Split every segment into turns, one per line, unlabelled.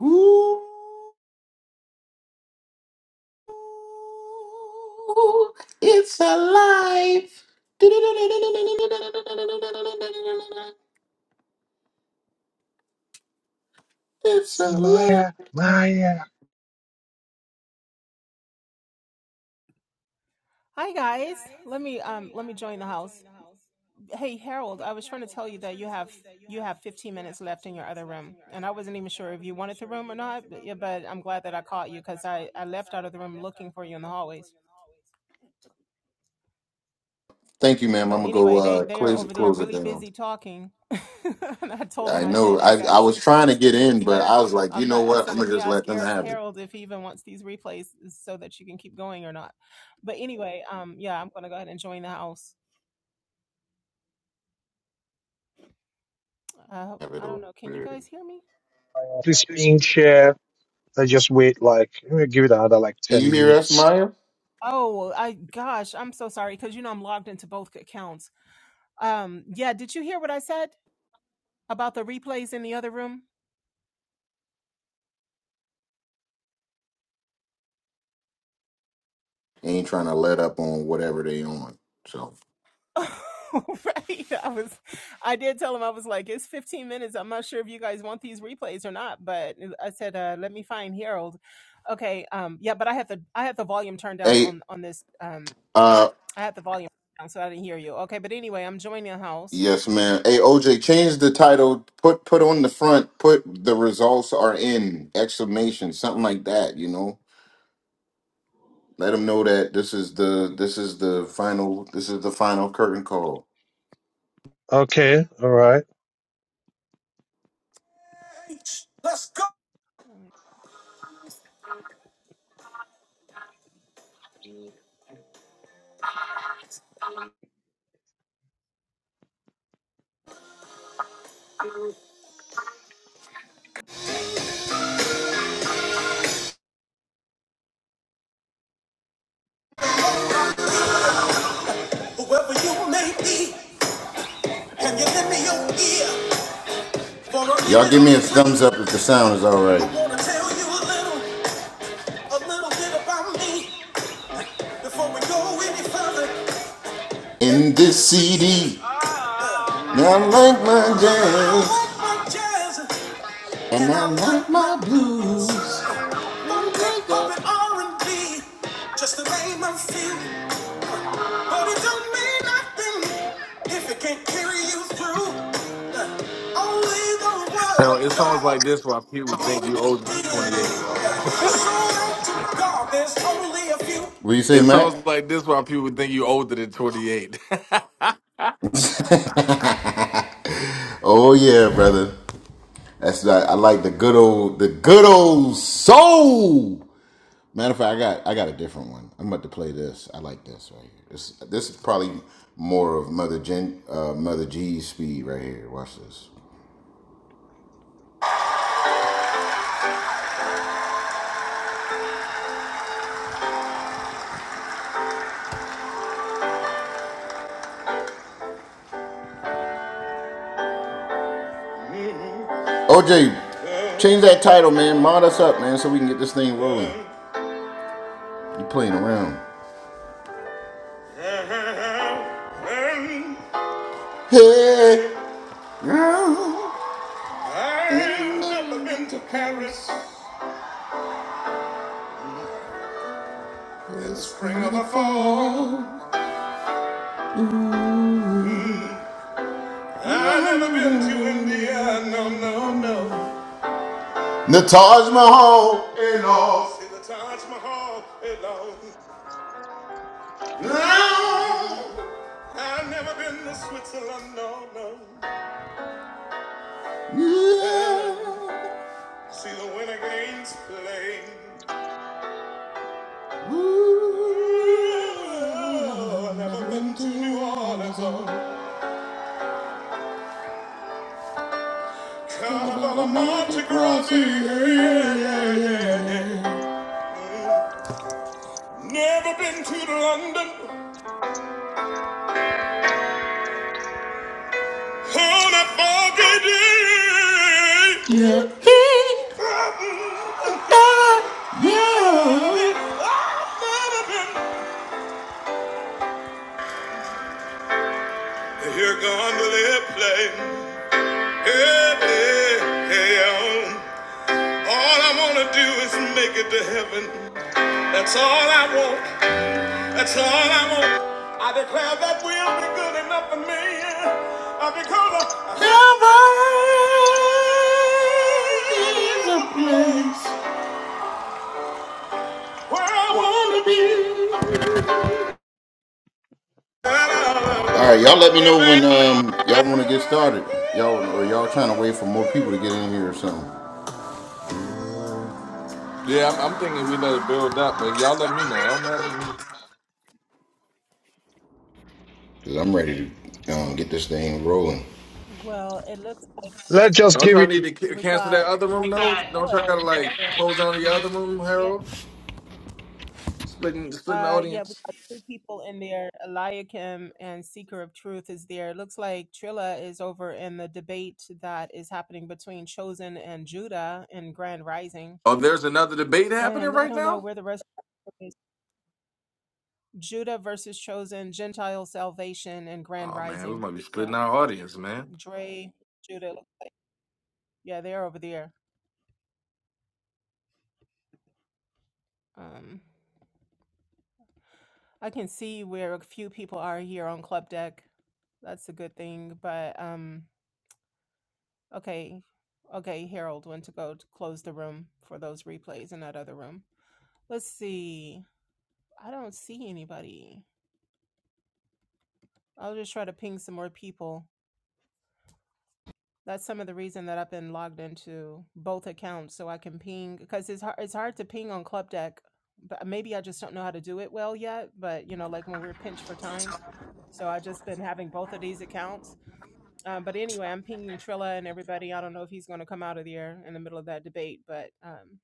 Ooh, it's alive. It's
See
alive.
Maya, Maya,
Hi guys. Let me um let me join the house. Hey Harold, I was trying to tell you that you have you have 15 minutes left in your other room, and I wasn't even sure if you wanted the room or not. But, yeah, but I'm glad that I caught you because I I left out of the room looking for you in the hallways.
Thank you, ma'am. I'm
But
gonna go
anyway, they
uh,
they are
close it,
over there
close it
really
down.
busy talking. and I told
I
them I
know.
said, "Hey
I I
guys,
was
it's
trying to get
15 minutes
in, but
left.
I was like, you
I'm
know
not." I
what?
said,
I'm
"Let
gonna
me
just
ask
let them
Har-
have it.
Harold if he even wants these replays so that you can keep going or not." But anyway, um, yeah, I'm gonna go ahead and join the house. I hope
Have it
I don't
over
know. Can you
there.
guys hear me?
this
To
being
speak.
chair. I just wait like I'm gonna give it another like
Can
ten
you hear us,
minutes.
Maya?
Oh, I gosh, I'm so sorry because you know I'm logged into both accounts. Um, yeah, did you hear what I said about the replays in the other room?
Ain't trying to let up on whatever they on. So,
Oh, right. I was I did tell him I was like, it's 15 minutes. I'm not sure if you guys want these replays or not, but I said, uh, let me find Harold. Okay, um, yeah, but I have the I have the volume turned down
hey,
on on this um
uh,
I have the volume down so I didn't hear you. Okay, but anyway, I'm joining a house.
Yes, man. Hey, OJ, change the title. Put put on the front. Put the results are in exclamation, something like that. You know, let them know that this is the this is the final this is the final curtain call.
Okay, all right.
Alright.
Whoever you may be, can you lend me your ear for a Y'all give me a or thumbs up if the sound is all right. I right. wanna tell you a little, a little bit about me before we go any further. In this CD, now like I like my jazz. And I want my blues. One drink of it R&B, just to name a few. But it don't mean nothing if it can't carry you through. Uh, Only the word
Now, it
of
sounds
God
like this why people think
will
you older than
do.
28, bro.
Shout out to God, there's only a few. What you say,
It
Mac?
sounds like this why people think you older than 28.
Oh yeah, brother. That's right. I like the good old, the good old soul. Matter of fact, I got I got a different one. I'm about to play this. I like this right here. This this is probably more of Mother Gen uh, Mother G's speed right here. Watch this. OJ, change that title, man. Mod us up, man, so we can get this thing rolling. You playing around? Hey. girl. I've never been to Paris, never been to India, no, no, no. The Taj Mahal. it all. The Taj Mahal, it all. I've never been to Switzerland, no, no. Yeah. And See the winter games playing. Ooh, I've never been to New Orleans or Carnival or Monte Grassi. Yeah, yeah, yeah. Never been to London on a foggy day. Yeah. I've never been to Gondola Plane. Hey, hey, hey, um, all I wanna do is make it to heaven. That's all I want. That's all I want. I declare that will be good enough for me. uh, Because I- heaven is a place where I wanna be. All right, y'all. Let me know when um y'all want to get started. Y'all or y'all trying to wait for more people to get in here or something?
yeah, I'm, I'm thinking we let it build up, but y'all let me know. It don't matter to me.
Cause I'm ready to um, get this thing rolling.
Well, it looks like
Let's just
Don't
give
y'all
it
need to ca-
we
cancel that
got
other
I
room,
think
though? Don't y'all
Trilla
gotta,
is
like,
over.
close down the other room,
Yeah.
Harold? Splitting, splitting the
Uh, yeah, we
audience?
got two people in there. Eliakim and Seeker of Truth is there. It looks like Trilla is over in the debate that is happening between Chosen and Judah in Grand Rising.
Oh, there's another debate happening
And I
right
don't know
now?
where the rest is. Judah versus Chosen, Gentile salvation, and Grand
Oh, man, we
Rising.
might be
Yeah,
splitting our audience, man.
Dre, Judah. Yeah, they're over there. Um, I can see where a few people are here on Club Deck. That's a good thing, but um. Okay, okay, Harold went to go to close the room for those replays in that other room. Let's see. I don't see anybody. I'll just try to ping some more people. That's some of the reason that I've been logged into both accounts so I can ping because it's hard, it's hard to ping on Club Deck. But maybe I just don't know how to do it well yet. But you know, like when we're pinched for time, so I have just been having both of these accounts. Um, but anyway, I'm pinging Trilla and everybody. I don't know if he's going to come out of the air in the middle of that debate, but um,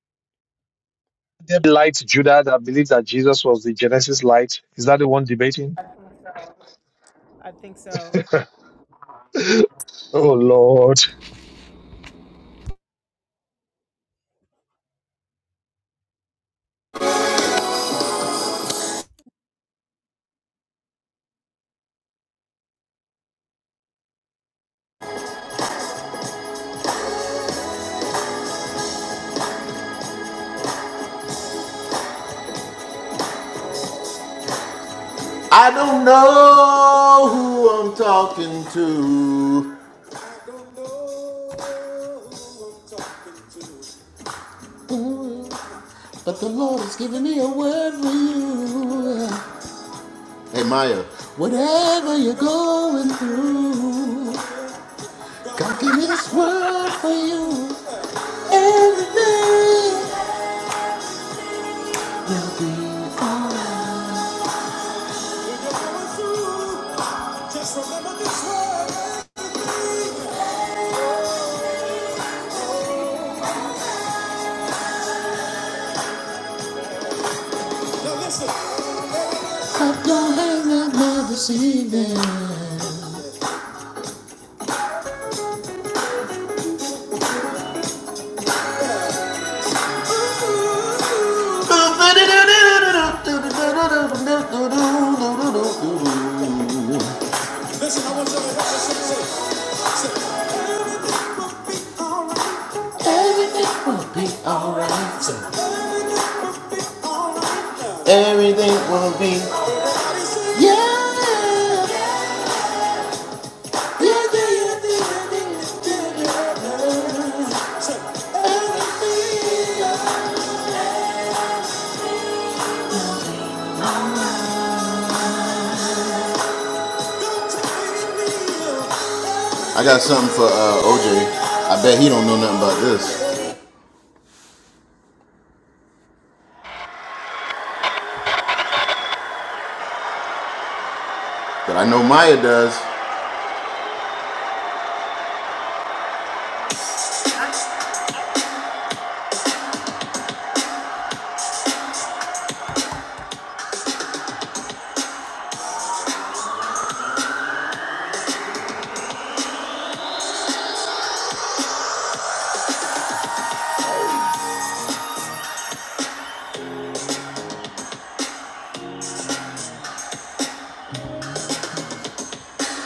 the light, Judah, that believes that Jesus was the Genesis light. Is that the one debating?
I think so.
oh Lord.
I don't know who I'm talking to. But the Lord has given me a word for you. Hey Maya, whatever you're going through, God give me this word for you. Everything will be alright. just remember this word. Now listen. Up your hang out now this evening. Listen, I want you to help me Say, say, everything will be alright. Everything will be alright. Say, Everything will be alright. Everything will be. Yeah. I got something for uh, OJ. I bet he don't know nothing about this, but I know Maya does.
Me? I,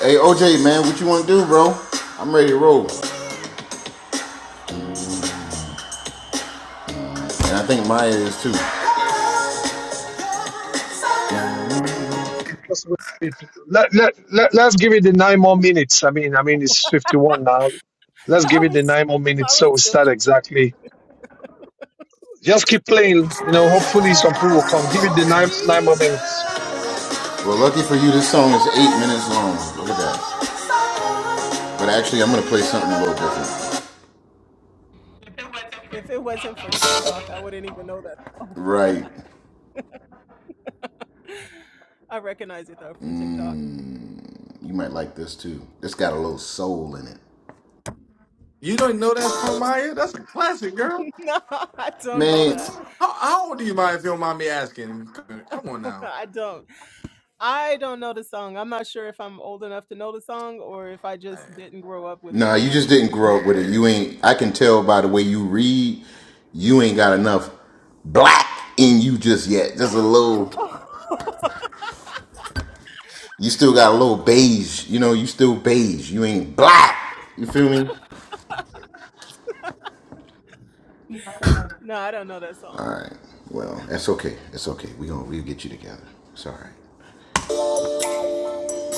Hey OJ, man, what you want to do, bro? I'm ready to roll, and I think Maya is too.
Just wait for it. Let, let, let, let's give it the nine more minutes. I mean, I mean, it's 51 now. Let's
I
give it the
was
nine more
I
minutes
was
so we
still
start exactly. Just keep playing. You know, hopefully some people will come. Give it the nine, nine more minutes.
Well, lucky for you, this song is eight minutes long. Look at that. But actually, I'm gonna play something a little different.
if it wasn't for TikTok, I wouldn't even know that song.
Right.
I recognize it though from TikTok.
You might like this too. It's got a little soul in it.
You don't know that song, Maya? That's a classic, girl.
no, I don't know
Man,
that.
How, how old are you, Maya, if you don't mind me asking? Come come on now.
I don't. I don't know the song. I'm not sure if I'm old enough to know the song or if I just
Man.
didn't grow up with
nah,
it. I'm
you
not
just
sure
didn't
which
grow up
one.
with it.
Yeah.
You ain't. I can tell by the way you read. You ain't got enough black in you just yet. Just a little. You still got a little beige. You know, you still beige. You ain't black. You feel me?
No, I don't know that song.
Well, that's okay. It's okay. We gonna we'll get you together. It's all right.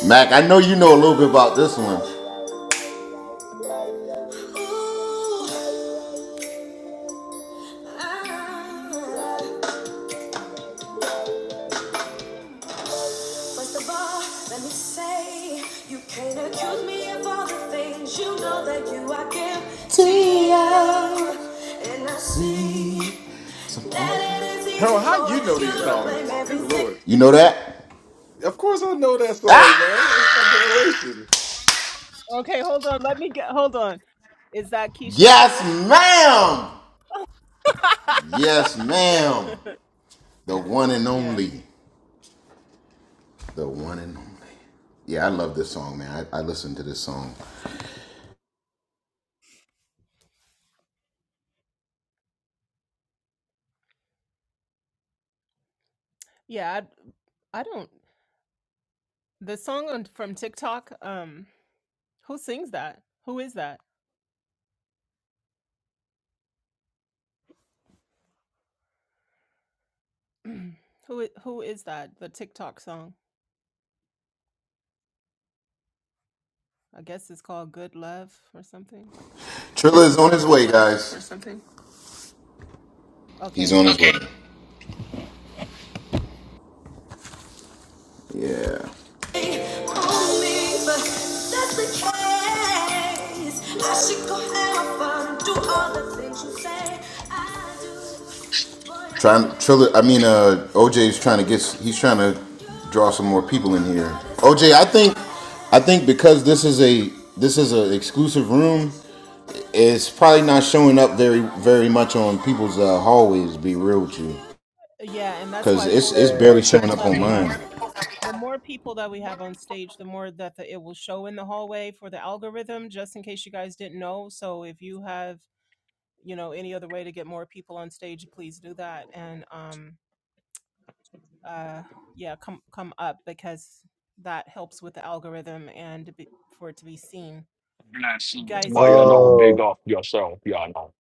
Mac, I know you know a little bit about this one. you know that
Harold, how you know these songs? Good lord.
You know that?
Of course I know that song,
Ah!
man. It's my generation.
Okay, hold on. Let me get. Hold on. Is that Keisha
Yes,
Cole?
ma'am! Yes, ma'am. The one and
Yeah.
only. The one and only. Yeah, I love this song, man. I, I listen to this song.
Yeah. I, I don't. The song on, from TikTok. Um, who sings that? Who is that? who i- Who is that? The TikTok song. I guess it's called "Good Love" or something.
Trilla is on his way, guys. He's
Okay.
on his way. Yeah. Trying, Trilla. I mean, uh, OJ's trying to get. He's trying to draw some more people in here. OJ, I think, I think because this is a this is an exclusive room, it's probably not showing up very very much on people's uh, hallways. to Be real with you.
Yeah, and that's
Cause
why I
it's
told you
it's
the
Uh,
barely
more
showing
except
people
you
up
that
on
we
ping.
have,
mine.
the more people that we have on stage, the more that the, it will show in the hallway for the algorithm. Just in case you guys didn't know. So if you have you know any other way to get more people on stage please do that and um uh yeah come come up because that helps with the algorithm and to be, for it to be seen
Not sure.
guys
Why
if you
you
would
know, big
Oh.
off yourself, y'all know.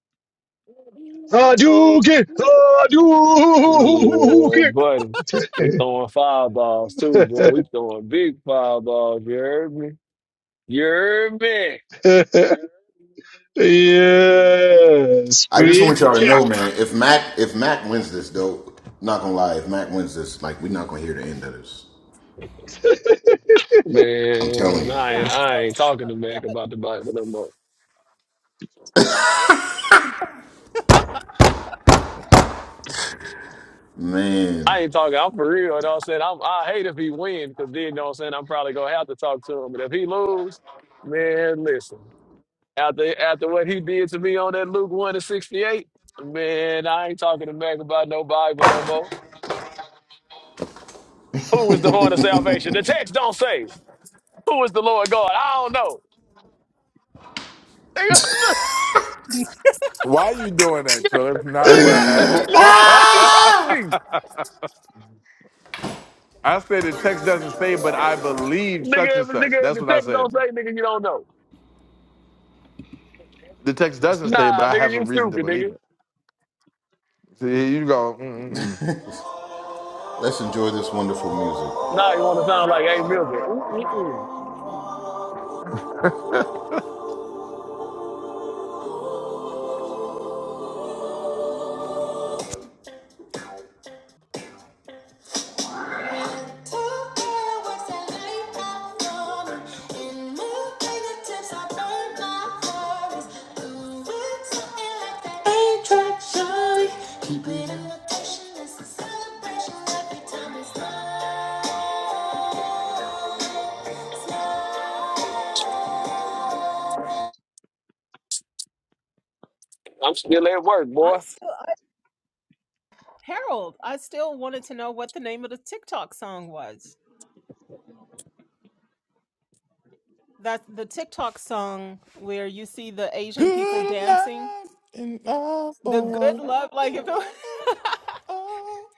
Hadouken!
Yeah,
Hadouken!
buddy. We throwing fireballs too, boy. We throwing big fireballs. You heard me? You heard me?
yeah,
I just want y'all to
scripture.
know, man. If Mac if Mac wins this, though, not gonna lie. If Mac wins this, like we're not gonna hear the end of this. I'm telling
Man,
you,
I
yeah
ain't,
i
I
still
ain't
uh,
talking to
yeah
Mac about
but
the Bible no more.
man.
I ain't talking. I'm for real. You know what I'm saying? I'm, I hate if he win because then, you know what I'm saying? I'm probably going to have to talk to him. But if he lose, man, listen. After after what he did to me on that Luke 1 and 68, man, I ain't talking to Mac about no Bible no more. Who is the horn of salvation? The text don't say. Who is the Lord God? I don't know. Nigga,
Why you doing that, Trill? That's not
nigga,
what
that's,
happened.
nigga, that's what you told me.
I said the text doesn't say, but I believe such
Nigga,
and
if-
such.
nigga, if
That's
the
what I
text
said.
don't
bro.
say, nigga, you don't know.
The text doesn't say, but
Nah,
I
nigga,
have a
you
reason to
stupid,
believe
nigga.
it. See, here you go. Mm-mm-mm.
Let's enjoy this wonderful music.
Nah, you want to sound like A. Milton. Mm-mm-mm.
like Keep it in rotation, it's a celebration every time it's live.
I'm still at work,
i'm
boy.
still I, harold i still wanted to know what the name of the tiktok song was that's the tiktok song where you see the asian people
Good love
dancing
and all
the good
boy.
love like if it,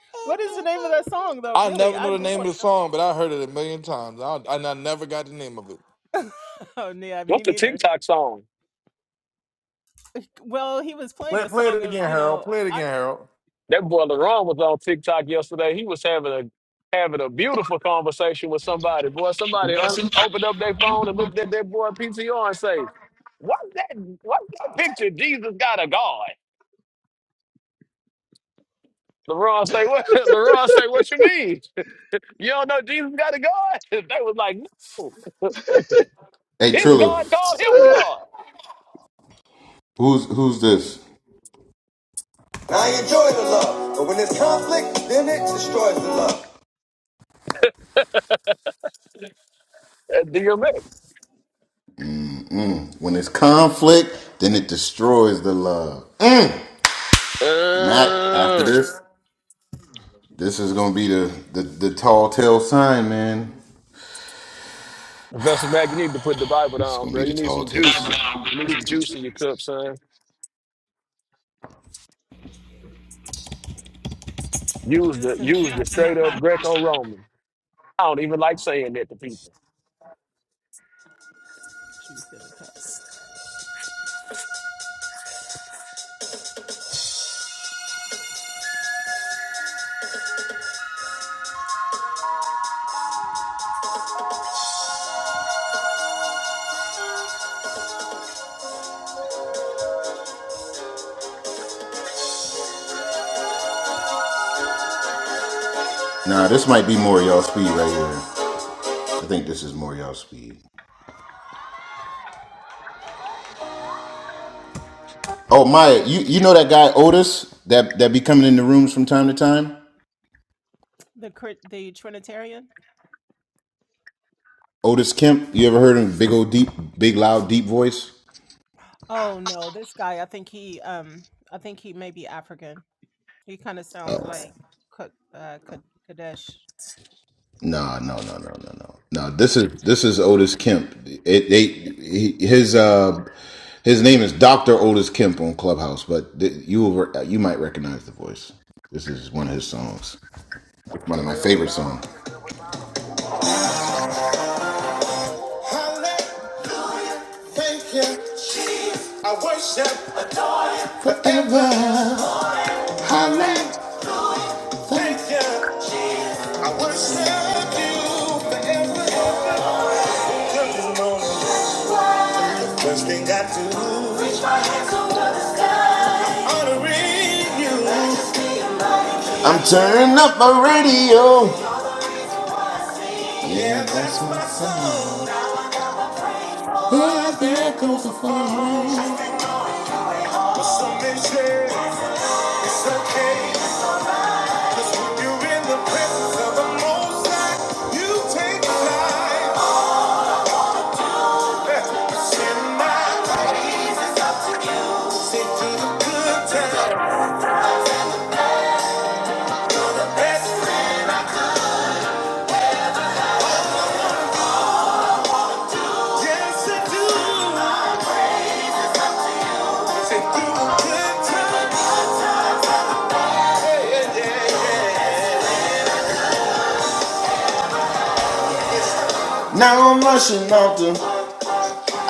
what is the name of that song though
I
really
never
i
know the
do
name of the song, but I heard it a million times. I, and I never got the name of it.
oh, yeah, me
What's the
neither.
TikTok song?
Well, he was playing
Play,
a
play
song
it
of,
again,
you
Harold.
know,
Play it
I-
again, Harold.
That boy LaRon was on TikTok yesterday. He was having a having a beautiful conversation with somebody. Boy, somebody un- opened up their phone and looked at that boy PTR and say, "What's that? What's that picture? Jesus got a God." LaRon say, "What?" LaRon say, "What you mean? You don't know Jesus got a God?" They was like, "No,
Hey
his
Trilla,
God called him God."
who's who's this? I enjoy the love, but when there's conflict, then it destroys the love.
That's DMX.
When there's conflict, then it destroys the love. Mm. Matt, after this, this is gonna be the the, the
Uh,
tall tale sign, man.
Professor Mack, you need to put the Bible
It's
down,
gonna
bro.
be the
You need
tall
some
tale
juice.
sign.
You need some juice in your cup, son. Use the
juice in the
use the
cup,
straight
yum,
up Greco Roman. I don't even like saying that to people.
juice in the cup.
Nah, this might be more y'all speed right here. I think this is more y'all speed. Oh Maya, you, you know that guy Otis that that be coming in the rooms from time to time?
The Cri- the Trinitarian.
Otis Kemp, you ever heard him? Big old deep, big loud deep voice.
Oh no, this guy. I think he, um, I think he may be African. He kind of sounds like Ka- uh, Ka- Kadesh.
No, no, no, no, no, no. No, this is this is Otis Kemp. It they he, his uh his name is Doctor Otis Kemp on Clubhouse, but th- you will re- you might recognize the voice. This is one of his songs, one of my favorite songs. Holla, Thank you. I worship forever. Holla, Thank you. I worship you. Thank you, Lord. First thing I do, reach my hands over the sky, I'm honoring you. I'm turning up my radio. Yeah, that's my song. Yeah, there goes the phone. Now I'm rushing off the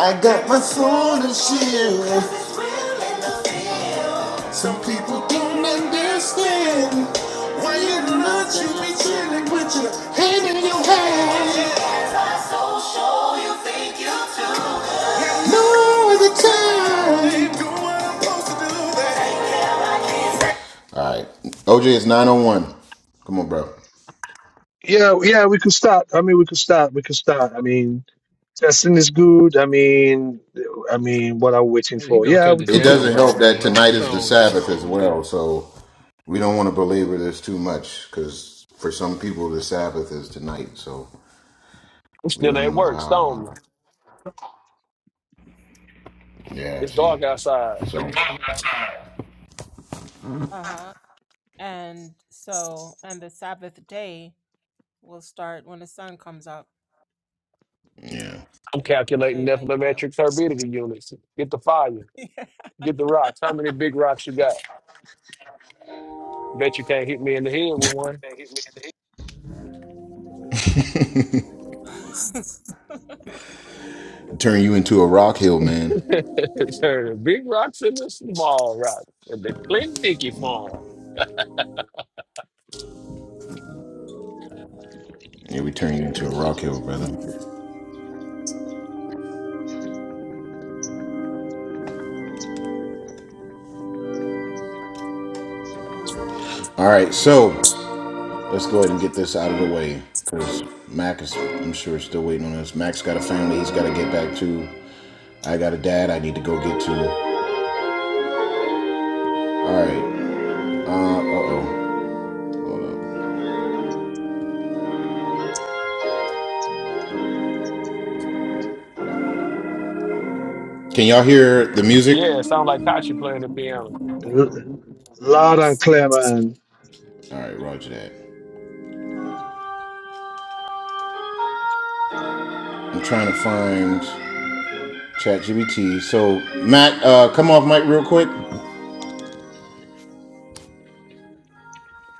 I got my phone and shit. Some people don't understand why you not you be chilling with your hand in your hand. No other time. All right, OJ is nine oh one. Come on, bro.
Yeah, yeah, we could start. I mean, we could start. We could start. I mean, testing is good. I mean, I mean, what are we waiting
Man, he
for?
gonna
Yeah,
cut
we
the
It
could go
doesn't
jams
help
off,
that
man.
tonight
What's
is the
wrong with this?
Sabbath as well, so we don't want to belabor this too much because for some people the Sabbath is tonight, so
I'm
we
still
don't
at
know
work, stone
how.
me.
Uh, yeah,
It's
see,
dark outside.
so
Uh huh. And so, and the Sabbath day will start when the sun comes up.
yeah,
I'm
Yeah, the
calculating
daylight. I.
nephelometric turbidity units. Get the fire.
yeah.
Get the rocks. How many big rocks you got? Bet you can't hit me in the head with one.
Yeah, give me the-
turn you into a rock hill man.
Turn the big rocks into small rocks. At the Clint Dickey farm.
Yeah, we turn you into a rock hill brother. All right, so let's go ahead and get this out of the way because Mac is, I'm sure, is still waiting on us. Mac's got a family he's got to get back to. I got a dad I need to go get to. All right, uh, uh oh. Can y'all hear the music?
Yeah, it sounds like Kachi playing the piano.
l- loud and clear, man.
All right, roger that. I'm trying to find ChatGPT. So, Matt, uh, come off mic real quick.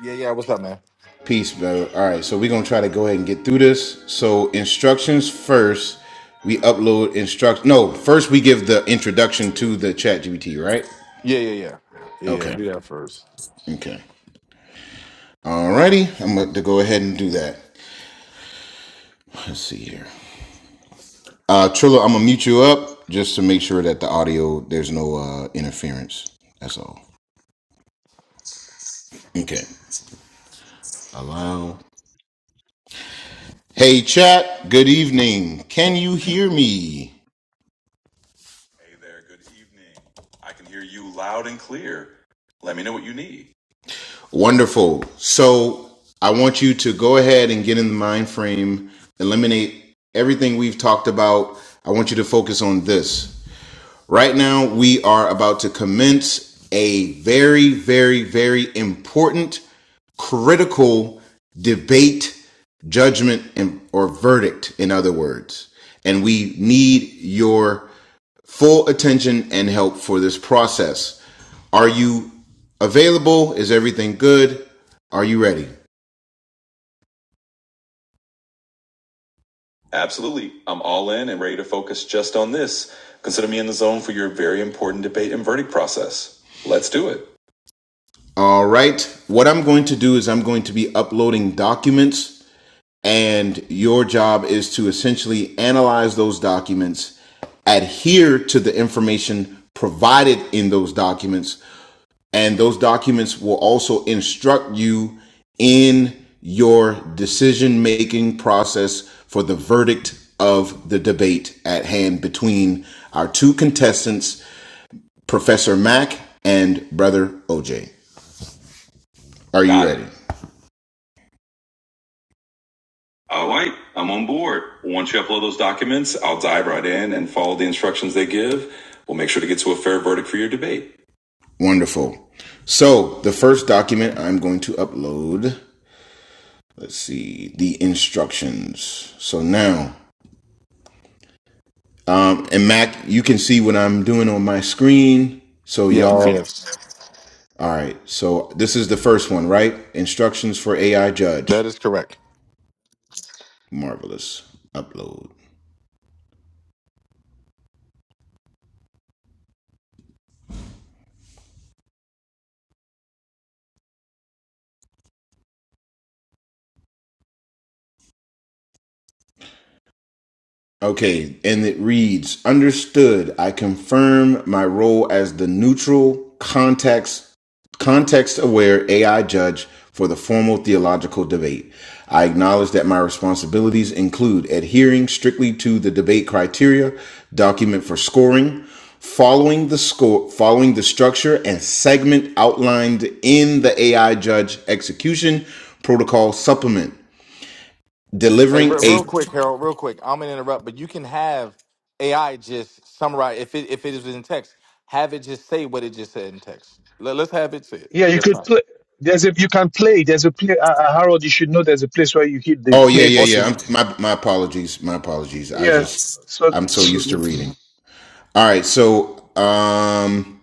Yeah, yeah. What's up, man?
Peace, bro. All right, so we're going to try to go ahead and get through this. So, instructions first. We upload instruct. No, first we give the introduction to the ChatGPT, right?
Yeah, yeah, yeah. Yeah, yeah,
Okay.
do that first.
Okay. All righty. I'm going to go ahead and do that. Let's see here. Uh, Trillo, I'm going to mute you up just to make sure that the audio, there's no uh, interference. That's all. Okay. Hello. Hey, chat. Good evening. Can you hear me? Hey there, good evening. I can hear you loud and clear. Let me know what you need. Wonderful. So, I want you to go ahead and get in the mind frame, eliminate everything we've talked about. I want you to focus on this. Right now, we are about to commence a very, very, very important critical debate, judgment, and, or verdict, in other words. And we need your full attention and help for this process. Are you available? Is everything good? Are you ready? Absolutely. I'm all in and ready to focus just on this. Consider me in the zone for your very important debate and verdict process. Let's do it. All right. What I'm going to do is I'm going to be uploading documents And your job is to essentially analyze those documents, adhere to the information provided in those documents, and those documents will also instruct you in your decision making process for the verdict of the debate at hand between our two contestants, Professor Mack and Brother OJ. Are you ready? All right, I'm on board. Once you upload those documents, I'll dive right in and follow the instructions they give. We'll make sure to get to a fair verdict for your debate. Wonderful. So, the first document I'm going to upload, let's see, the instructions. So now, um, and Mac, you can see what I'm doing on my screen. So,
Yes,
y'all,
yes.
all right. So, this is the first one, right? Instructions for AI Judge.
That is correct.
Marvelous. Upload. Okay, and it reads Understood, I confirm my role as the neutral context context aware AI judge for the formal theological debate. I acknowledge that my responsibilities include adhering strictly to the debate criteria, document for scoring, following the score following the structure and segment outlined in the AI judge execution protocol supplement
Hey,
delivering
re-
a
real quick, Harold, real quick. I'm going to interrupt, but you can have AI just summarize, if it, if it is in text, have it just say what it just said in text. Let, let's have it say it.
Yeah, you
That's
could
fine.
play. There's a you can play. There's a play. Uh, uh, Harold, you should know. There's a place where you hit the
Oh yeah,
play
yeah, yeah.
button.
I'm, my my apologies. My apologies. I
Yeah.
just
So,
I'm so
so
used to reading. All right. So um.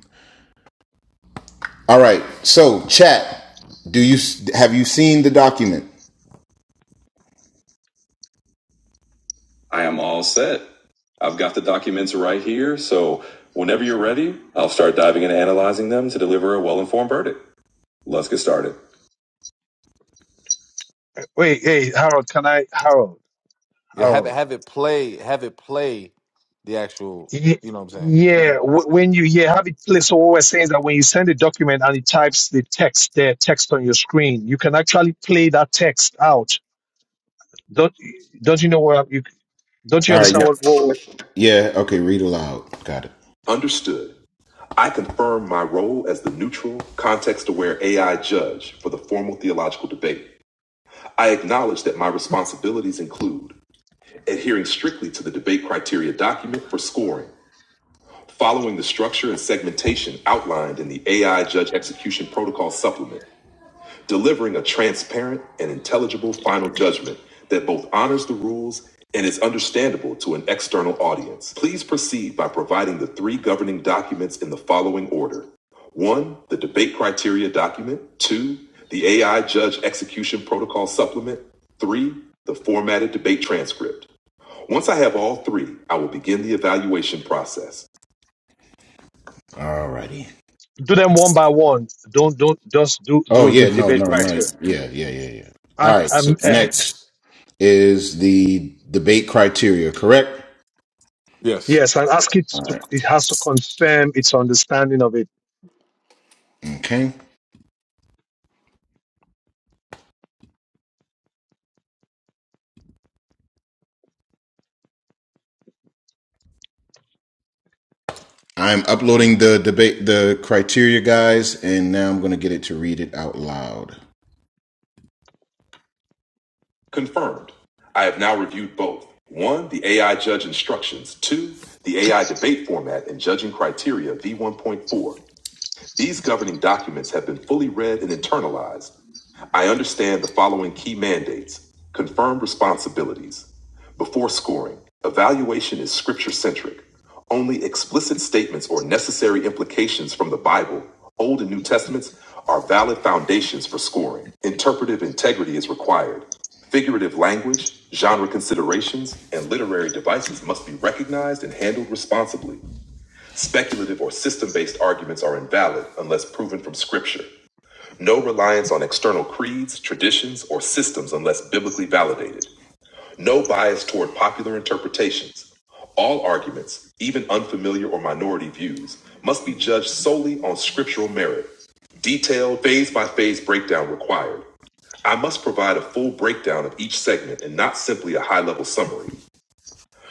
All right. So chat. Do you have you seen the document? I am all set. I've got the documents right here, so whenever you're ready, I'll start diving and analyzing them to deliver a well informed verdict. Let's get started.
wait, hey Harold, can I Harold?
Yeah, have it
Harold.
have it play have it play the actual
Ye-
you know what I'm saying.
Yeah, wh- when you yeah have it placed. So what we're saying is that when you send a document and it types the text there, text on your screen, you can actually play that text out. Don't don't you know what you don't you
All right.
understand
Yeah.
what, what what-
Yeah. Okay. Read aloud. Got it. Understood. I confirm my role as the neutral, context aware AI judge for the formal theological debate. I acknowledge that my responsibilities include adhering strictly to the debate criteria document for scoring, following the structure and segmentation outlined in the AI Judge Execution Protocol Supplement, delivering a transparent and intelligible final judgment that both honors the rules and is understandable to an external audience. Please proceed by providing the three governing documents in the following order. One, the debate criteria document. Two, the AI judge execution protocol supplement. Three, the formatted debate transcript. Once I have all three, I will begin the evaluation process. All righty.
do them one by one. Don't don't just do
Oh
do the
yeah, no,
debate
no, no.
criteria.
Yeah, yeah, yeah, yeah.
And
All right.
um
So
uh,
next. is the debate criteria, correct?
Yes.
yes, and ask it to it has to confirm its understanding of it.
Okay. I'm uploading the debate the criteria guys and now I'm going to get it to read it out loud. Confirmed. I have now reviewed both. One, the AI judge instructions. Two, the AI debate format and judging criteria V1.4. These governing documents have been fully read and internalized. I understand the following key mandates confirmed responsibilities. Before scoring, evaluation is scripture centric. Only explicit statements or necessary implications from the Bible, Old and New Testaments, are valid foundations for scoring. Interpretive integrity is required. Figurative language, genre considerations, and literary devices must be recognized and handled responsibly. Speculative or system based arguments are invalid unless proven from Scripture. No reliance on external creeds, traditions, or systems unless biblically validated. No bias toward popular interpretations. All arguments, even unfamiliar or minority views, must be judged solely on scriptural merit. Detailed, phase by phase breakdown required. I must provide a full breakdown of each segment and not simply a high level summary.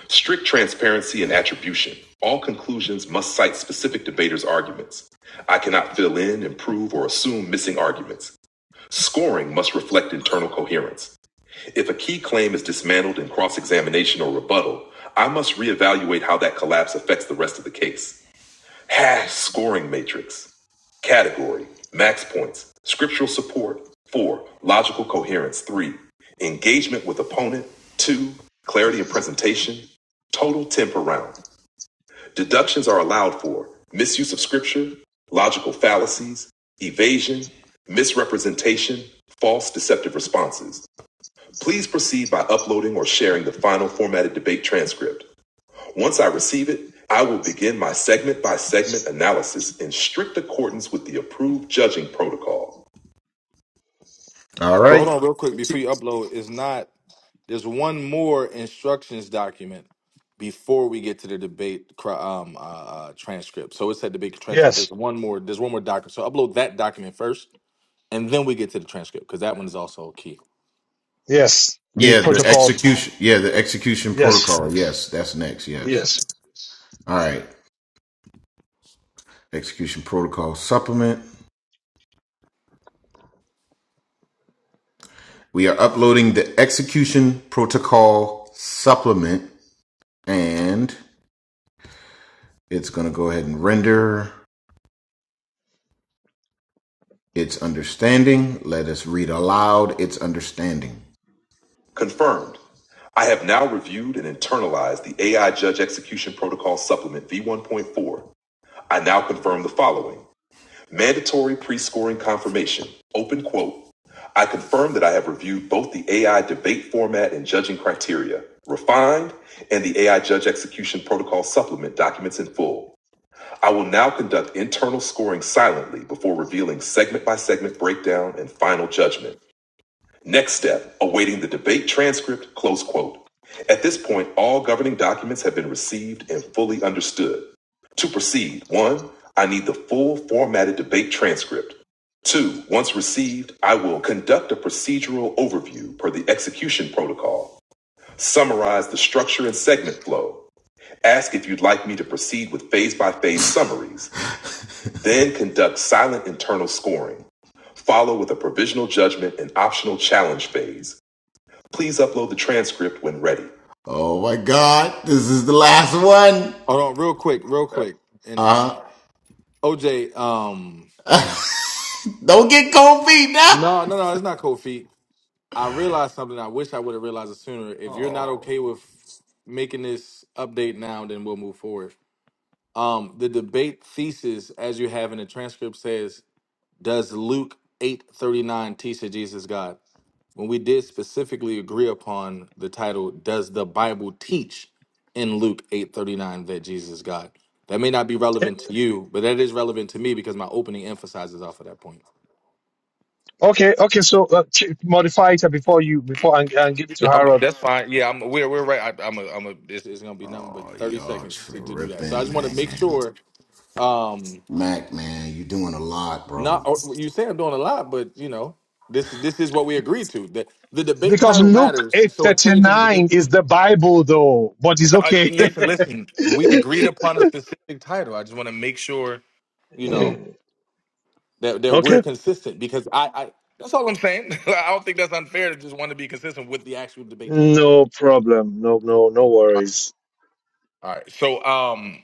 Strict transparency and attribution. All conclusions must cite specific debaters' arguments. I cannot fill in, improve, or assume missing arguments. Scoring must reflect internal coherence. If a key claim is dismantled in cross examination or rebuttal, I must reevaluate how that collapse affects the rest of the case. Hash scoring matrix. Category Max points. Scriptural support. 4. Logical coherence. 3. Engagement with opponent. 2. Clarity of presentation. Total 10 per round. Deductions are allowed for misuse of scripture, logical fallacies, evasion, misrepresentation, false deceptive responses. Please proceed by uploading or sharing the final formatted debate transcript. Once I receive it, I will begin my segment by segment analysis in strict accordance with the approved judging protocol. All
But hold
right.
on, real quick, before you upload, is not there's one more instructions document before we get to the debate cri- um, uh, uh, transcript. So it's that debate transcript. There's
Yes,
one more. There's one more document. So upload that document first, and then we get to the transcript because that one is also key.
yes, the
Yeah, the
protocol.
execution. Yeah, the execution
Yes,
protocol. Yes, that's next. Yes.
yes.
All right. Execution protocol supplement. We are uploading the execution protocol supplement and it's going to go ahead and render its understanding. Let us read aloud its understanding. Confirmed. I have now reviewed and internalized the AI Judge Execution Protocol Supplement V1.4. I now confirm the following mandatory pre scoring confirmation. Open quote. I confirm that I have reviewed both the AI debate format and judging criteria, refined, and the AI Judge Execution Protocol Supplement documents in full. I will now conduct internal scoring silently before revealing segment by segment breakdown and final judgment. Next step, awaiting the debate transcript, close quote. At this point, all governing documents have been received and fully understood. To proceed, one, I need the full formatted debate transcript. Two, once received, I will conduct a procedural overview per the execution protocol, summarize the structure and segment flow, ask if you'd like me to proceed with phase by phase summaries, then conduct silent internal scoring, follow with a provisional judgment and optional challenge phase. Please upload the transcript when ready. Oh my God, this is the last one.
Hold on, real quick, real quick, and
Uh,
OJ. Um,
don't get cold feet now.
no, no, no, it's not cold feet. I realized something I wish I would have realized it sooner. If you're not okay with making this update now, then we'll move forward. Um, the debate thesis, as you have in the transcript, says, "Does Luke eight thirty nine teach that Jesus is God?" When we did specifically agree upon the title, "Does the Bible teach in Luke eight thirty nine that Jesus is God?" That may not be relevant to you, but that is relevant to me because my opening emphasizes off of that point.
Okay, okay. So uh, ch- modify it before you before and, and give it
Yeah,
to
I'm,
Harold
that's fine. Yeah, I'm, we're we're right. I, I'm a, I'm a. It's, it's gonna be nothing but
Oh,
thirty
y'all
seconds to, to do that. So I just
tripping,
want to
man.
make sure. Um,
Mac, man, you doing a lot,
not
bro.
or- you say I'm doing a lot, but you know, this this is what we agreed to. That the debate
because
title
Luke
matters.
eight
So a
thirty
change in the debate.
nine is the Bible though, but it's
Uh,
okay.
listen, listen. We agreed upon a specific title. I just want to make sure you know that that we're
okay,
consistent because I, I that's all I'm saying. I don't think that's unfair to just want to be consistent with the actual debate title.
no problem. No, no, no worries.
All right. So um,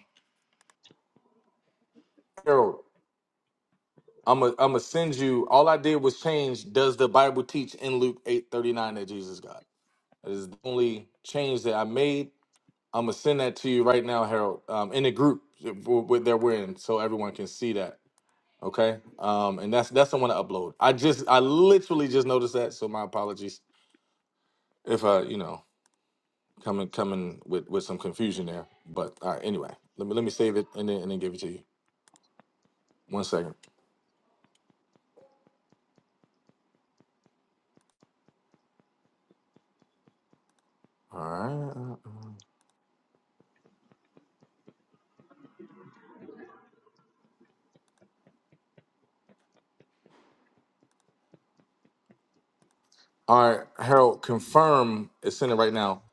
I'm gonna, i I'm gonna send you. All I did was change. Does the Bible teach in Luke eight thirty nine that Jesus got? That is the only change that I made. I'm gonna send that to you right now, Harold, um, in the group that we're that we're in, so everyone can see that. Okay, um, and that's that's the one to upload. I just I literally just noticed that, so my apologies if I you know coming coming with with some confusion there. But all right, anyway, let me let me save it and then and then give it to you. One second. All right. uh, uh. All right, Harold, confirm. It's in it right now.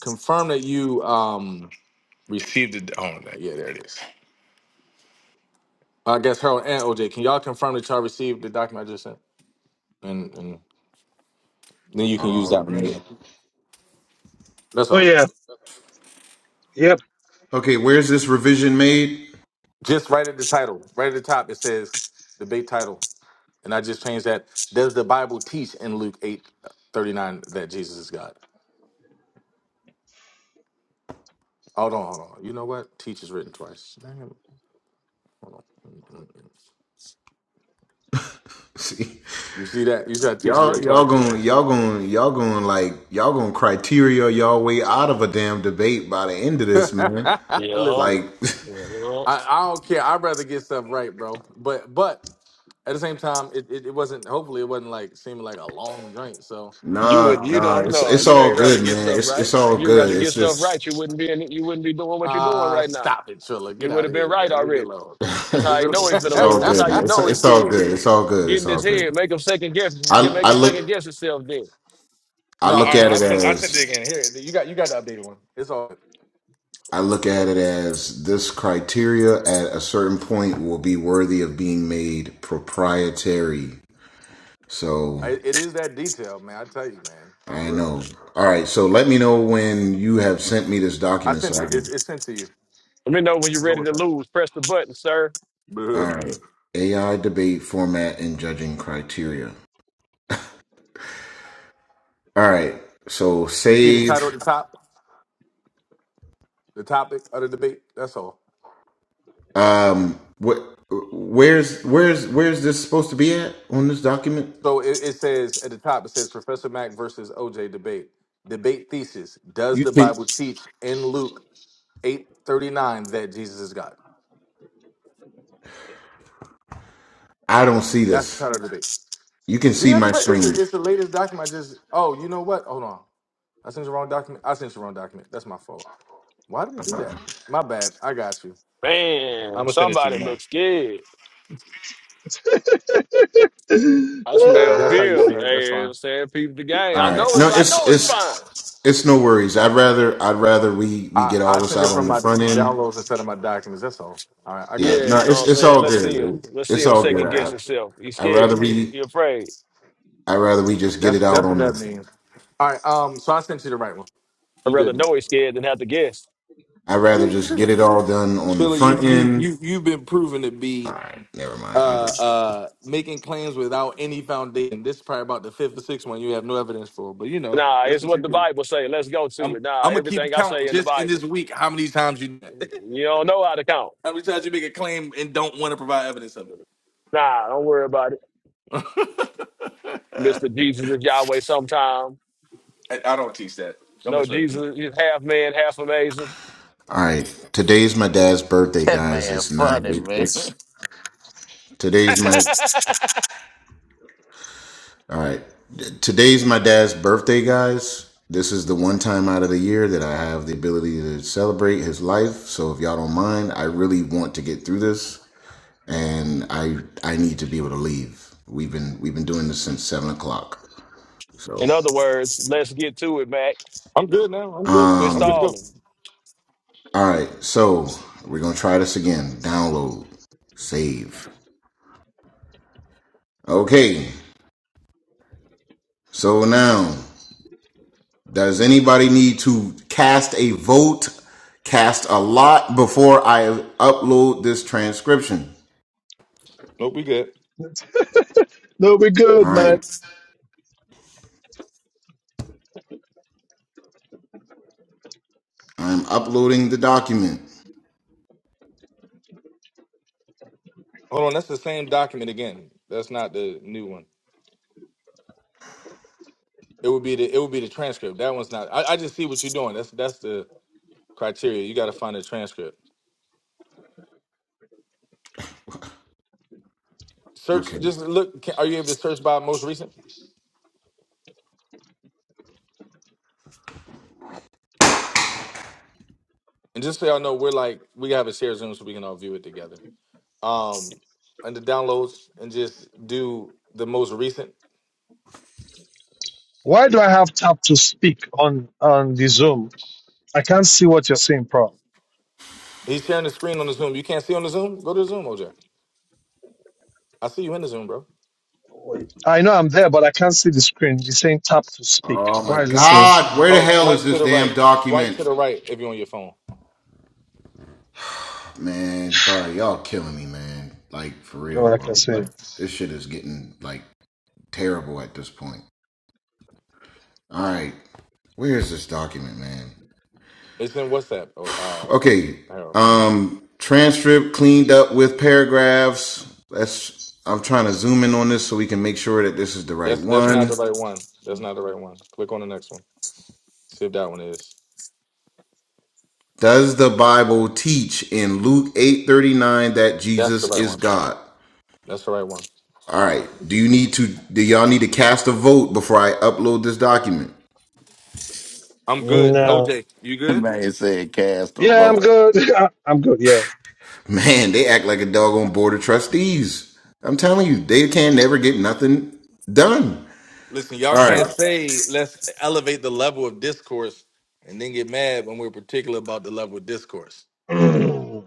Confirm that you um received it. Oh, no, yeah, there it is. Uh, I guess Harold and OJ, can y'all confirm that y'all received the document I just sent? And, and then you can use
All
that
right.
one. Yeah, that's
Oh
all.
yeah, yep.
Okay, where's this revision made?
Just right at the title, right at the top, it says the big title, and I just changed that. Does the Bible teach in Luke eight thirty nine that Jesus is God? Hold on, hold on. You know what? Teach is written twice. Dang it! Hold on. Mm, mm, mm.
See,
You see that? You see that teach is
y'all,
written
y'all
twice.
going, y'all going, y'all going like y'all going criteria y'all way out of a damn debate by the end of this, man.
Yeah.
Listen,
Like,
yeah.
I, I don't care. I'd rather get stuff right, bro. But but at the same time, it, it, it wasn't. Hopefully, it wasn't like seeming like a long joint. So
You
nah,
would you
um,
nah,
don't
it's
know.
it's
You
all
ain't rather
good,
get
man.
stuff
It's
right.
it's all
If you
good.
rather
It's
get stuff
just.
right, you wouldn't be in, you wouldn't be doing what you're doing
uh
right now.
stop it, Trilla.
You
Get
would
out
have
of
been
here,
right
man. Leave me
already.
alone.
That's how
Leave me
you
alone.
know he's gonna
It's all
lose. That's
good,
how you
man. It's
know he's
it's all
scared.
good. It's all good.
Get
It's
in
all
his
good.
head, make him second guess get
I
make
I
him second
look
guess himself then.
I
no,
look at
I I
it
sent I sent it
as
again. Here, you got you got the updated one. It's all.
I look at it as this criteria at a certain point will be worthy of being made proprietary.
I,
So
it is that detail, man. I tell you, man, for
I
real.
know. All right. So let me know when you have sent me this
I
document
sent
so I
it.
can.
It's, it's sent to you.
Let me know when you're
It's on
ready to
WhatsApp.
lose. Press the button, sir.
Bleh.
All right. AI debate format and judging criteria. All right. So
You see the
save.
title at the top, the topic of the debate. That's all.
Um, what? Where's where's where's this supposed to be at on this document?
So it, it says at the top, it says Professor Mack versus OJ debate. Debate thesis: Does
You
the
think
Bible teach in Luke eight thirty nine that Jesus is God?
I don't see
That's the
this?
title of the debate.
You can
Do you
see
have to
my
write? It's the,
screen.
it's the latest document. I just oh, you know what? Hold on, I sent you the wrong document. I sent you the wrong document. That's my fault. Why did it do that? My bad. I got you. I'm
Man,
gonna send it to you
somebody
now.
looks scared.
no,
I
If
smell
that's how you
fear.
see it,
Hey,
that's
you know what
fine.
I'm saying people the game.
All
I
right.
know
No,
it's I
it's
know it's fine.
it's it's no worries. I'd rather I'd rather we we
I
get all
I
this
send it
out on
from
the
my
front end.
downloads instead of my documents. That's all. All right, I
Yeah.
got you
No,
Yeah,
though.
know what
it's
I'm
it's
saying?
all
Let's see him.
good.
Let's see
It's
him
all
second
good.
guess
I,
himself. He's
I'd rather
scared. He's,
we
he afraid.
I'd rather we just get it
That's
out
that's what
on
that
the
means. All right. Um. So I sent you the right one.
I'd
You
rather
good.
know he's scared than have to guess.
I'd rather just get it all done on the
Sheila, you
front
you
end.
you you've been proven to be
Alright, never
uh
mind. I'll just
uh making claims without any foundation. This is probably about the fifth or sixth one you have no evidence for, but you know,
Nah,
that's
it's
what
what
you
the
do.
Bible say. Let's go to
I'm
it. Nah,
I'm gonna keep
everything I
count
say in the
just in
Bible.
this week how many times you
You don't know how to count.
how many times you make a claim and don't want to provide evidence of it.
Nah, don't worry about it. Mr. Jesus is Yahweh sometime.
I, I don't teach that. Don't
No,
misrepresent.
Jesus is half man, half amazing.
Alright. Today's my dad's birthday,
That
guys.
man
It's
funny,
nine
man.
it's Today's my all right. Today's my dad's birthday, guys. This is the one time out of the year that I have the ability to celebrate his life. So if y'all don't mind, I really want to get through this, and I I need to be able to leave. We've been we've been doing this since seven o'clock. So
In other words, let's get to it, Mac.
I'm good now. I'm good.
Quit
I'm good
um
to go.
stalling.
all right. So we're gonna try this again. Download, save. Okay. So now. Does anybody need to cast a vote, cast a lot before I upload this transcription?
Nope, we good.
we're good,
All
man.
right. I'm uploading the document.
Hold on, that's the same document again. That's not the new one. It would be the it would be the transcript. That one's not. I, I just see what you're doing. That's that's the criteria. You got to find the transcript. Search.
Okay.
Just look. Can, are you able to search by most recent? And just so y'all know, we're like we have a shared Zoom so we can all view it together. Um, and the downloads and just do the most recent.
Why do I have tap to speak on on the Zoom? I can't see what you're saying, Pro.
He's sharing the screen on the Zoom. You can't see on the Zoom. Go to the Zoom, OJ. I see you in the Zoom, bro.
I know I'm there, but I can't see the screen. It's saying tap to speak.
Oh
Why
my
is it saying?
God. Where the
Oh,
hell is
swipe to
this
the
damn
right. Swipe to
document?
the right if you're on your phone.
Man, Sorry, y'all killing me, man. Like, for
Oh,
real,
I can
bro.
see.
This shit is getting, like, terrible at this point. All right. Where is this document, man?
It's in WhatsApp. Oh, uh,
Okay.
Harold.
Um transcript cleaned up with paragraphs. That's I'm trying to zoom in on this so we can make sure that this is the right
That's that's not
one.
the right one. That's not the right one. Click on the next one. See if that one is.
Does the Bible teach in Luke 8:39 that
That's the
Jesus
right
is
one.
God?
That's the right one.
All right. Do you need to do y'all need to cast a vote before I upload this document?
I'm good.
No.
OJ, you
That
good?
man said cast a
Yeah, I'm
vote.
good. I- I'm good. Yeah.
Man, they act like a dog on board of trustees. I'm telling you, they can never get nothing done.
Listen, y'all
All
can't
right.
say let's elevate the level of discourse and then get mad when we're particular about the level of discourse.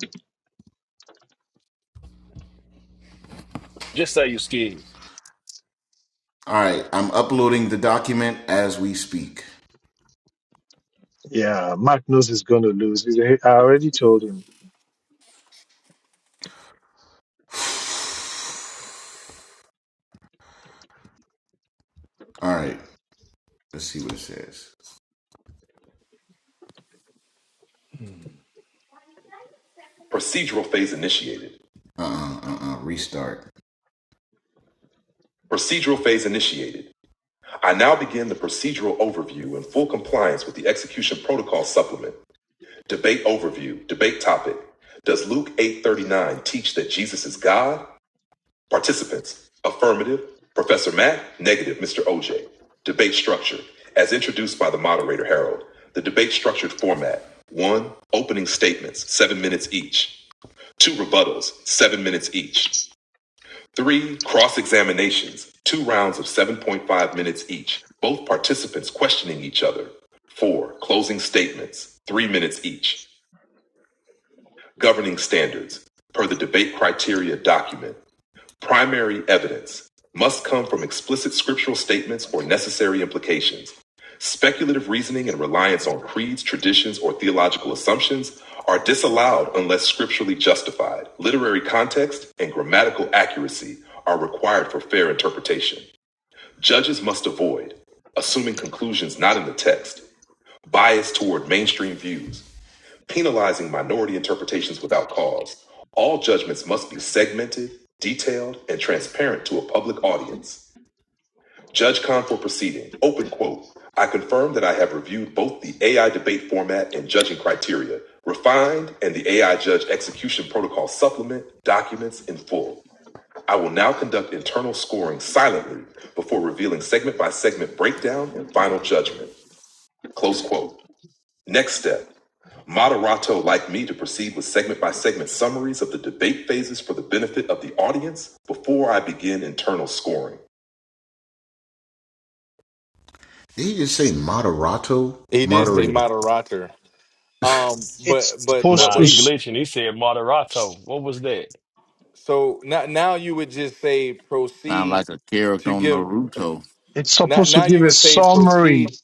Just say you scared.
All right. I'm uploading the document as we speak.
yeah, Magnus is going to lose. He's a- I already told him.
All right. Let's see what it says. Procedural phase initiated. Uh uh uh uh. Restart. Procedural phase initiated. I now begin the procedural overview in full compliance with the execution protocol supplement. Debate overview. Debate topic. Does Luke 8:39 teach that Jesus is God? Participants. Affirmative. Professor Matt, negative, Mr. OJ. Debate structure. As introduced by the moderator Harold. The debate structured format. One, opening statements, seven minutes each. two rebuttals, seven minutes each, three cross examinations, two rounds of 7.5 minutes each, both participants questioning each other, four closing statements, three minutes each, governing standards, per the debate criteria document. Primary evidence must come from explicit scriptural statements or necessary implications. Speculative reasoning and reliance on creeds, traditions, or theological assumptions are disallowed unless scripturally justified. Literary context and grammatical accuracy are required for fair interpretation. Judges must avoid assuming conclusions not in the text, bias toward mainstream views, penalizing minority interpretations without cause. All judgments must be segmented, detailed, and transparent to a public audience. Judge Confor proceeding, open quote, I confirm that I have reviewed both the AI debate format and judging criteria, refined, and the AI judge execution protocol supplement documents in full. I will now conduct internal scoring silently before revealing segment by segment breakdown and final judgment. Close quote. Next step. Moderato like me to proceed with segment by segment summaries of the debate phases for the benefit of the audience before I begin internal scoring. Did he just say moderato?
He did say
Moderator.
moderator. Um,
It's
but but
supposed
but
Nah,
to.
what
he
you
s-
glitching. He said moderato. What was that?
so now now you would just say
Sound
proceed
like a character
to
on
give
Naruto.
It's
now
supposed to
now
give
you
a
would say
summary,
proceed.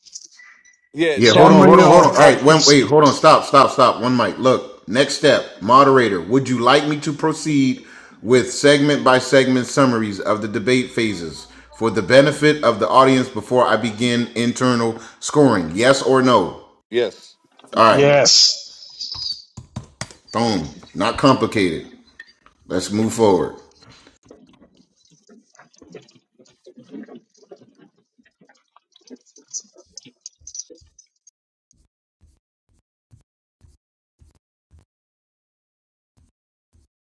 Yeah,
Yeah,
now
hold on,
you
summary
hold on,
s-
hold on.
of
All
of
right, wait,
its.
wait, hold on. Stop, stop, stop. One mic. Look, next step, moderator. Would you like me to proceed with segment by segment summaries of the debate phases for the benefit of the audience before I begin internal scoring? Yes or no?
yes.
All right,
Yes.
boom. Not complicated. Let's move forward.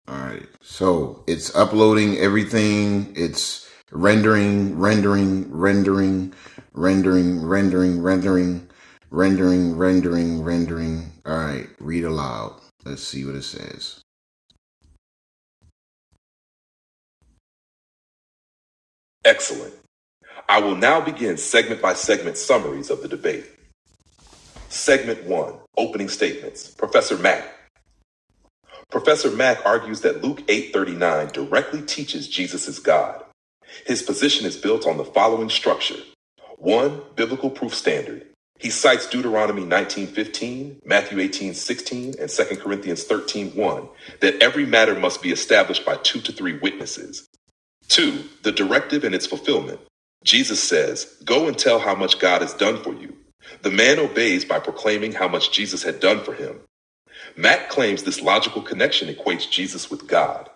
All right. So it's uploading everything. It's rendering, rendering, rendering, rendering, rendering, rendering, rendering, rendering, rendering. All right. Read aloud. Let's see what it says. Excellent. I will now begin segment by segment summaries of the debate. Segment 1, opening statements. Professor Mack. Professor Mack argues that Luke 8:39 directly teaches Jesus is God. His position is built on the following structure. 1. Biblical proof standard. He cites Deuteronomy 19:15, Matthew 18:16, and Second Corinthians thirteen one, that every matter must be established by 2 to 3 witnesses. 2. The directive and its fulfillment. Jesus says, "Go and tell how much God has done for you." The man obeys by proclaiming how much Jesus had done for him. Matt claims this logical connection equates Jesus with God.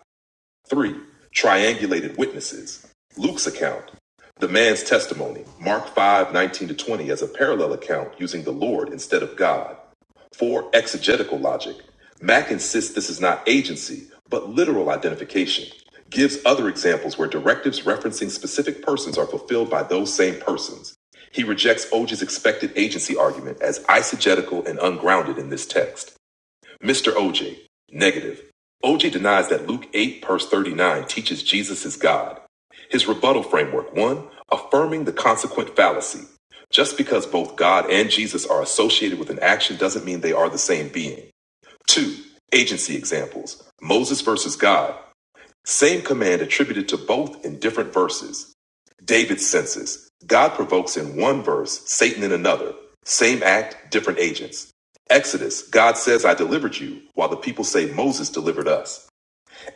3. Triangulated witnesses. Luke's account. The man's testimony. Mark 519 to 20 as a parallel account using the Lord instead of God. 4. Exegetical logic. Mack insists this is not agency, but literal identification. Gives other examples where directives referencing specific persons are fulfilled by those same persons. He rejects Oge's expected agency argument as eisegetical and ungrounded in this text. Mr. OJ, negative. OJ denies that Luke 8, verse 39 teaches Jesus is God. His rebuttal framework one, affirming the consequent fallacy. Just because both God and Jesus are associated with an action doesn't mean they are the same being. Two, agency examples Moses versus God, same command attributed to both in different verses. David senses. God provokes in one verse, Satan in another. Same act, different agents. Exodus, God says, I delivered you, while the people say Moses delivered us.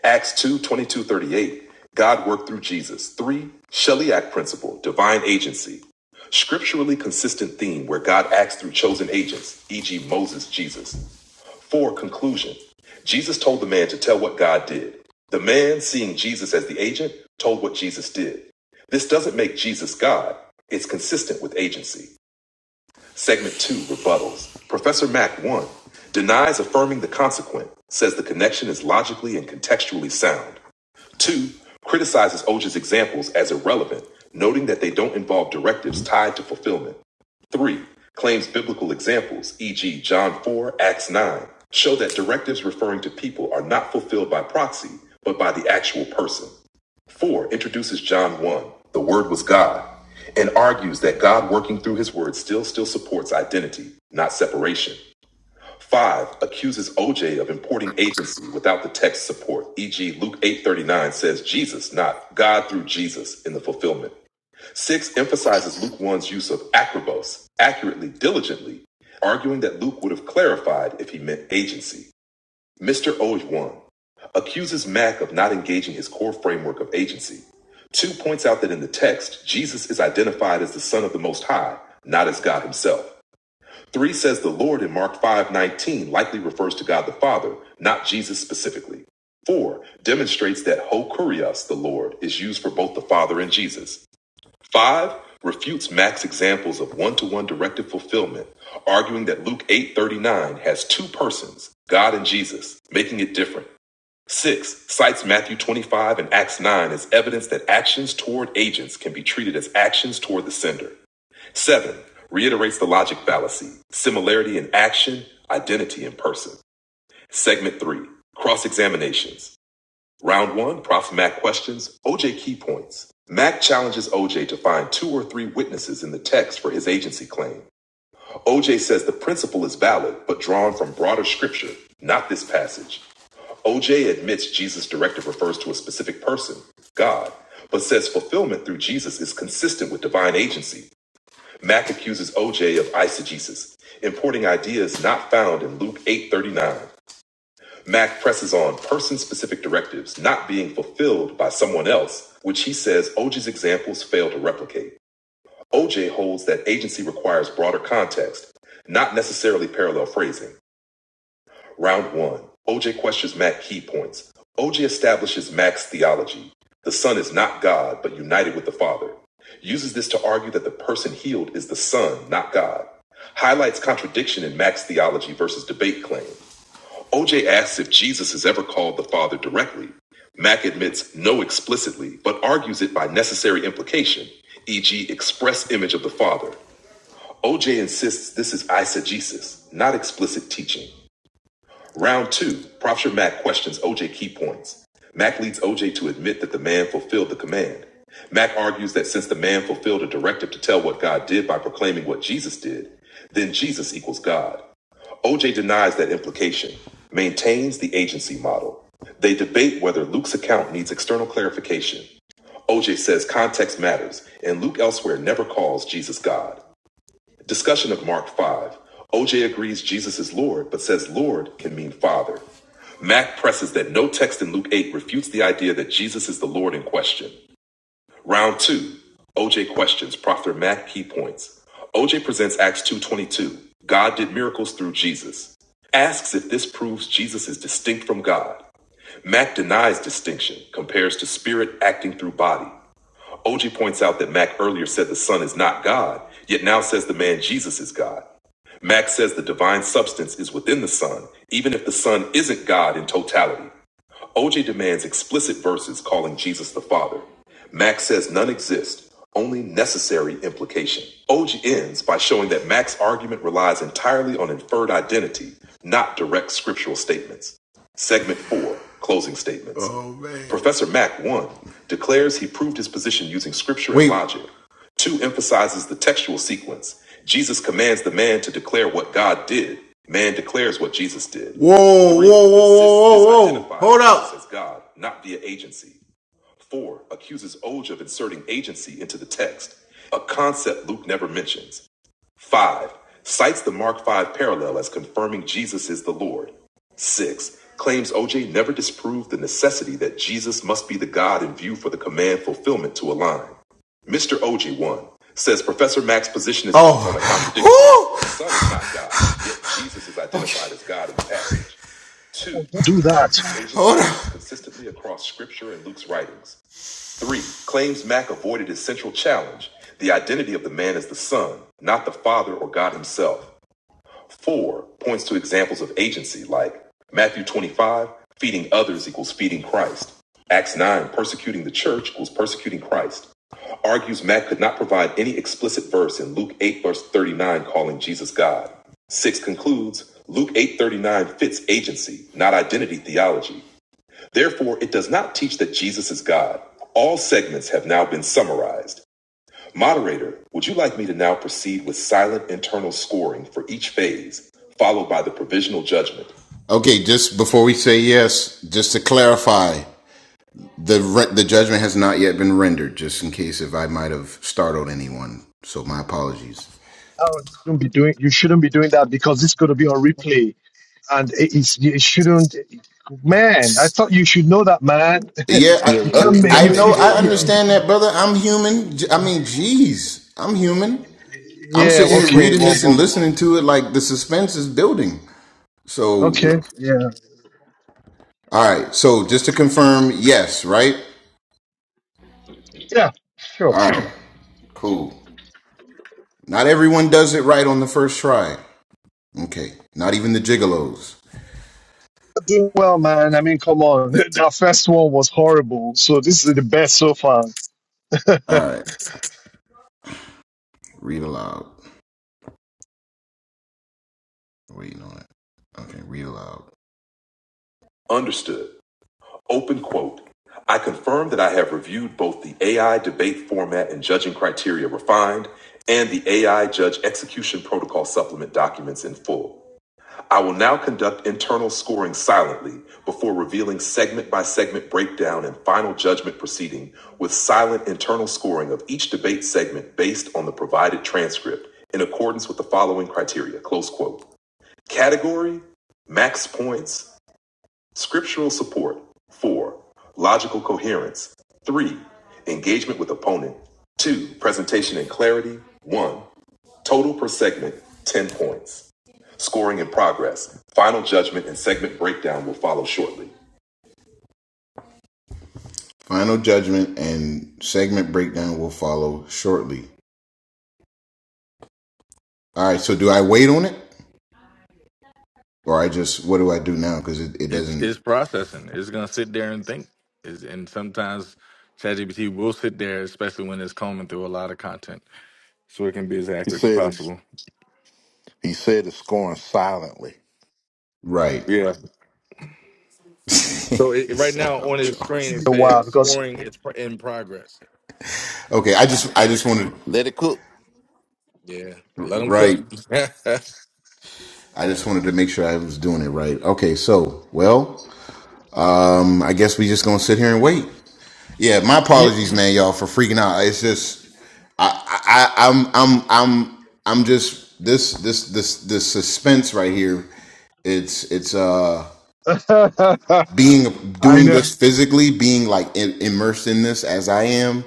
Acts 2 22 38. God worked through Jesus. 3. Shelley Act Principle, Divine Agency. Scripturally consistent theme where God acts through chosen agents, e.g., Moses, Jesus. 4. Conclusion Jesus told the man to tell what God did. The man, seeing Jesus as the agent, told what Jesus did. This doesn't make Jesus God, it's consistent with agency. Segment 2 Rebuttals. Professor Mack 1 denies affirming the consequent, says the connection is logically and contextually sound. Two, criticizes OJ's examples as irrelevant, noting that they don't involve directives tied to fulfillment. Three, claims biblical examples, e.g., John 4, Acts 9, show that directives referring to people are not fulfilled by proxy, but by the actual person. Four, introduces John 1, the Word was God, and argues that God working through his Word still still supports identity, not separation. Five, accuses OJ of importing agency without the text support, e.g. Luke 8.39 says Jesus, not God through Jesus in the fulfillment. Six, emphasizes Luke 1's use of acrobos, accurately, diligently, arguing that Luke would have clarified if he meant agency. Mr. Oge 1 accuses Mack of not engaging his core framework of agency. Two points out that in the text, Jesus is identified as the Son of the Most High, not as God himself. Three says the Lord in Mark 5:19 likely refers to God the Father, not Jesus specifically. Four demonstrates that ho kurios, the Lord, is used for both the Father and Jesus. Five refutes Mac's examples of one-to-one directed fulfillment, arguing that Luke 8:39 has two persons, God and Jesus, making it different. Six cites Matthew 25 and Acts 9 as evidence that actions toward agents can be treated as actions toward the sender. Seven, reiterates the logic fallacy, similarity in action, identity in person. Segment three, cross examinations. Round one, Prof. Mac questions, OJ key points. Mac challenges OJ to find two or three witnesses in the text for his agency claim. OJ says the principle is valid, but drawn from broader scripture, not this passage. OJ admits Jesus' directive refers to a specific person, God, but says fulfillment through Jesus is consistent with divine agency Mack accuses OJ of eisegesis, importing ideas not found in Luke 8:39. Mack presses on person-specific directives not being fulfilled by someone else, which he says OJ's examples fail to replicate. OJ holds that agency requires broader context, not necessarily parallel phrasing. Round one. OJ questions Mac key points. OJ establishes Mac's theology. The Son is not God, but united with the Father. Uses this to argue that the person healed is the Son, not God. Highlights contradiction in Mac's theology versus debate claim. OJ asks if Jesus has ever called the Father directly. Mac admits no explicitly, but argues it by necessary implication, e.g., express image of the Father. OJ insists this is eisegesis, not explicit teaching. Round two, Professor Mack questions OJ key points. Mack leads OJ to admit that the man fulfilled the command. Mack argues that since the man fulfilled a directive to tell what God did by proclaiming what Jesus did, then Jesus equals God. OJ denies that implication, maintains the agency model. They debate whether Luke's account needs external clarification. OJ says context matters, and Luke elsewhere never calls Jesus God. Discussion of Mark 5. OJ agrees Jesus is Lord, but says Lord can mean Father. Mack presses that no text in Luke 8 refutes the idea that Jesus is the Lord in question. Round 2. OJ questions Prophet Mack key points. OJ presents Acts 2.22. God did miracles through Jesus. Asks if this proves Jesus is distinct from God. Mack denies distinction, compares to spirit acting through body. OG points out that Mac earlier said the Son is not God, yet now says the man Jesus is God. Mac says the divine substance is within the Son, even if the Son isn't God in totality. OJ demands explicit verses calling Jesus the Father. Max says none exist, only necessary implication. OJ ends by showing that Mac's argument relies entirely on inferred identity, not direct scriptural statements. Segment 4, closing statements. Professor Mack, one, declares he proved his position using scripture Wait. and logic. Two emphasizes the textual sequence. Jesus commands the man to declare what God did. Man declares what Jesus did. whoa, whoa, whoa, whoa, hold up. as God, not via agency. Four accuses Oge of inserting agency into the text, a concept Luke never mentions. Five, cites the Mark 5 parallel as confirming Jesus is the Lord. Six, claims OJ never disproved the necessity that Jesus must be the God in view for the command fulfillment to align. Mr. OJ one says Professor Mack's position is based on a contradiction. Oh, The Son is not God, yet Jesus is whew. okay. identified as God in the passage. Two,
Oh, Don't do that.
argues consistently across Scripture and Luke's writings. Three, claims Mack avoided his central challenge the identity of the man as the son, not the father or God himself. Four, points to examples of agency like Matthew 25, feeding others equals feeding Christ. Acts 9, persecuting the church equals persecuting Christ. Argues Mack could not provide any explicit verse in Luke 8, verse 39, calling Jesus God. Six concludes Luke 8:39 fits agency, not identity theology. Therefore, it does not teach that Jesus is God. All segments have now been summarized. Moderator, would you like me to now proceed with silent internal scoring for each phase, followed by the provisional judgment? Okay, just before we say yes, just to clarify, the re- the judgment has not yet been rendered. Just in case if I might have startled anyone, so my apologies.
Oh, you Don't be doing. You shouldn't be doing that because it's going to be on replay, and it, it's, it shouldn't. Man, I thought you should know that, man.
Yeah,
Yeah,
I,
you
we,
uh,
we
can't
we
make
won't
I
you
be able
you.
know,
to hear
I
it,
you
understand that, brother. I'm human. J- i am human I
you
mean, jeez, I'm human. I'm
yeah.
sitting here
Okay.
reading
Well.
this and
well
listening to it like the suspense is building. So,
okay. Yeah.
all right. So, just to confirm, yes, right?
Yeah,
All
sure.
right, cool. Not everyone does it right on the first try. Okay. Not even the gigolos.
Doing well, man. I mean, come on. The, first one was horrible. So this is the best so far
All right. Read aloud. Waiting on it. Okay. Read aloud. Understood. Open quote. I confirm that I have reviewed both the AI debate format and judging criteria refined and the AI judge execution protocol supplement documents in full. I will now conduct internal scoring silently before revealing segment by segment breakdown and final judgment proceeding with silent internal scoring of each debate segment based on the provided transcript in accordance with the following criteria. Close quote. Category, max points, scriptural support, four, logical coherence, three, engagement with opponent, two, presentation and clarity, one, total per segment, 10 points. Scoring in progress. Final judgment and segment breakdown will follow shortly. Final judgment and segment breakdown will follow shortly. All right, so do I wait on it or I just, what do I do now? Because it, it
it's
doesn't,
it's processing. It's gonna sit there and think. Is and sometimes ChatGPT will sit there, especially when it's combing through a lot of content, so it can be as
He
accurate as
said it's
possible.
he said it's going silently.
right.
Yeah. So it, it- right
Shut
now on
up,
his screen
Charles.
in
it
a while
said
because
scoring is pro- in progress.
Okay, I just, I just wanted,
Let it cook.
Yeah, let them
right.
cook.
I just wanted to make sure I was doing it right. Okay, so, well, um, I guess we just gonna sit here and wait. Yeah, my
yeah,
apologies, man, y'all, for freaking out. It's just, I, I I'm I'm I'm I'm just this this this this suspense right here. It's it's uh
I
being doing
know.
this physically, being like in, immersed in this as I am.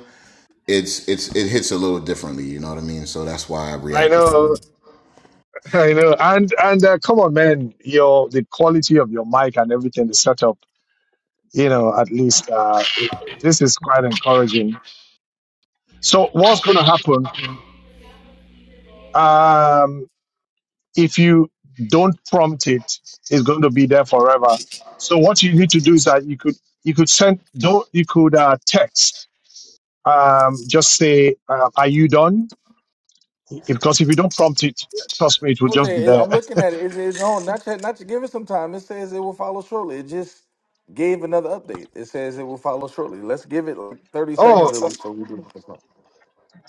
It's it's it hits a little differently. You know what I mean. So that's why I
I
reacted. to
know,
it.
I know, and and uh, come on, man! Your the quality of your mic and everything, the setup, you know, at least uh, it, this is quite encouraging. So, what's going to happen? Um, if you don't prompt it, it's going to be there forever. So what you need to do is that you could you could send don't you could uh, text um, just say uh, are you done? Because if you don't prompt it, trust me, it will just be
OJ,
there.
I'm looking at it. Is it no? Not yet, not to give it some time. It says it will follow shortly. It just gave another update. It says it will follow shortly. Let's give it like 30
Oh,
seconds at least for we do.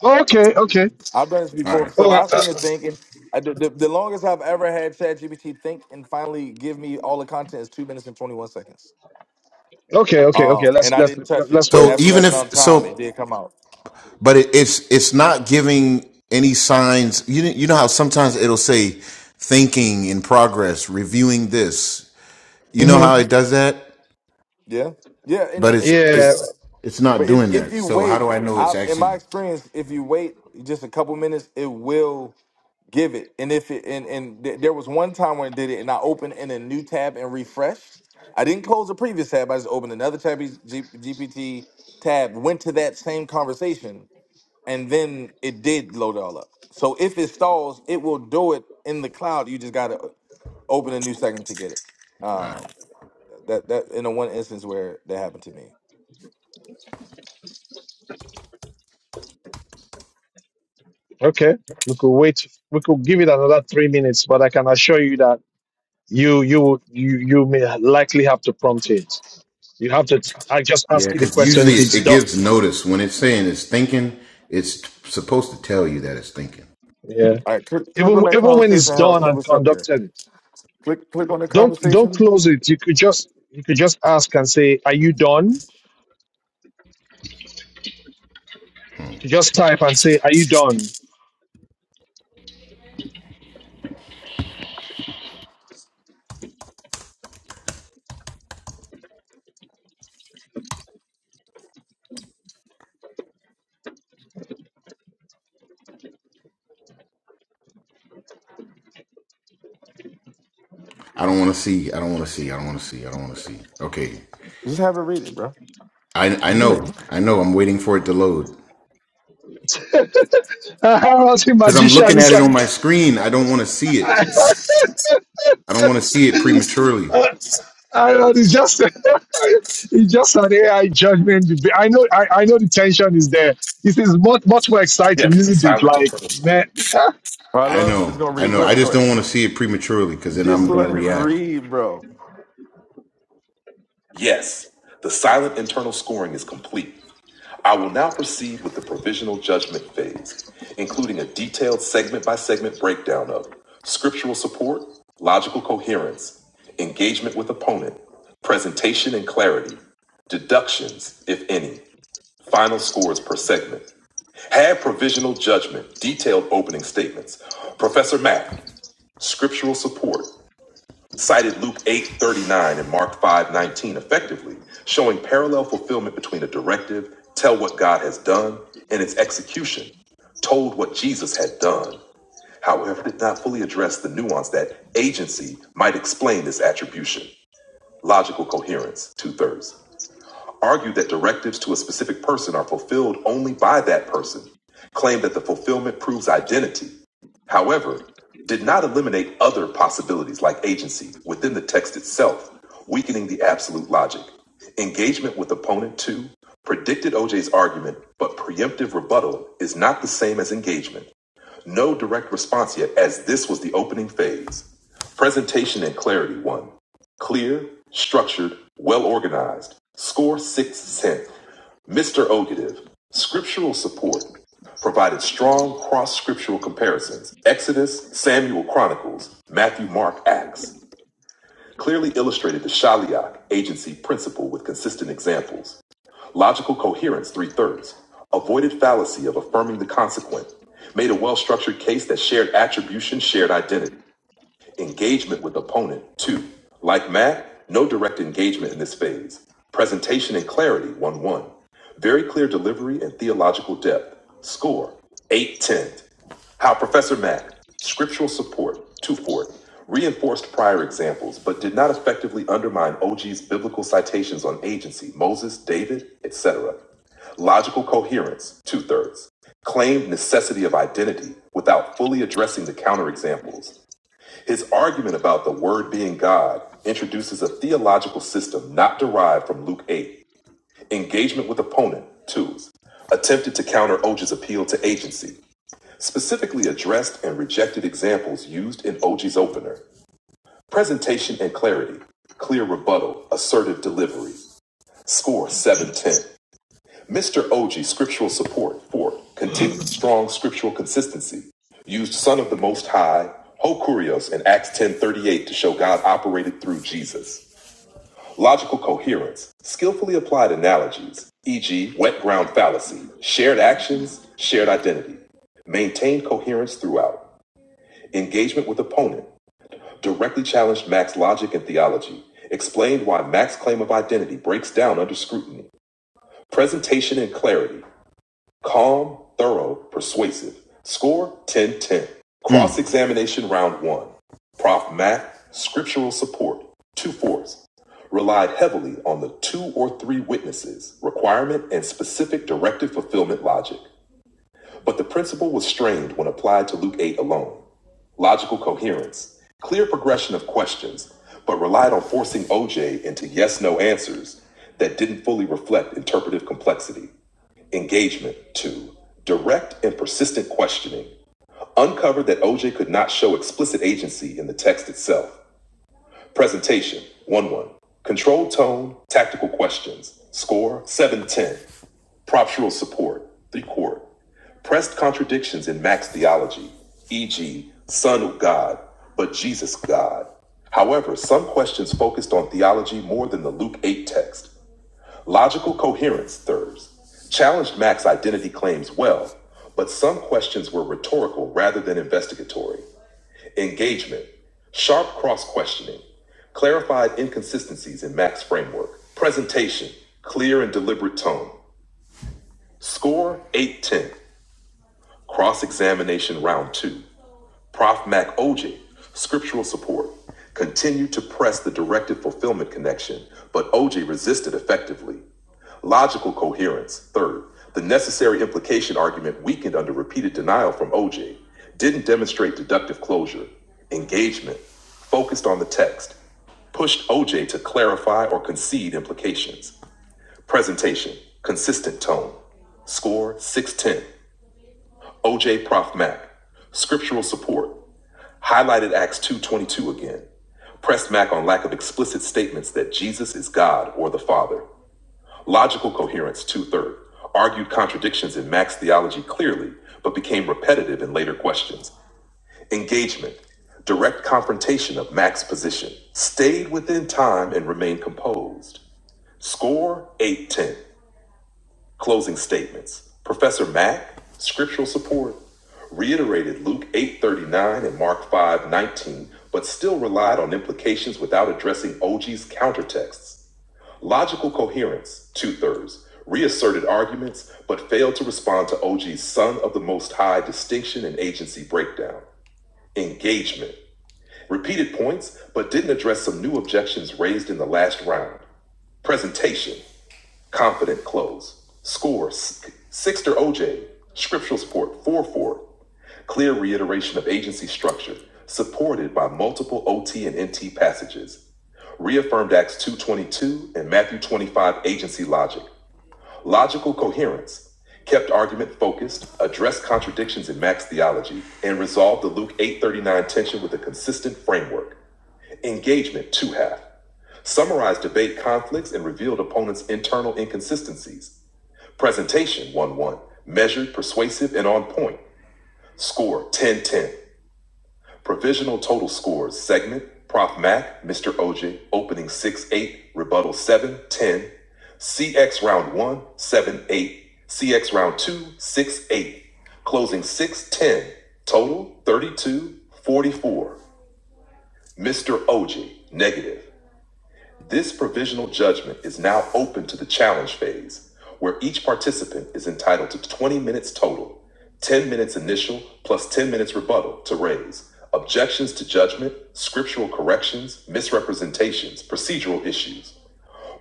okay, okay.
I've done this
All
before for
right.
stuff.
Oh,
I've
uh,
seen it thinking. I, the, the, the longest I've ever had ChatGPT think and finally give me all the content is two minutes and twenty one seconds.
okay, okay, okay.
Um,
Let's
and I
let's
didn't touch it.
let's
And
wait.
So
after
even
that amount of
if
time, it
so,
did come out.
but it, it's it's not giving any signs. You you know how sometimes it'll say thinking in progress, reviewing this. You know
hmm
how it does that.
Yeah, yeah. And,
but
and
it's
Yeah,
it's it's not
but
doing
if if
that.
you
So how do I
wait,
know it's
I, in
actually?
my experience, if you wait just a couple minutes, it will. give it and if it and and th- there was one time when it did it and i opened in a new tab and refreshed i didn't close the previous tab i just opened another tab G- gpt tab went to that same conversation and then it did load it all up so if it stalls it will do it in the cloud you just gotta uh, open a new segment to get it um that that in the one instance where that happened to me
okay. We could wait. We could give it another three minutes, but I can assure you that you you you you may likely have to prompt it You have to. I just
Yeah,
ask you the
because
question
usually
if
it,
it's
it
done.
gives notice when it's saying it's thinking. It's supposed to tell you that it's thinking.
Yeah.
all right click, click
Even
on that
even when it's
conversation harold
done
see
and
what's up there
conducted, it
click click on the
don't don't
conversation
close it. You could just you could just ask and say, "Are you done?" You just type and say, "Are you done?"
I don't want to see. I don't want to see. I don't want to see. I don't want to see. Okay,
just have it read it bro
I I
Go ahead.
know. I know. I'm waiting for it to load
I was a
because I'm
magician.
looking at
It's
it
like
on my screen. I don't want to see it.
I
I don't want to see it prematurely.
don't. It's just it's just an AI judgment. debate. I know. I, I know the tension is there. This is much much more
Yeah,
exciting,
it's
isn't it?
silent
Like
eternal.
man,
All right,
I
let him. It's
know.
gonna
I
read.
know.
Go
I
ahead. Go
just
ahead.
don't want to see it prematurely because then
Just
I'm gonna
let it
react.
read, bro.
Yes, the silent internal scoring is complete. I will now proceed with the provisional judgment phase, including a detailed segment by segment breakdown of scriptural support, logical coherence, engagement with opponent, presentation and clarity, deductions, if any, final scores per segment. Had provisional judgment, detailed opening statements. Professor Mack, scriptural support cited Luke 8:39 and Mark 5:19 effectively, showing parallel fulfillment between a directive, tell what God has done, and its execution, told what Jesus had done. However, did not fully address the nuance that agency might explain this attribution. Logical coherence, two thirds argue that directives to a specific person are fulfilled only by that person, claim that the fulfillment proves identity, however, did not eliminate other possibilities like agency within the text itself, weakening the absolute logic. Engagement with opponent two predicted OJ's argument, but preemptive rebuttal is not the same as engagement. No direct response yet, as this was the opening phase. Presentation and clarity one. Clear, structured, well organized. Score six cent. Mr. Ogative. Scriptural support. Provided strong cross scriptural comparisons. Exodus, Samuel Chronicles, Matthew, Mark, Acts. Clearly illustrated the Shaliach agency principle with consistent examples. Logical coherence, three thirds. Avoided fallacy of affirming the consequent. Made a well structured case that shared attribution, shared identity engagement with opponent, two. Like Matt, no direct engagement in this phase. Presentation and clarity, one one. Very clear delivery and theological depth. Score, eight ten. How Professor Matt? scriptural support, two four, reinforced prior examples, but did not effectively undermine O G's biblical citations on agency, Moses, David, etc. Logical coherence, two thirds. Claimed necessity of identity without fully addressing the counterexamples. His argument about the Word being God introduces a theological system not derived from Luke 8. Engagement with opponent, 2. Attempted to counter Oge's appeal to agency. Specifically addressed and rejected examples used in Oge's opener. Presentation and clarity. Clear rebuttal. Assertive delivery. Score 710. Mr. Oji scriptural support for continued strong scriptural consistency used Son of the Most High, Hokurios in Acts 10:38 to show God operated through Jesus. Logical coherence, skillfully applied analogies, e.g., wet ground fallacy, shared actions, shared identity. Maintained coherence throughout. Engagement with opponent. Directly challenged Max's logic and theology. Explained why Max's claim of identity breaks down under scrutiny. Presentation and clarity. Calm, thorough, persuasive. Score 10 10. Cross examination round one. Prof Matt, scriptural support, two fourths. Relied heavily on the two or three witnesses, requirement, and specific directive fulfillment logic. But the principle was strained when applied to Luke 8 alone. Logical coherence, clear progression of questions, but relied on forcing OJ into yes no answers that didn't fully reflect interpretive complexity. Engagement. Two, direct and persistent questioning. Uncovered that OJ could not show explicit agency in the text itself. Presentation. 1 1. Controlled tone, tactical questions. Score 710. Proptural support. 3 quart. Pressed contradictions in Max theology, e.g., Son of God, but Jesus God. However, some questions focused on theology more than the Luke 8 text. Logical coherence, thurs challenged Mac's identity claims well, but some questions were rhetorical rather than investigatory. Engagement, sharp cross questioning, clarified inconsistencies in Mac's framework. Presentation, clear and deliberate tone. Score 810. Cross examination round two. Prof. Mac OJ, scriptural support, continued to press the directive fulfillment connection, but OJ resisted effectively. Logical coherence. Third, the necessary implication argument weakened under repeated denial from OJ didn't demonstrate deductive closure. Engagement focused on the text, pushed OJ to clarify or concede implications. Presentation, consistent tone. Score 610. OJ Prof Mac. Scriptural support, highlighted Acts 2.22 again. Pressed Mac on lack of explicit statements that Jesus is God or the Father. Logical coherence, two third, argued contradictions in Max theology clearly, but became repetitive in later questions. Engagement, direct confrontation of Max position, stayed within time and remained composed. Score, 810. Closing statements. Professor Mack, scriptural support, reiterated Luke 8:39 and Mark 5:19, but still relied on implications without addressing OG's countertexts. Logical coherence, two thirds, reasserted arguments, but failed to respond to OG's Son of the Most High distinction and agency breakdown. Engagement, repeated points, but didn't address some new objections raised in the last round. Presentation, confident close. Score, six to OJ, scriptural support, 4 4. Clear reiteration of agency structure, supported by multiple OT and NT passages. Reaffirmed Acts 2.22 and Matthew 25 agency logic Logical coherence kept argument focused, addressed contradictions in Max theology, and resolved the Luke 839 tension with a consistent framework. Engagement, two half, summarized debate conflicts and revealed opponents' internal inconsistencies. Presentation, 1 1, measured, persuasive, and on point. Score, 10 10. Provisional total scores segment Prof Mac, Mr. OJ, opening 6 8, rebuttal 7 10, CX round one 7 8, CX round 2 6 eight, closing 6 10, total 32 Mr. OJ, negative. This provisional judgment is now open to the challenge phase, where each participant is entitled to 20 minutes total, 10 minutes initial plus 10 minutes rebuttal to raise objections to judgment, scriptural corrections, misrepresentations, procedural issues.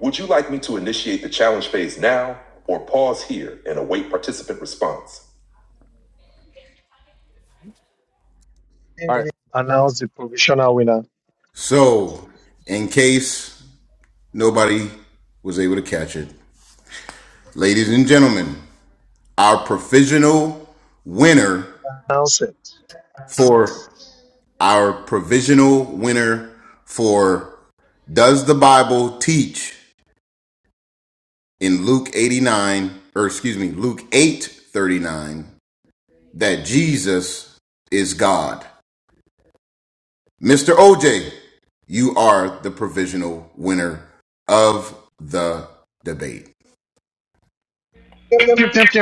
Would you like me to initiate the challenge phase now or pause here and await participant response?
All right.
announce the provisional winner.
So, in case nobody was able to catch it, ladies and gentlemen, our provisional winner
Announce it.
for our provisional winner for does the Bible teach in Luke 89 or excuse me Luke 8:39 that Jesus is God. Mr. OJ, you are the provisional winner of the debate.
Yep, yep, yep, yep,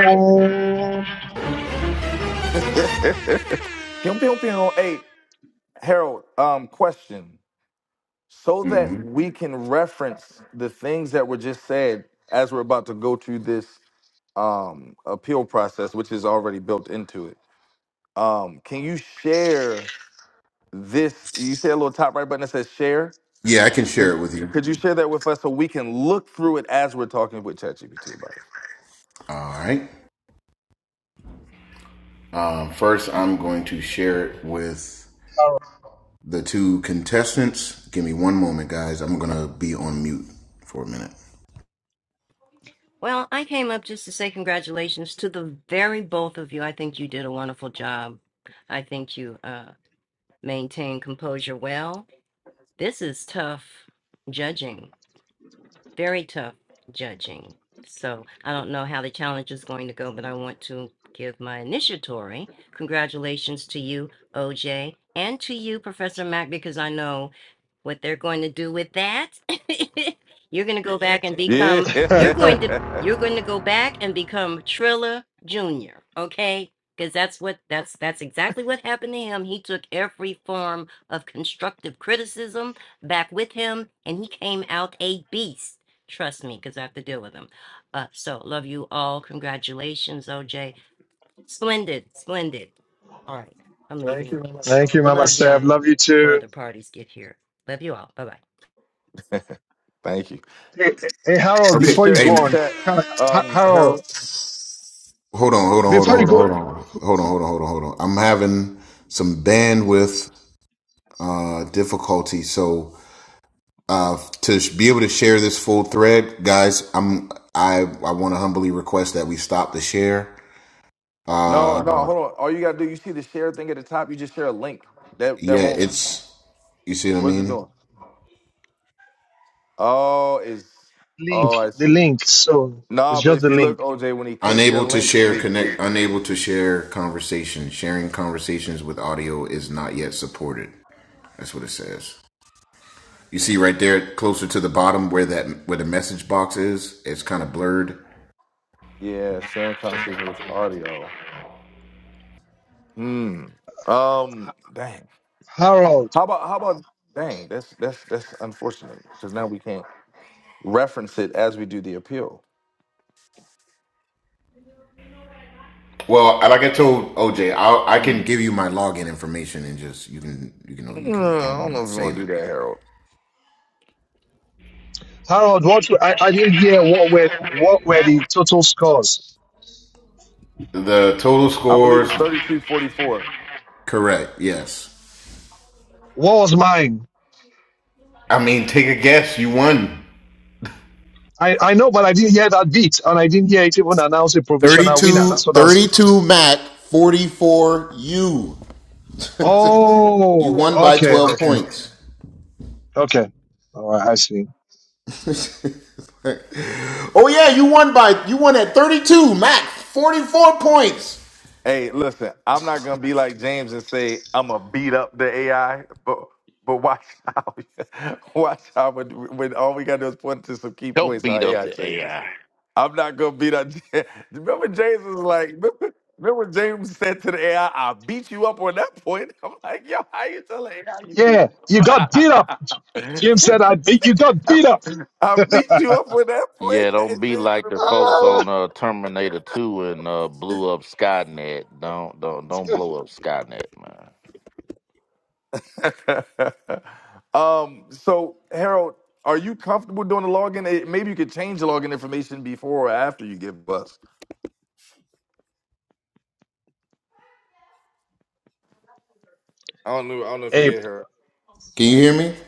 Pyong pyong pyong. Hey, Harold. Um, question. So that
Mhm.
we can reference the things that were just said as we're about to go through this um appeal process, which is already built into it. Um, can you share this? You see a little top right button that says share.
Yeah, I can
Could
share
you,
it with you.
could you share that with us so we can look through it as we're talking with ChatGPT about
All right. Um, first, I'm going to share it with the two contestants. Give me one moment, guys. I'm gonna be on mute for a minute.
Well, I came up just to say congratulations to the very both of you. I think you did a wonderful job. I think you uh, maintained composure well. This is tough judging, very tough judging. So I don't know how the challenge is going to go, but I want to give my initiatory congratulations to you, OJ, and to you, Professor Mack, because I know what they're going to do with that. you're going to go back and
it?
become you're
yep.
going to
Yeah.
you're going to go back and become Trilla Jr., okay? Cuz that's what that's that's exactly what happened to him. He took every form of constructive criticism back with him and he came out a beast. Trust me cuz I have to deal with him. Uh so love you all. Congratulations, OJ. Splendid, splendid. All right, I'm Thank leaving. you, Michelle.
Thank
Love
you,
you
Mama
Love too. y'all
Steph.
too.
Love you
before
too.
the parties get here. Love you all. Bye bye.
Thank you.
Hey, hey, hey, Harold,
Can you
Okay.
before you
share it
Hey,
in
go
the
on,
chat,
can, Ha-
um,
Harold,
Harold?
hold on, hold on, hold on,
before you
hold on, hold
go,
on, hold on, hold on, hold on, hold on. I'm having some bandwidth uh, difficulty, so uh, to sh- be able to share this full thread, guys, I'm I I want to humbly request that we stop the share. Uh,
No, no, hold on. All you gotta do, you see the share thing at the top. You just share a link. That
yeah,
that won't.
it's you see what I
What is it
mean.
doing? Oh, it's. Oh,
link,
I
the
see.
link. So it's
No, but
just
if
the
you look,
link.
OJ, when he clicks your
Unable to
link,
share
it
connect,
it.
unable to share conversation. Sharing conversations with audio is not yet supported. That's what it says. You see right there, closer to the bottom, where that where the message box is, it's kind of blurred.
Yeah, sharing conversation with audio. Hmm. Um. Dang.
Harold,
How about how about? Dang. That's that's that's unfortunate because now we can't reference it as we do the appeal.
Well, like I told OJ, I'll, I can
Hmm.
give you my login information and just you can you know you can
Mm,
go
I
in
don't
there
know
and
if we're gonna
save
do
it.
that, Harold.
Harold, what I, I didn't hear what were what were the total scores?
The total
I believe
scores,
it's thirty-two forty-four.
correct? Yes.
What was mine?
I mean, take a guess. You won.
I, I know, but I didn't hear that beat, and I didn't hear it even announce a
thirty
provisional winner.
two
That's what I was.
32. Mac, 44 you. You
Oh,
won by
okay,
12
okay,
points.
okay. All right, I see.
Oh yeah, you won by you won at 32 Mac, 44 points.
Hey, listen, I'm not gonna be like James and say I'm gonna beat up the AI, but but watch how watch how when, when all we gotta do is point to some key
Don't
points how
beat up
AI
the
changes.
AI.
I'm not gonna beat up. Remember, James was like, remember, remember when James said to the AI, i "I beat you up on that point." I'm like, yo, how you tell the AI you beat
Yeah,
him?
you got beat up.
up?
James said, "I you got beat up."
I beat you up on that point,
Yeah, don't
And
be
James in
like
the
the
room.
folks
Ah.
on uh, Terminator Two and uh, blew up Skynet. Don't don't don't blow up Skynet, man.
um, so Harold, are you comfortable doing the login? Eh, Maybe you could change the login information before or after you give us. I don't know. I don't know if you
Hey,
did, Harold.
Can you
hey,
hear me?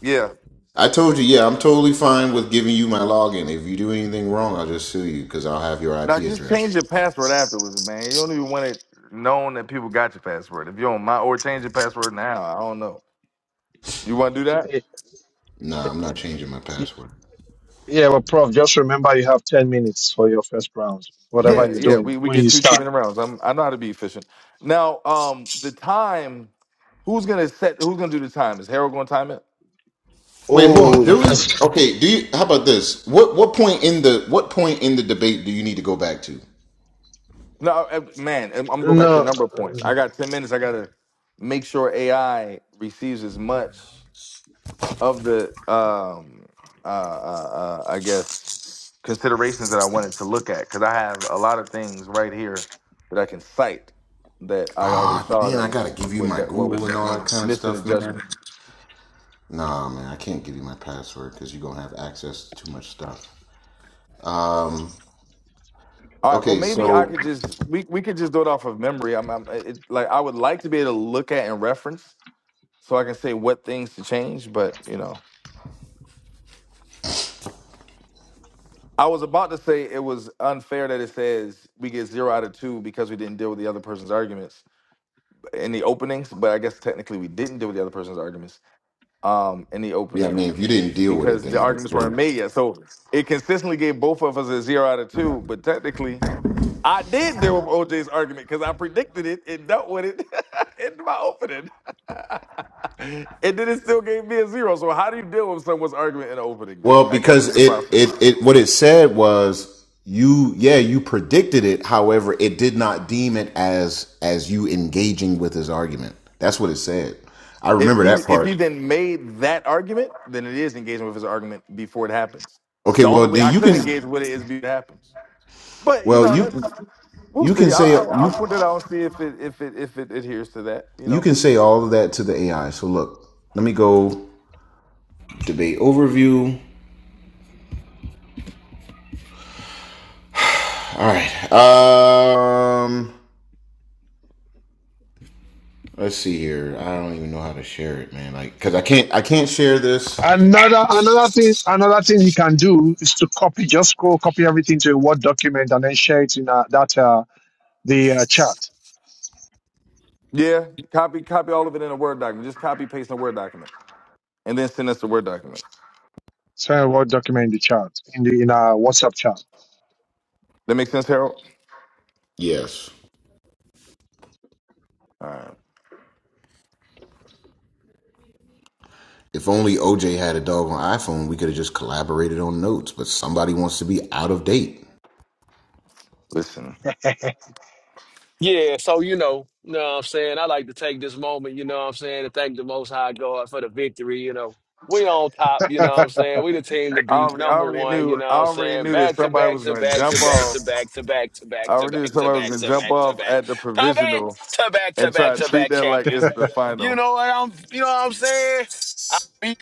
Yeah.
I told you, yeah, I'm totally fine with giving you my login. If you do anything wrong, I'll just sue you because I'll have your IP
Now just change
address.
your password afterwards, man. You don't even want it known that people got your password. If you don't mind, or change your password now. I don't know. You want to do that?
Nah, I'm not changing my
hey,
password.
yeah, well, Prof, just remember you have ten minutes for your first round. Whatever
Yeah,
you're
Right.
yeah.
doing
We we
when
get
you
two
start.
chipping rounds. I'm I know how to be efficient. Now, um, the time. Who's gonna set? Who's gonna do the time? Is Harold gonna time it?
Wait, hold
Oh,
on.
you
Do we?
can't.
Okay. Do you? How about this? What What point in the What point in the debate do you need to go back to?
No, I- man, I'm I'm gonna go back to a
No.
number of points. I got ten minutes. I gotta make sure AI receives as much of the, um, uh, uh, uh, I guess, considerations that I wanted to look at because I have a lot of things right here that I can cite that I already
Ah,
saw
man,
that
I gotta
was
give you
what
my
that what
Google
was
and all that kind of
missing in
stuff, man.
judgment.
Nah, man, I can't give you my password because you're gonna have access to too much stuff. Um.
All right, well,
Okay,
maybe I
so
could just we we could just do it off of memory. I'm, I'm it, like I would like to be able to look at and reference so I can say what things to change, but you know. I was about to say it was unfair that it says we get zero out of two because we didn't deal with the other person's arguments in the openings, but I guess technically we didn't deal with the other person's arguments um, in the
yeah, I
opening
mean, if you didn't deal with it,
because
then
the arguments weren't
right.
made yet. So it consistently gave both of us a zero out of two, but technically I did deal with OJ's argument because I predicted it and dealt with it in my opening. and then it still gave me a zero. So how do you deal with someone's argument in the opening then?
Well,
I guess it's
because it,
impossible.
it, it, what it said was you, yeah, you predicted it. However, it did not deem it as, as you engaging with his argument. That's what it said. I
If
remember
he
that
if he
part.
then made that argument, then it is engaging with his argument before it happens.
Okay.
The
Well,
only way
then
I
you
could
can,
engage with it is before it happens. But you
well,
know,
you,
that's we'll
you can
see. I'll,
say,
I'll,
you,
I'll point it out and see if it if it if it adheres to that. You
you
know,
can say all of that to the AI. So look, let me go debate overview. All right. Um, let's see here. I don't even know how to share it, man. Like, cause I can't, I can't share this.
Another another thing another thing he can do is to copy just go copy everything to a Word document and then share it in uh, that uh, the uh, chat.
yeah. Copy copy all of it in a word document. Just copy paste in a word document, and then send us the word document.
Share a Word document in the chat in the in our WhatsApp chat.
That makes sense, Harold.
Yes.
All right.
If only OJ had a dog on iPhone, we could have just collaborated on notes, but somebody wants to be out of date.
Listen,
Yeah, so you know, you know what I'm saying? I like to take this moment, you know what I'm saying, to thank the most high God for the victory, you know. We on top, you know what I'm saying? We the team
I
to beat,
already I
number
already
one, you
knew
know
I
what I'm
already
saying?
knew that
Back to
somebody
back
was
to
going to
back to
jump
back
off.
to back to back to
I
back to
already knew
back
that
to
somebody was
back
going to
to
jump
back to
off
back. to
at the
back
provisional
to back to
and
back
try to
to
treat
back
that like
champions.
it's the
You
final.
know what I'm you know what I'm saying?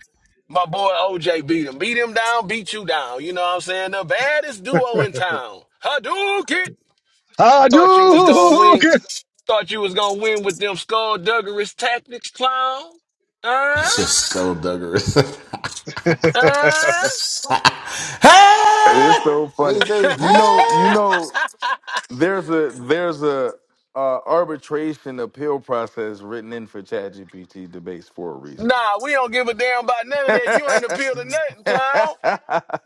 My boy OJ beat him. Beat him down, beat you down. You know what I'm saying? The baddest duo in town. Hadouken! Thought you was gonna win.
Hadouken!
Thought you was gonna win with them skullduggerous tactics, clown. Uh?
It's just so duggerous.
Uh?
hey!
It's so
What do
funny.
you say?
You know, you
Hey!
know, there's a there's a uh, arbitration appeal process written in for ChatGPT debates for a reason.
Nah, we don't give a damn about none of that. You ain't appeal to nothing, clown.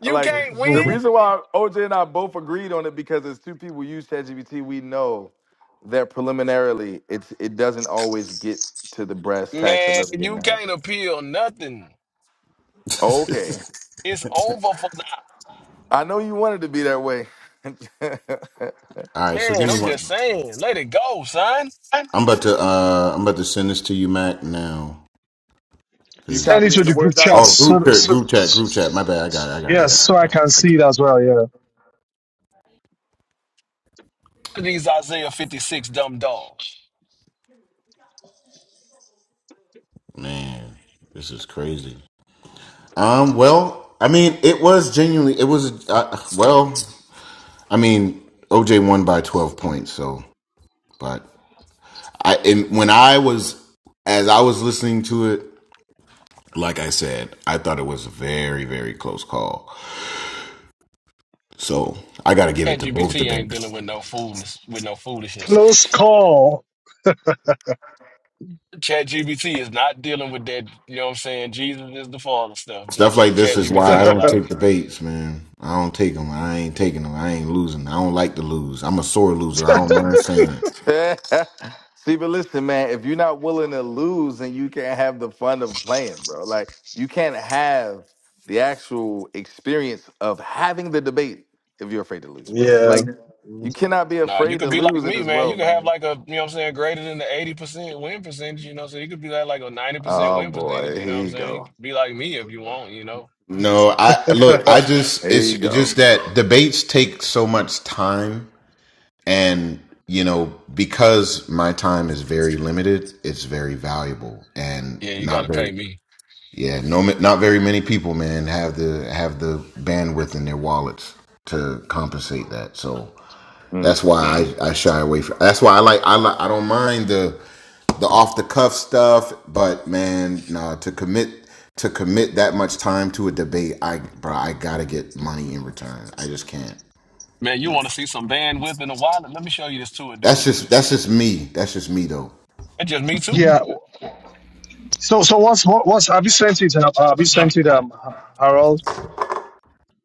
You
like
can't
the reason
win.
why OJ and I both agreed on it because as two people use ChatGPT, we know that preliminarily it's it doesn't always get to the brass tacks of
Man,
everything
you
that happened.
can't appeal nothing.
Okay,
It's over for the
I know you wanted to be that way.
All right, so give
man.
me
I'm
one.
just saying. Let it go, son.
I'm about to uh I'm about to send this to you, Mac, now.
you
Cause
Send it
copied it
to
in the
the group
Word
chat
oh
document.
group
so,
chat,
so
group chat, group chat. My bad. I got it. I got it. I
yes,
got
so I
it.
can
I got
see it as well. Yeah,
These Isaiah 56 dumb dogs.
it. Man, this is crazy. Um, well, I mean, it was genuinely. It was uh, well. I mean, OJ won by twelve points. So, but I and when I was as I was listening to it, like I said, I thought it was a very very close call. So I got to give it to both
ChatGPT ain't
debaters.
dealing with no foolishness. With no foolishness.
close call.
ChatGPT is not dealing with that. You know what I'm saying? Jesus is the Father stuff. You know what I'm
Stuff like
saying?
this is
ChatGPT
why I
don't
don't
like
take
it.
debates, man. I don't take them. I ain't taking them. I ain't losing. I don't like to lose. I'm a sore loser. I don't mind saying it.
See, but listen, man, if you're not willing to lose and you can't have the fun of playing, bro, like you can't have the actual experience of having the debate if you're afraid to lose, bro.
yeah.
Like Yeah. you cannot be
Nah, you
afraid
could
to
be like
lose in
me,
this
man. You
world,
could have
man.
like a, you know what I'm saying, greater than the 80% win percentage, you know what I'm saying? You could be like, like a 90%
Oh
win percentage,
boy,
you know what
here
I'm
you
saying? You
go.
could be like me if you want, you know?
No, I look. I just
Here
it's
you
just
go.
that debates take so much time, and you know because my time is very limited, it's very valuable and
Yeah, you got
not
to
very.
pay me.
Yeah, no, not very many people, man, have the have the bandwidth in their wallets to compensate that. So
Mm.
that's why I, I shy away from. That's why I like I like I don't mind the the off the cuff stuff, but man, nah, to commit to commit that much time to a debate, I bro, I gotta get money in return. I just can't.
Man, you want to see some bandwidth in a wallet? Let me show you this to a
That's
deuce here.
just that's just me. That's just me though.
It's just me too.
yeah, So, so what's what, what's have you sent it? Have, have you sent it, um, Ha- Harold?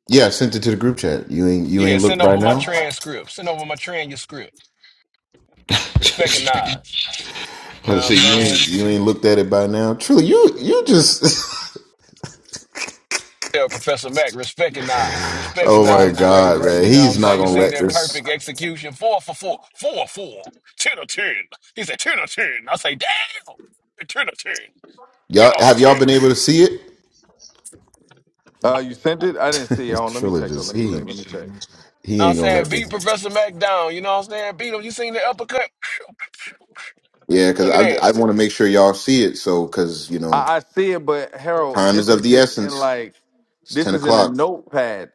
Yeah, I sent it to the group chat. You ain't you
Yeah,
ain't
send
looked by
over my
now.
transcript. Send over my transcript. Respect and eyes. You
I
know
us
what I'm
see, you ain't
saying?
you ain't looked at it by now. Truly, you you just
Tell Professor Mack, respect and
Oh my
the
God,
greatness.
man.
You know what I'm
He's not
saying? You
gonna
seen
let
that
this
perfect execution, four for four, four for four, ten or ten. He said ten or ten. I say, damn, ten or ten, ten
y'all
out of
have
ten. You
y'all been
know
able to see it?
Uh, you sent it? I didn't see it. Hold on, let me check though.
Trilogist.
Let me
He
check. Let me check.
he
what I'm
ain't gonna let
saying? Beat
this.
Professor Mack down. You know what I'm saying? Beat him. You seen the uppercut?
Yeah, because
Look at
I I
that.
want to make sure y'all see it. So because you know
I, I see it, but Harold,
time is
this
of
is
the
just in
essence.
like
It's
this
ten
is in a
o'clock.
notepad.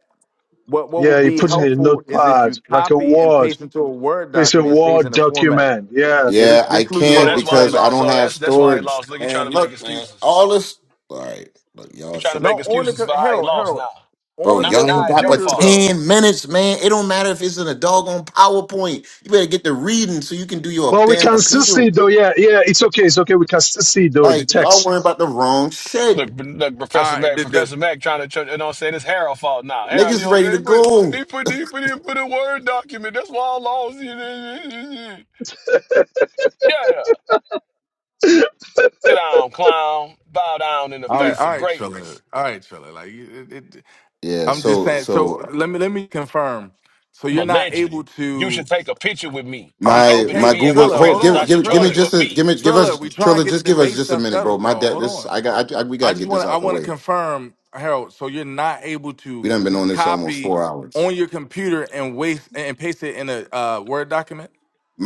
What what
Yeah,
would
you
be
put it in a
helpful is if you
notepad like a
copy and
word.
paste into a Word
It's a
document, it stays
word
in the format.
document. Yeah,
Yeah, this
Yeah, I
this loses
Oh,
yeah.
all
can't
the
that's why he
because I
format.
lost.
don't
Oh,
have
that's that's why he
storage.
lost. Look, he trying
Man,
to make
look, man,
excuses.
all this. All right, look,
He
y'all
trying to
tripping,
No,
make
on the
excuses
co-
for how he
Harold,
lost
Harold,
now.
bro.
Now,
on
Y'all
the
now
ain't
it's
got
your
but
computer,
fault.
bro.
ten minutes, man. It don't matter if it's in a doggone PowerPoint. You better get to reading so you can do your
But we
damn
can still
appeal.
see though. Yeah, yeah. It's okay. It's okay. We can still see though the
Like y'all
text.
worrying about the wrong
Look,
shit.
look, Professor
All right,
Mac,
the, the,
Professor Mac trying to, tr- you know what I'm saying? It's Harold fault now. Harold, you
Niggas
know what I'm
ready
saying?
to
He put,
go.
he put, he put in, put a Word document. That's why I lost. Shut up. Sit down, clown. Bow down in the
all right,
face
all
of
right,
greatness.
Triller. All right, Triller. Like you- it, it,
Yeah.
I'm just
So
saying. So
so
let me let me confirm. So
I'm a
you're not
legend.
able
You should
to.
take a picture with me.
All
Be
right,
my
happy to
okay,
my
be in
Google
my
Triller.
hold
Hold
presence. I
give
on,
should
give give
charge
me
Triller.
you a
just a
fee.
give me give
Triller.
us
We try
Triller,
and get the
just give us
debate
just a
stuff
minute, bro.
settled,
My
bro.
dad
Hold
this
on.
I got I, I- we
I
gotta
just
get
want
this
to I
out the
want to
way.
confirm, Harold. So you're not able
We
to
done been on this almost
copy
four hours.
on your computer and waste and paste it in a uh, Word document.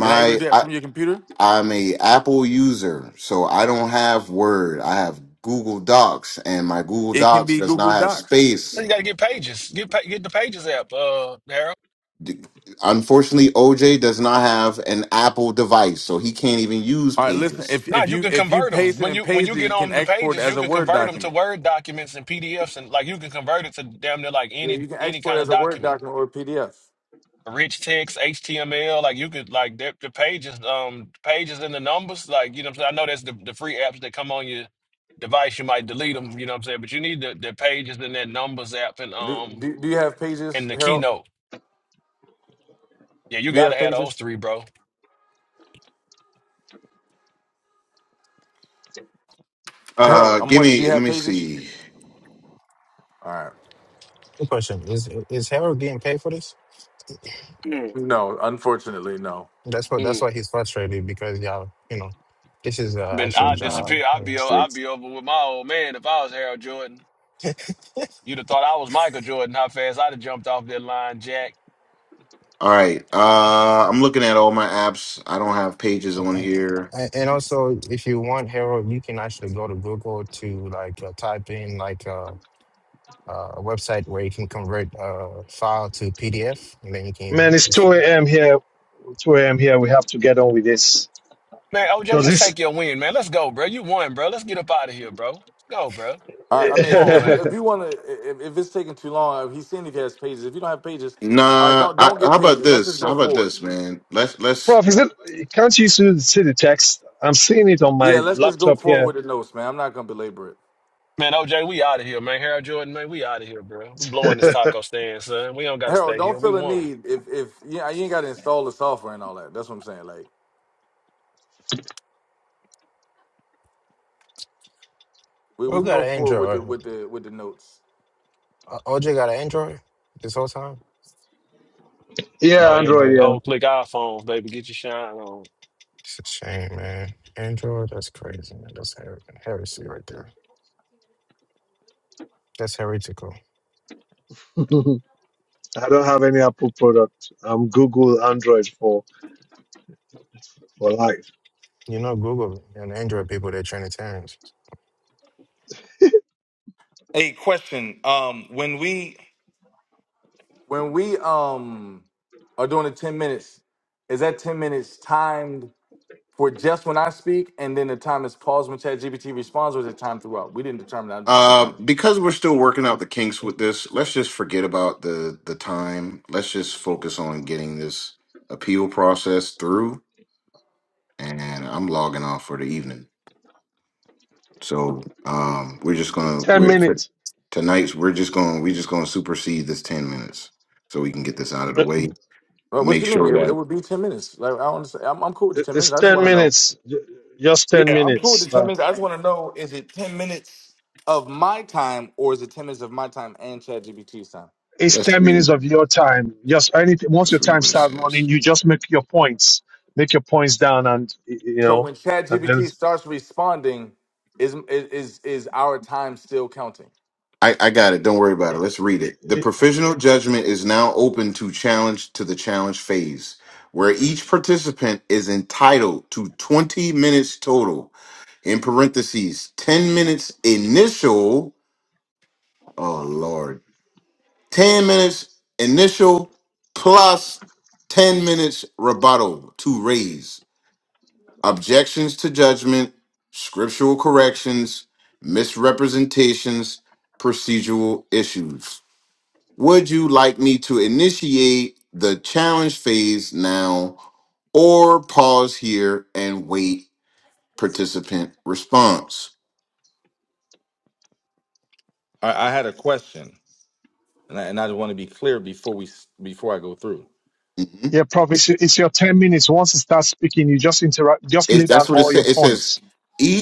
You're not able to do that
I
from your computer.
I'm a Apple user, so I don't have Word. I have Google Docs, and my Google
It can
Docs
be
does
Google
not have
Docs.
Well,
space.
You got to get pages. Get pa- get the pages app, uh, Daryl.
D- Unfortunately, OJ does not have an Apple device, so he can't even use
All right, listen.
Pages.
If
Nah,
if
you
you
can
if you
convert them
paste it
when
and
you when you
paste it,
get
you can
on the
export it
pages. You
as a
can
Word
convert them to
document.
Word documents and PDFs, and like you can convert it to damn near like
Yeah,
any
you can
any
export it
kind of
as a Word
document.
document or a PDF.
rich text, HTML, like you could like the, the pages, um, pages and the numbers, like you know. What I'm saying I know that's the, the free apps that come on your device. You might delete them, you know what I'm saying. But you need the, the pages and that numbers app and
Do,
um
do, do you have pages,
and the
Harold?
keynote. Yeah, you
Do you
gotta
have
have those
pages,
three, bro.
Harold?
Uh,
I'm
give
wondering. Do you
me. Let
have
me
pages?
see.
All right.
Good question. Is is Harold getting paid for this?
Mm,
No, unfortunately, no.
That's what that's
mm.
why he's frustrated because y'all, you know, this is an
I've been
actual
I
job.
disappear.
You
I'd
know.
be o- I'd be over with my old man if I was Harold Jordan. You'd have thought I was Michael Jordan. How fast I'd have jumped off that line, Jack.
All right. Uh, I'm looking at all my apps. I don't have pages on
And
here.
and- and also, if you want Harold, you can actually go to Google to like uh, type in like uh, uh, a website where you can convert a file to PDF, and then you
Man,
can.
it's
it's-
two a.m. here. Two a.m. here. We have to get on with this
Man, OJ,
because
just
this.
take your win, man. Let's go, bro. You won, bro. Let's get up out of here, bro. Let's go, bro.
I, I mean,
Come
if
on,
if, we,
man.
if you want to, if, if it's taking too long, he's saying if he has pages. If you don't have pages, all right,
Nah.
don't
I,
don't get
how about
pages. Let's
this?
just
How
go
about
forward.
this, man? Let's let's.
Prof, is it? Can't you see see the text? I'm seeing it on my
Yeah, let's just go
laptop here.
forward with the notes, man. I'm not gonna belabor it.
Man, OJ, we out of here, man. Harold Jordan, man, we out of here, bro. We blowing this taco stand, son. We don't gotta
Harold,
stay
don't
here. We
feel a
won.
need if if yeah, you ain't got to install the software and all that. That's what I'm saying. Like we, we
Who
can
got
go
an
forward with
Android?
the with the with the notes.
Uh, OJ got an Android this whole time.
yeah,
No Android.
Android.
Whole click iPhones, baby. Get your shine on.
It's a shame, man. Android, that's crazy. Man. That's her- heresy right there. That's heretical.
Yeah. I don't have any Apple product. I'm Google Android for, for life.
You know, Google and Android people, they're Trinitarians.
Hey, question. Um, when we when we um are doing the ten minutes, is that ten minutes timed for just when I speak, and then the time is paused when ChatGPT responds, or is it time throughout? We didn't determine. that. I'm just
Uh,
confirming.
because we're still working out the kinks with this, let's just forget about the the time. Let's just focus on getting this appeal process through. And I'm logging off for the evening. So um, we're just gonna
10
we're
minutes.
tonight's we're just going to we just going to supersede this ten minutes so we can get this out of the
It-
way
Well, what
Make
you mean?
sure
It, it
that
would be ten minutes. Like I don't. understand. I'm, I'm cool with the ten
It's
minutes. I just
10
want to know.
minutes. Just 10
Yeah, I'm cool with
minutes.
the ten
Uh,
minutes. I just want to know: is it ten minutes of my time, or is it ten minutes of my time and ChatGPT's time?
it's
let's
10 minutes
read.
of your time. Just anything. Once
Let's
your
read
time
what it
starts
says.
running, you just make your points. Make your points down and, y- you
So
know,
when
and then,
ChatGPT starts responding, is is is our time still counting?
I, I got it. Don't worry about it.
it,
Let's read it. The
it,
provisional judgment is now open to challenge to the challenge phase, where each participant is entitled to 20 minutes total. In parentheses, 10 minutes initial. Oh Lord. 10 minutes initial plus 10 minutes rebuttal to raise. objections to judgment, scriptural corrections, misrepresentations, procedural issues. Would you like me to initiate the challenge phase now or pause here and wait participant response?
I, I had a question, and I, and I want to be clear before we s- before I go through.
hmm
yeah, Prof, it's, it's your 10 minutes. Once it starts speaking, you just interact, just lay
It,
down
that's what it
all your
says. It says
points.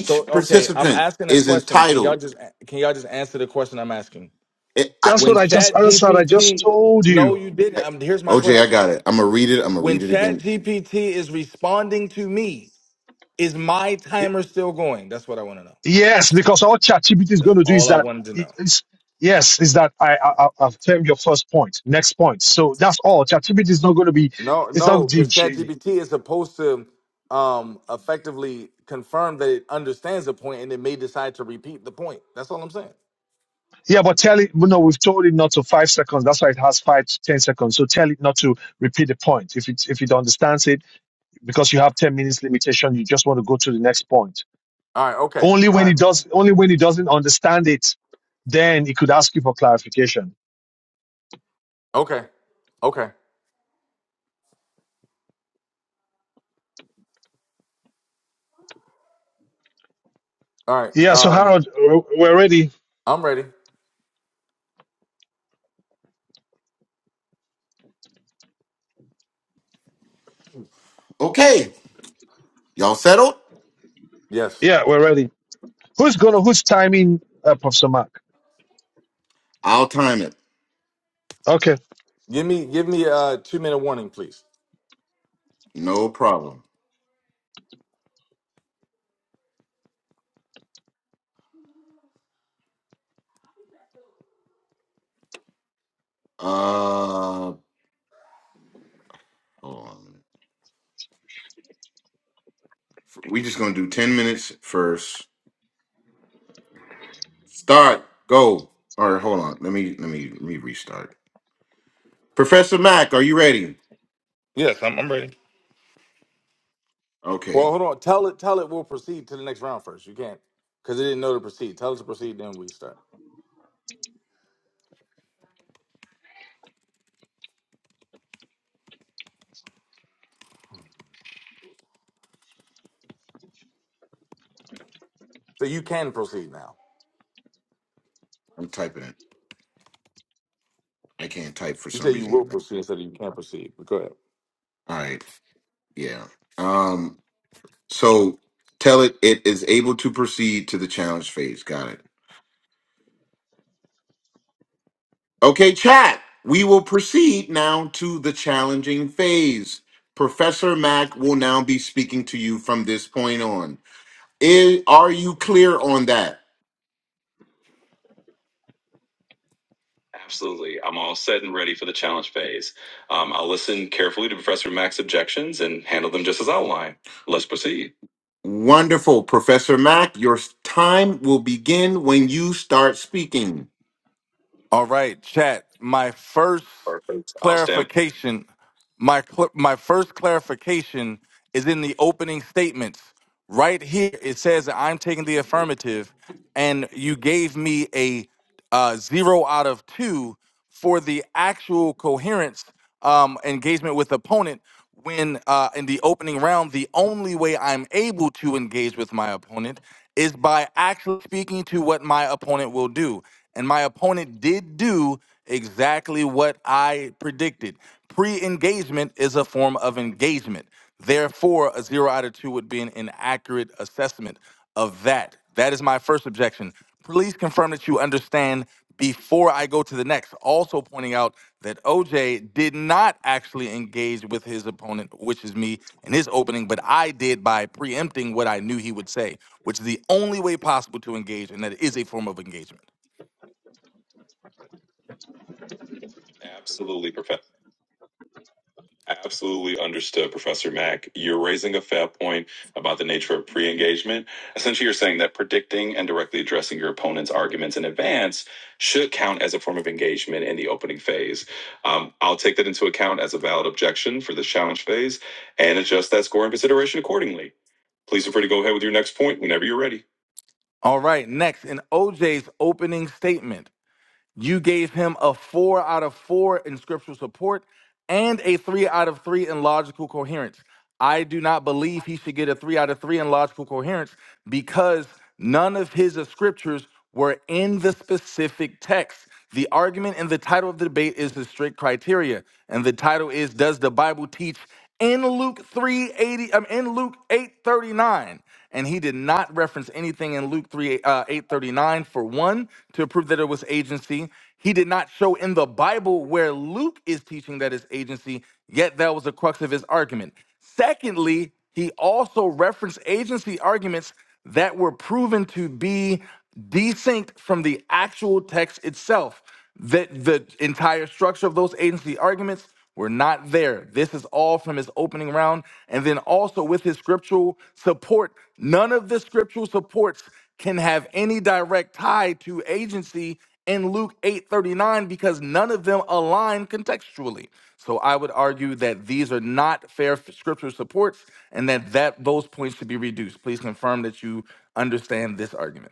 So okay, I'm
participant
asking a
is
question. Can y'all
entitled.
just can y'all just answer the question I'm asking?
It, I,
That's what
When
I just
Chat
answered. I just
GPT
told
No,
you.
you didn't. Um, here's my
OJ, I
question.
got it. I'm going to read it. I'm going to
When
read it
Chat
again.
GPT is responding to me, is my timer still going? That's what I want to know.
Yes, because all ChatGPT is
That's
going to do is
all I
that
wanted to
it-
know.
it's yes, is that I, I I- I've termed your first point, next point. So that's all. ChatGPT is not going to be.
No,
It's not
no,
the
because Chat
G-
GPT is supposed to um effectively confirm that it understands a point, and it may decide to repeat the point. That's all I'm saying.
yeah, but tell it. No, we've told it not to five seconds. That's why it has five to ten seconds. So tell it not to repeat the point. If it if it understands it, because you have ten minutes limitation, you just want to go to the next point.
All right, okay.
Only
All
when
right.
it does. Only when it doesn't understand it, then it could ask you for clarification.
Okay. Okay. All right.
Yeah. So
Um
Harold, we're we're ready.
I'm ready.
Okay. Y'all settled?
Yes.
Yeah, we're ready. Who's gonna? Who's timing uh, Professor Mark?
I'll time it.
Okay.
Give me give me a two minute warning, please.
No problem. Uh, hold on. a minute. We just gonna do ten minutes first. Start. Go. All right. Hold on. Let me. Let me. Let me restart. Professor Mac, are you ready?
Yes, I'm, I'm ready.
Okay.
Well, hold on. Tell it tell it we'll proceed to the next round first. You can't because it didn't know to proceed. Tell it to proceed, then we start. So you can proceed now.
I'm typing it. I can't type for
You
some
say you will
reason.
proceed instead of you can't proceed. But go ahead.
All right. Yeah. Um. So tell it it is able to proceed to the challenge phase. Got it. Okay, chat. We will proceed now to the challenging phase. Professor Mac will now be speaking to you from this point on. Is, are you clear on that? Absolutely. I'm all set and ready for the challenge phase. Um, I'll listen carefully to Professor Mack's objections and handle them just as outlined. Let's proceed. Wonderful. Professor Mack, your time will begin when you start speaking.
All right, chat. My first
Perfect. I'll stamp.
clarification, my cl- my first clarification is in the opening statements. Right here, it says that I'm taking the affirmative, and you gave me a uh, zero out of two for the actual coherence um, engagement with opponent when uh, in the opening round the only way i'm able to engage with my opponent is by actually speaking to what my opponent will do and my opponent did do exactly what i predicted pre-engagement is a form of engagement therefore a zero out of two would be an inaccurate assessment of that that is my first objection Please confirm that you understand before I go to the next. Also, pointing out that OJ did not actually engage with his opponent, which is me, in his opening, but I did by preempting what I knew he would say, which is the only way possible to engage, and that is a form of engagement.
Absolutely, Professor. Absolutely understood, Professor Mack. You're raising a fair point about the nature of pre engagement. Essentially, you're saying that predicting and directly addressing your opponent's arguments in advance should count as a form of engagement in the opening phase. Um, I'll take that into account as a valid objection for this challenge phase and adjust that score and consideration accordingly. Please feel free to go ahead with your next point whenever you're ready.
All right, next, in OJ's opening statement. You gave him a four out of four in scriptural support and a three out of three in logical coherence. I do not believe he should get a three out of three in logical coherence because none of his scriptures were in the specific text. The argument in the title of the debate is the strict criteria, and the title is Does the Bible teach in Luke 380 um, in Luke 839? and he did not reference anything in Luke 3 uh, 839 for one to prove that it was agency. He did not show in the Bible where Luke is teaching that it's agency, yet that was the crux of his argument. Secondly, he also referenced agency arguments that were proven to be desynced from the actual text itself that the entire structure of those agency arguments were not there. This is all from his opening round. And then also with his scriptural support, none of the scriptural supports can have any direct tie to agency in Luke 8:39 because none of them align contextually. So I would argue that these are not fair f- scriptural supports and that that those points should be reduced. Please confirm that you understand this argument.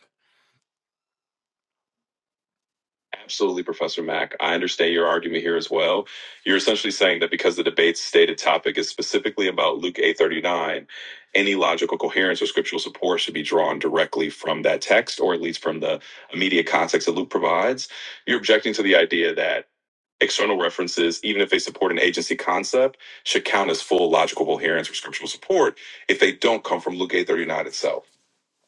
Absolutely, Professor Mack. I understand your argument here as well. You're essentially saying that because the debate's stated topic is specifically about Luke 8:39, any logical coherence or scriptural support should be drawn directly from that text, or at least from the immediate context that Luke provides. You're objecting to the idea that external references, even if they support an agency concept, should count as full logical coherence or scriptural support if they don't come from Luke 8:39 itself.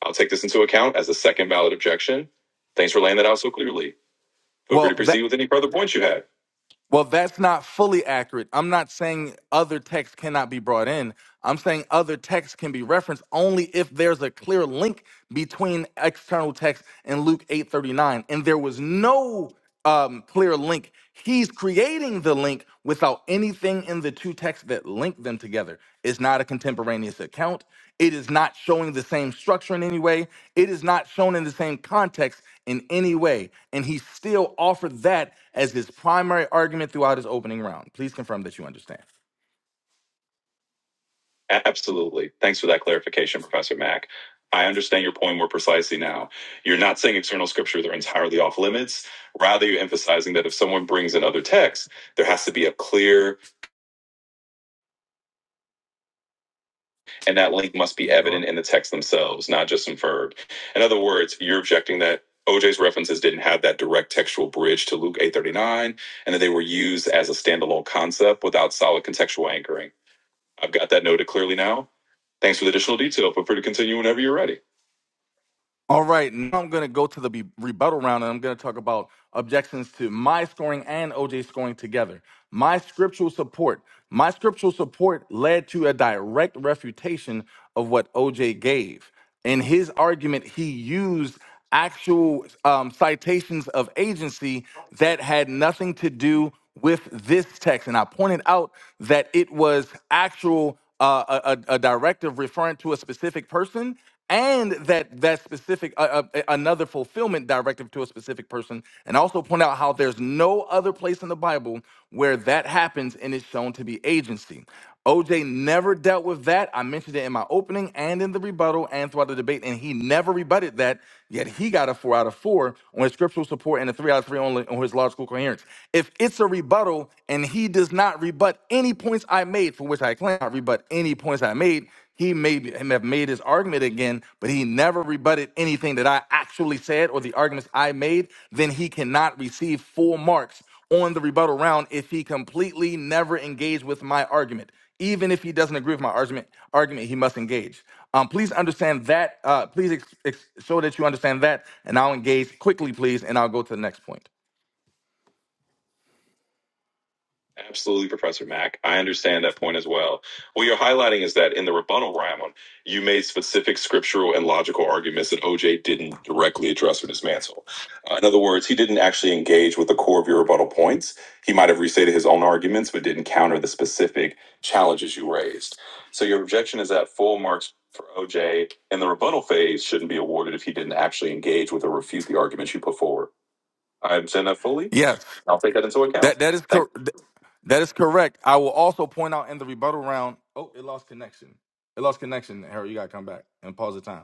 I'll take this into account as a second valid objection. Thanks for laying that out so clearly. Feel free to
Well,
proceed
that
with any further points you had.
Well, that's not fully accurate. I'm not saying other texts cannot be brought in. I'm saying other texts can be referenced only if there's a clear link between external text and Luke 8:39. And there was no um, clear link. He's creating the link without anything in the two texts that link them together. It's not a contemporaneous account. It is not showing the same structure in any way. It is not shown in the same context in any way. And he still offered that as his primary argument throughout his opening round. Please confirm that you understand.
Absolutely. Thanks for that clarification, Professor Mack. I understand your point more precisely now. You're not saying external scripture they're entirely off limits. Rather, you're emphasizing that if someone brings in other texts, there has to be a clear, and that link must be
Did you go
evident
out?
in the text themselves, not just inferred. In other words, you're objecting that OJ's references didn't have that direct textual bridge to Luke 8:39, and that they were used as a standalone concept without solid contextual anchoring. I've got that noted clearly now. Thanks for the additional detail. Feel free to continue whenever you're ready.
All right, now I'm going to go to the be- rebuttal round and I'm going to talk about objections to my scoring and OJ scoring together. My scriptural support. My scriptural support led to a direct refutation of what OJ gave. In his argument, he used actual um, citations of agency that had nothing to do with this text. And I pointed out that it was actual uh, a, a a directive referring to a specific person and that that specific uh, uh, another fulfillment directive to a specific person and I also point out how there's no other place in the bible where that happens and is shown to be agency OJ never dealt with that. I mentioned it in my opening and in the rebuttal and throughout the debate, and he never rebutted that. Yet he got a four out of four on his scriptural support and a three out of three on, on his logical coherence. If it's a rebuttal and he does not rebut any points I made, for which I claim I rebut any points I made, he may be- him have made his argument again, but he never rebutted anything that I actually said or the arguments I made, then he cannot receive full marks on the rebuttal round if he completely never engaged with my argument even if he doesn't agree with my argument argument he must engage um, please understand that uh, please ex- ex- show that you understand that and i'll engage quickly please and i'll go to the next point
Absolutely, Professor Mack. I understand that point as well. What you're highlighting is that in the rebuttal round, you made specific scriptural and logical arguments that OJ didn't directly address or dismantle. Uh, in other words, he didn't actually engage with the core of your rebuttal points. He might have restated his own arguments, but didn't counter the specific challenges you raised. So your objection is that full marks for OJ in the rebuttal phase shouldn't be awarded if he didn't actually engage with or refute the arguments you put forward. I understand that fully
yes
I'll take that into account.
that that is
Thank
cor-
you,
th- that is correct i will also point out in the rebuttal round oh it lost connection it lost connection harold you gotta come back and pause the time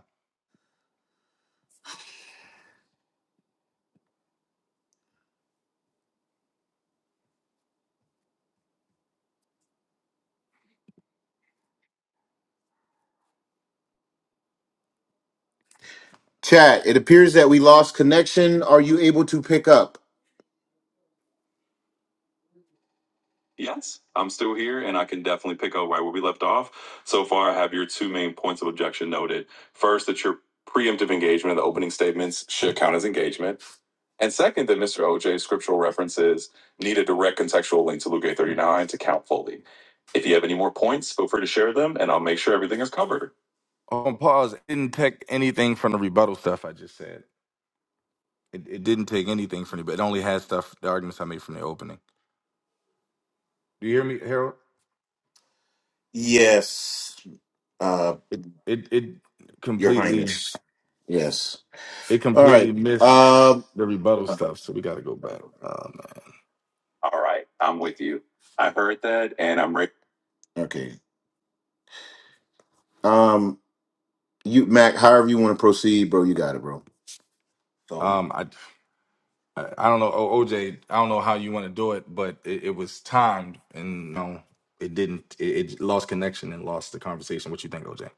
Chat, it appears that we lost connection. Are you able to pick up? Yes, I'm still here and I can definitely pick up right where we left off. So far, I have your two main points of objection noted. First, that your preemptive engagement, in the opening statements, should count as engagement. And second, that Mr. OJ's scriptural references need a direct contextual link to Luke 839 to count fully. If you have any more points, feel free to share them and I'll make sure everything is covered.
on pause it didn't take anything from the rebuttal stuff i just said it, it didn't take anything from it but it only had stuff the arguments i made from the opening do you hear me harold
Yes, uh,
it it, it
Your
completely
Highness. Yes.
It
All right.
completely missed
Um,
the rebuttal stuff, so we got to go back. Oh, man.
All right, I'm with you. I heard that, and I'm ready. okay. Um, you Mac, however you want to proceed, bro, you got it, bro. It's all you.
Um, I, I I don't know, O- OJ. I don't know how you want to do it, but it, it was timed, and you know, it didn't. It, it lost connection and lost the conversation. What you think, OJ?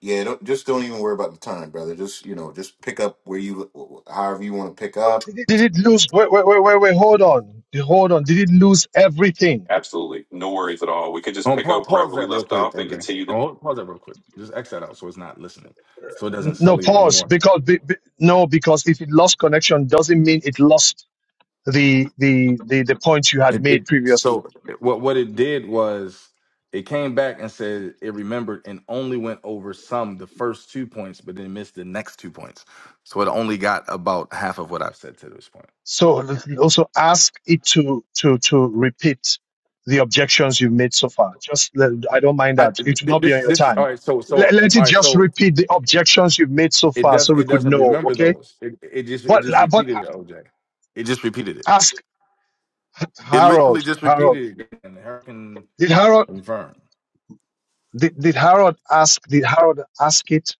Yeah, don't, just don't even worry about the time, brother. Just you know, just pick up where you, however you want to pick up.
Did it? Did it lose? Wait, wait, wait, wait, wait. Hold on. Hold on. Did it lose everything?
Absolutely, no worries at all. We could just
Um,
pick
pa-
up
pause
wherever we
that real
left
quick,
off and
OJ.
continue the
Oh, pause that real quick. Just X that out so it's not listening, so it doesn't
N- No
sully it
pause.
anymore.
Because be, be- no, because if it lost connection, doesn't mean it lost the the the the points you had
It,
made
it
previously.
so what what it did was it came back and said it remembered and only went over some the first two points, but then missed the next two points. So it only got about half of what I've said to this point.
So also ask it to to to repeat the objections you've made so far. Just let, I don't mind
I
that. It will
th-
not be on
this
your
this all
time.
right. So
Let,
so
let it
all right.
just
So
repeat the objections you've made so
it
far, so
doesn't it
we could
doesn't
know.
remember
Okay.
those. It it just it
But
just
but
repeated it. OJ. It just repeated it.
ask
It literally
Harold,
just
Harold.
repeated it. And Hurricane
Did Harold
confirmed.
did, did Harold ask did Harold ask it?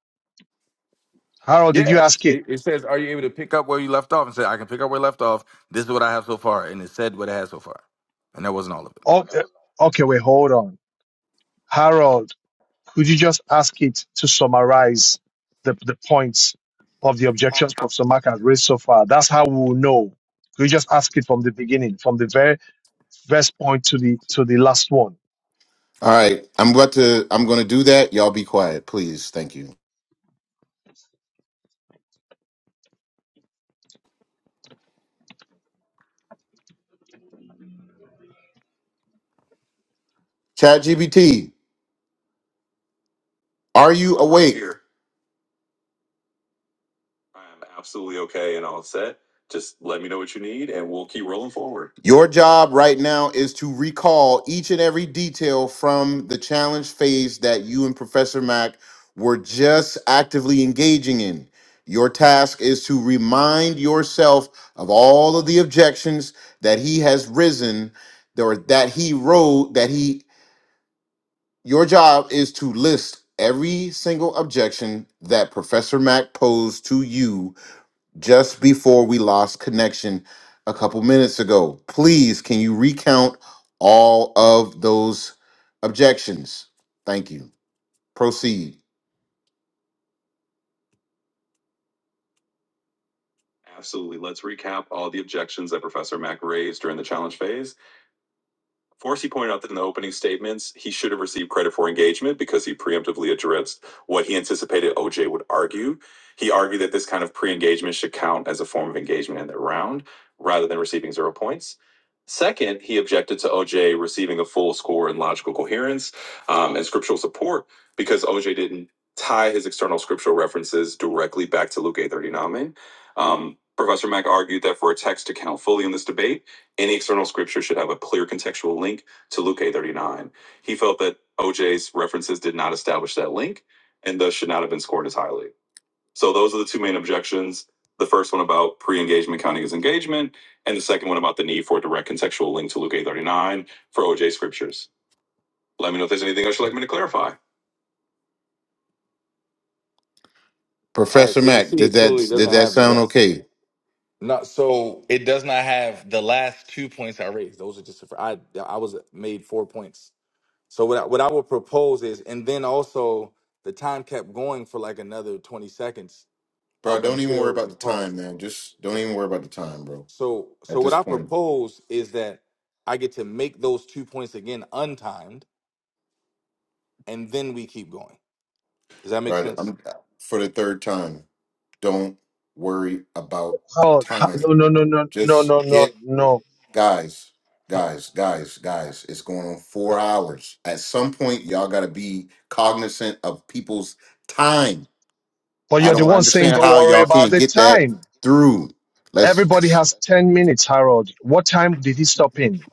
Harold, did you ask
Yes,
it?
it, it says, "Are you able to pick up where you left off?" And say, "I can pick up where I left off. This is what I have so far," and it said what it had so far, and that wasn't all of it.
Oh, uh, okay, wait, hold on. Harold, could you just ask it to summarize the, the points of the objections Professor Mark has raised so far? That's how we will know. Could you just ask it from the beginning, from the very first point to the to the last one?
All right, I'm about to. I'm going to do that. Y'all be quiet, please. Thank you. Chat GBT, are you awake? here. I am absolutely okay and all set. Just let me know what you need and we'll keep rolling forward. Your job right now is to recall each and every detail from the challenge phase that you and Professor Mac were just actively engaging in. Your task is to remind yourself of all of the objections that he has risen or that he wrote that he your job is to list every single objection that Professor Mac posed to you just before we lost connection a couple minutes ago. Please, can you recount all of those objections? Thank you. Proceed. Absolutely. Let's recap all the the objections that Professor Mack raised during the challenge phase. Forsey pointed out that in the opening statements, he should have received credit for engagement because he preemptively addressed what he anticipated OJ would argue. He argued that this kind of pre engagement should count as a form of engagement in the round rather than receiving zero points. Second, he objected to OJ receiving a full score in logical coherence um, and scriptural support because OJ didn't tie his external scriptural references directly back to Luke 8 39. Um, Professor Mack argued that for a text to count fully in this debate, any external scripture should have a clear contextual link to Luke 8:39. He felt that OJ's references did not establish that link and thus should not have been scored as highly. So those are the two main objections. The first one about pre-engagement counting as engagement, and the second one about the need for a direct contextual link to Luke 8:39 for OJ scriptures. Let me know if there's anything else you'd like me to clarify.
All right,
Professor
so you
Mac,
see
did
it fully
that did
doesn't
that
have the
sound
rest.
okay?
No, so it does not have the last two points I raised. Those are just I I was made four points. So what I, what I would propose is, and then also the time kept going for like another twenty seconds
Bro,
up
don't even worry
until
about
we
the time,
paused it.
man. Just don't even worry about the time, bro.
So
At
so what
this
I
point.
propose is that I get to make those two points again untimed, and then we keep going. Does that make
But
sense?
I'm for the third time. Don't worry about the
Harold, ha-
time.
no, no, no, no, no,
Just
no, no,
get
no.
guys, guys, guys, guys. It's going on four hours. At some point, y'all gotta be cognizant of people's time.
But
I
you're the
don't
one saying
understand
don't
how
worry
y'all
about
can't
the
get that
time.
through. Let's.
Everybody has 10 minutes, Harold. What time did he stop in?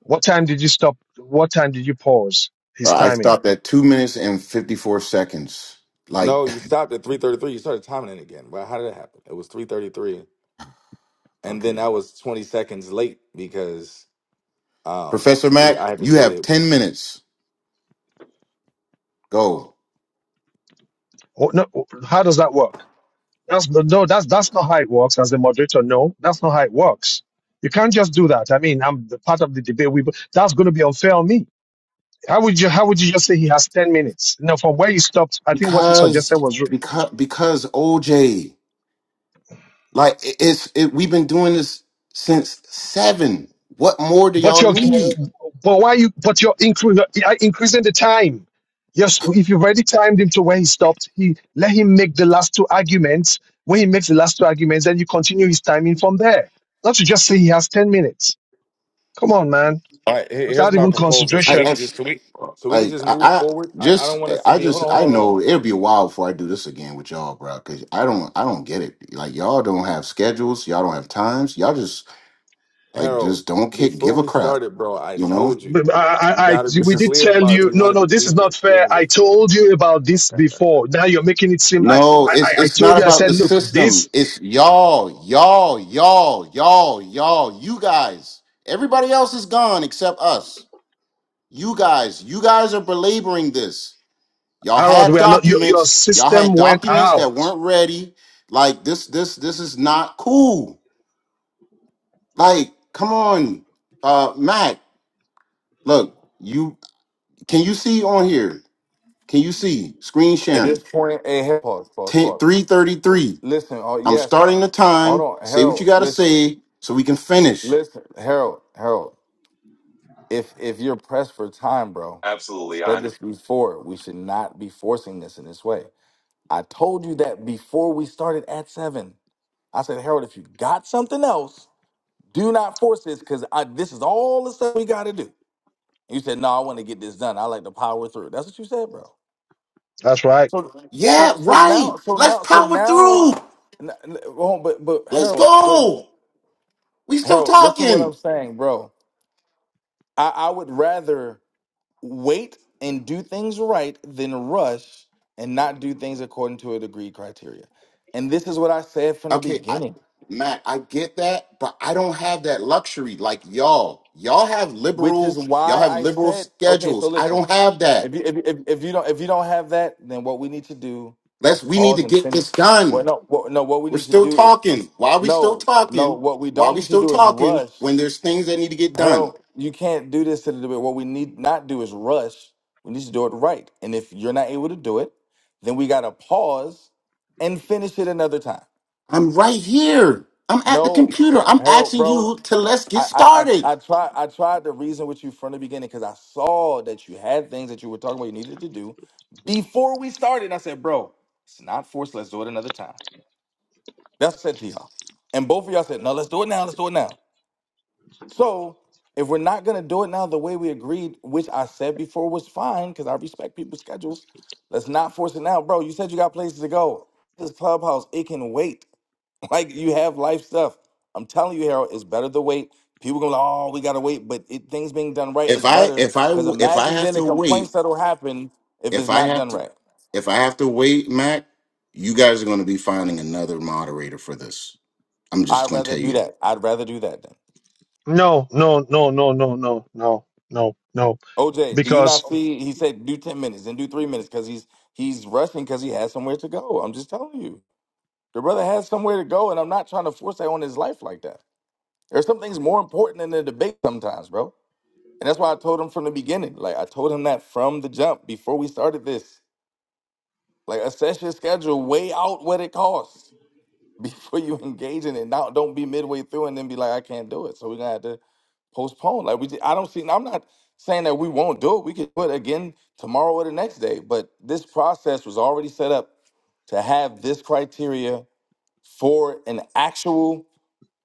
What time did you stop? What time did you pause his
uh, I
timing?
stopped at two minutes and fifty-four seconds. Like,
No, you stopped at 3:33. You started timing it again. Well, how did it happen? It was 3:33, and then
okay,
I was 20 seconds late because um
Professor
we
Mac,
I had to
you
say
have
that.
ten minutes. Go.
Oh, no, oh, how does that work? That's, no, that's, that's not how it works. As a moderator, no, that's not how it works. You can't just do that. I mean, I'm the part of the debate. We, that's going to be unfair on me. How would you, how would you just say he has 10 minutes? No, from where he stopped, I think what he suggested
because
was
because because OJ, like it- it's it, we've been doing this since seven. What more do
But
y'all
you're,
need?
but why you, but you're increasing, increasing the time. Yes, if you've already timed him to where he stopped, he let him make the last two arguments. When he makes the last two arguments, then you continue his timing from there. Not to just say he has ten minutes. Come on, man.
All right, here- here's
Without
my
even
proposal. So
Like
we
consideration.
can
as
just so we so we can
like
just
I,
move
I
forward. I, I don't
just
want us to
I
be. Hold
just
on, hold
I
on, hold on.
know it'll be a while before I do this again with y'all, bro. Cause I don't I don't get it. Like y'all don't have schedules, y'all don't have times. Y'all just like
Harold.
just don't kick
Before
give a
we
crap.
started, bro, I
You know,
told you
But I,
you
I, I,
got to be
we did
clear
tell
about if
you.
you
No,
wanted
no,
to
this
do
is not
this.
fair.
Given
I
this
told you about this before. Now you're making it seem. I,
No,
I, I
it's
I
it's
told
not
you. I
about the
said, look, this
system. It's y'all, y'all, y'all, y'all, y'all, you guys. Everybody else is gone except us. You guys, you guys are belaboring this. Y'all
Harold,
had
we are not. Your, your
documents. Y'all
system
had
went
documents that
out.
weren't ready. Like this, this, this is not cool. Like, come on, uh, Mac. Look, you can you see on here? Can you see screen
at
sharing?
this point, and hey, pause, pause,
Ten
pause.
three thirty three.
Listen, oh
I'm
yes,
starting the
hold
time.
on,
Say what you
Harold.
got to
Listen.
say so we can finish.
Listen, Harold, Harold, if if you're pressed for time, bro,
Absolutely. I
said
under-
this before, we should not be forcing this in this way. I told you that before we started at seven. I said, Harold, if you got something else, do not force this because this is all the stuff we got to do. You said, no, I want to get this done. I like to power through. That's what you said, bro.
That's right.
So, so,
Yeah,
so
right.
now, so
Let's
now, so
power
now,
through.
n- n- hold on, but but
Let's
Harold, wait,
go. We still
Harold, listen to what I'm
talking.
saying, bro. I, I would rather. wait and do things right than rush and not do things according to a degree criteria. And this is what I said from the
Okay, I
beginning,
Matt, I get that, but I don't have that luxury like y'all. Y'all have
which is
liberal, y'all
why
have
I
liberal
said, okay, so
schedules. I
listen,
don't have that.
if you if, you- if, if you don't if you don't have that, then what we need to do
Let's
is
we need to
pause and
get this
finish. Well,
done.
no, what, no, what we
We're
need to
still
do is
talking. Why are we still
no, no.
talking?
What we
Why are
don't
we
need to
still
do is
talking
rush.
when there's things that need to get done?
Harold, you can't do this to the debate. What we need not do is rush. We need to do it right. And if you're not able to do it, then we gotta pause and finish it another time.
I'm right here. I'm at the
No,
computer. I'm
Harold,
asking
bro.
you to let's get
I I I,
started.
I tried I tried to reason with you from the beginning because I saw that you had things that you were talking about you needed to do before we started. And I said, bro, it's not forced. Let's do it another time. That's what I said to y'all. And both of y'all said, no, let's do it now. Let's do it now. So if we're not gonna do it now the way we agreed, which I said before was fine, because I respect people's schedules. Let's not force it now, bro. You said you got places to go. This clubhouse, it can wait. Like you have life stuff. I'm telling you, Harold, it's better to wait. People gonna, oh, we gotta wait, but it, things being done right
If
is
I
better.
if I
Because
if I
imagine
have
then the
to wait,
complaints that'll happen if
if
it's
I
not
have
done
to
right.
if I have to wait, Mac, you guys are going to be finding another moderator for this. I'm just
I'd
going to
rather
tell
do
you
that.
that.
I'd rather do that then.
No, no, no, no, no, no, no, no, no.
OJ, do you not
Because
see? He said do ten minutes and do three minutes because he's he's rushing because he has somewhere to go. I'm just telling you. The brother has somewhere to go, and I'm not trying to force that on his life like that. There's some things more important than the debate sometimes, bro. And that's why I told him from the beginning. Like I told him that from the jump before we started this. Like assess your schedule, weigh out what it costs before you engage in it. Now don't be midway through and then be like, I can't do it. So we're gonna have to postpone. Like we, just, I don't see. I'm not saying that we won't do it. We could do it again tomorrow or the next day. But this process was already set up to have this criteria for an actual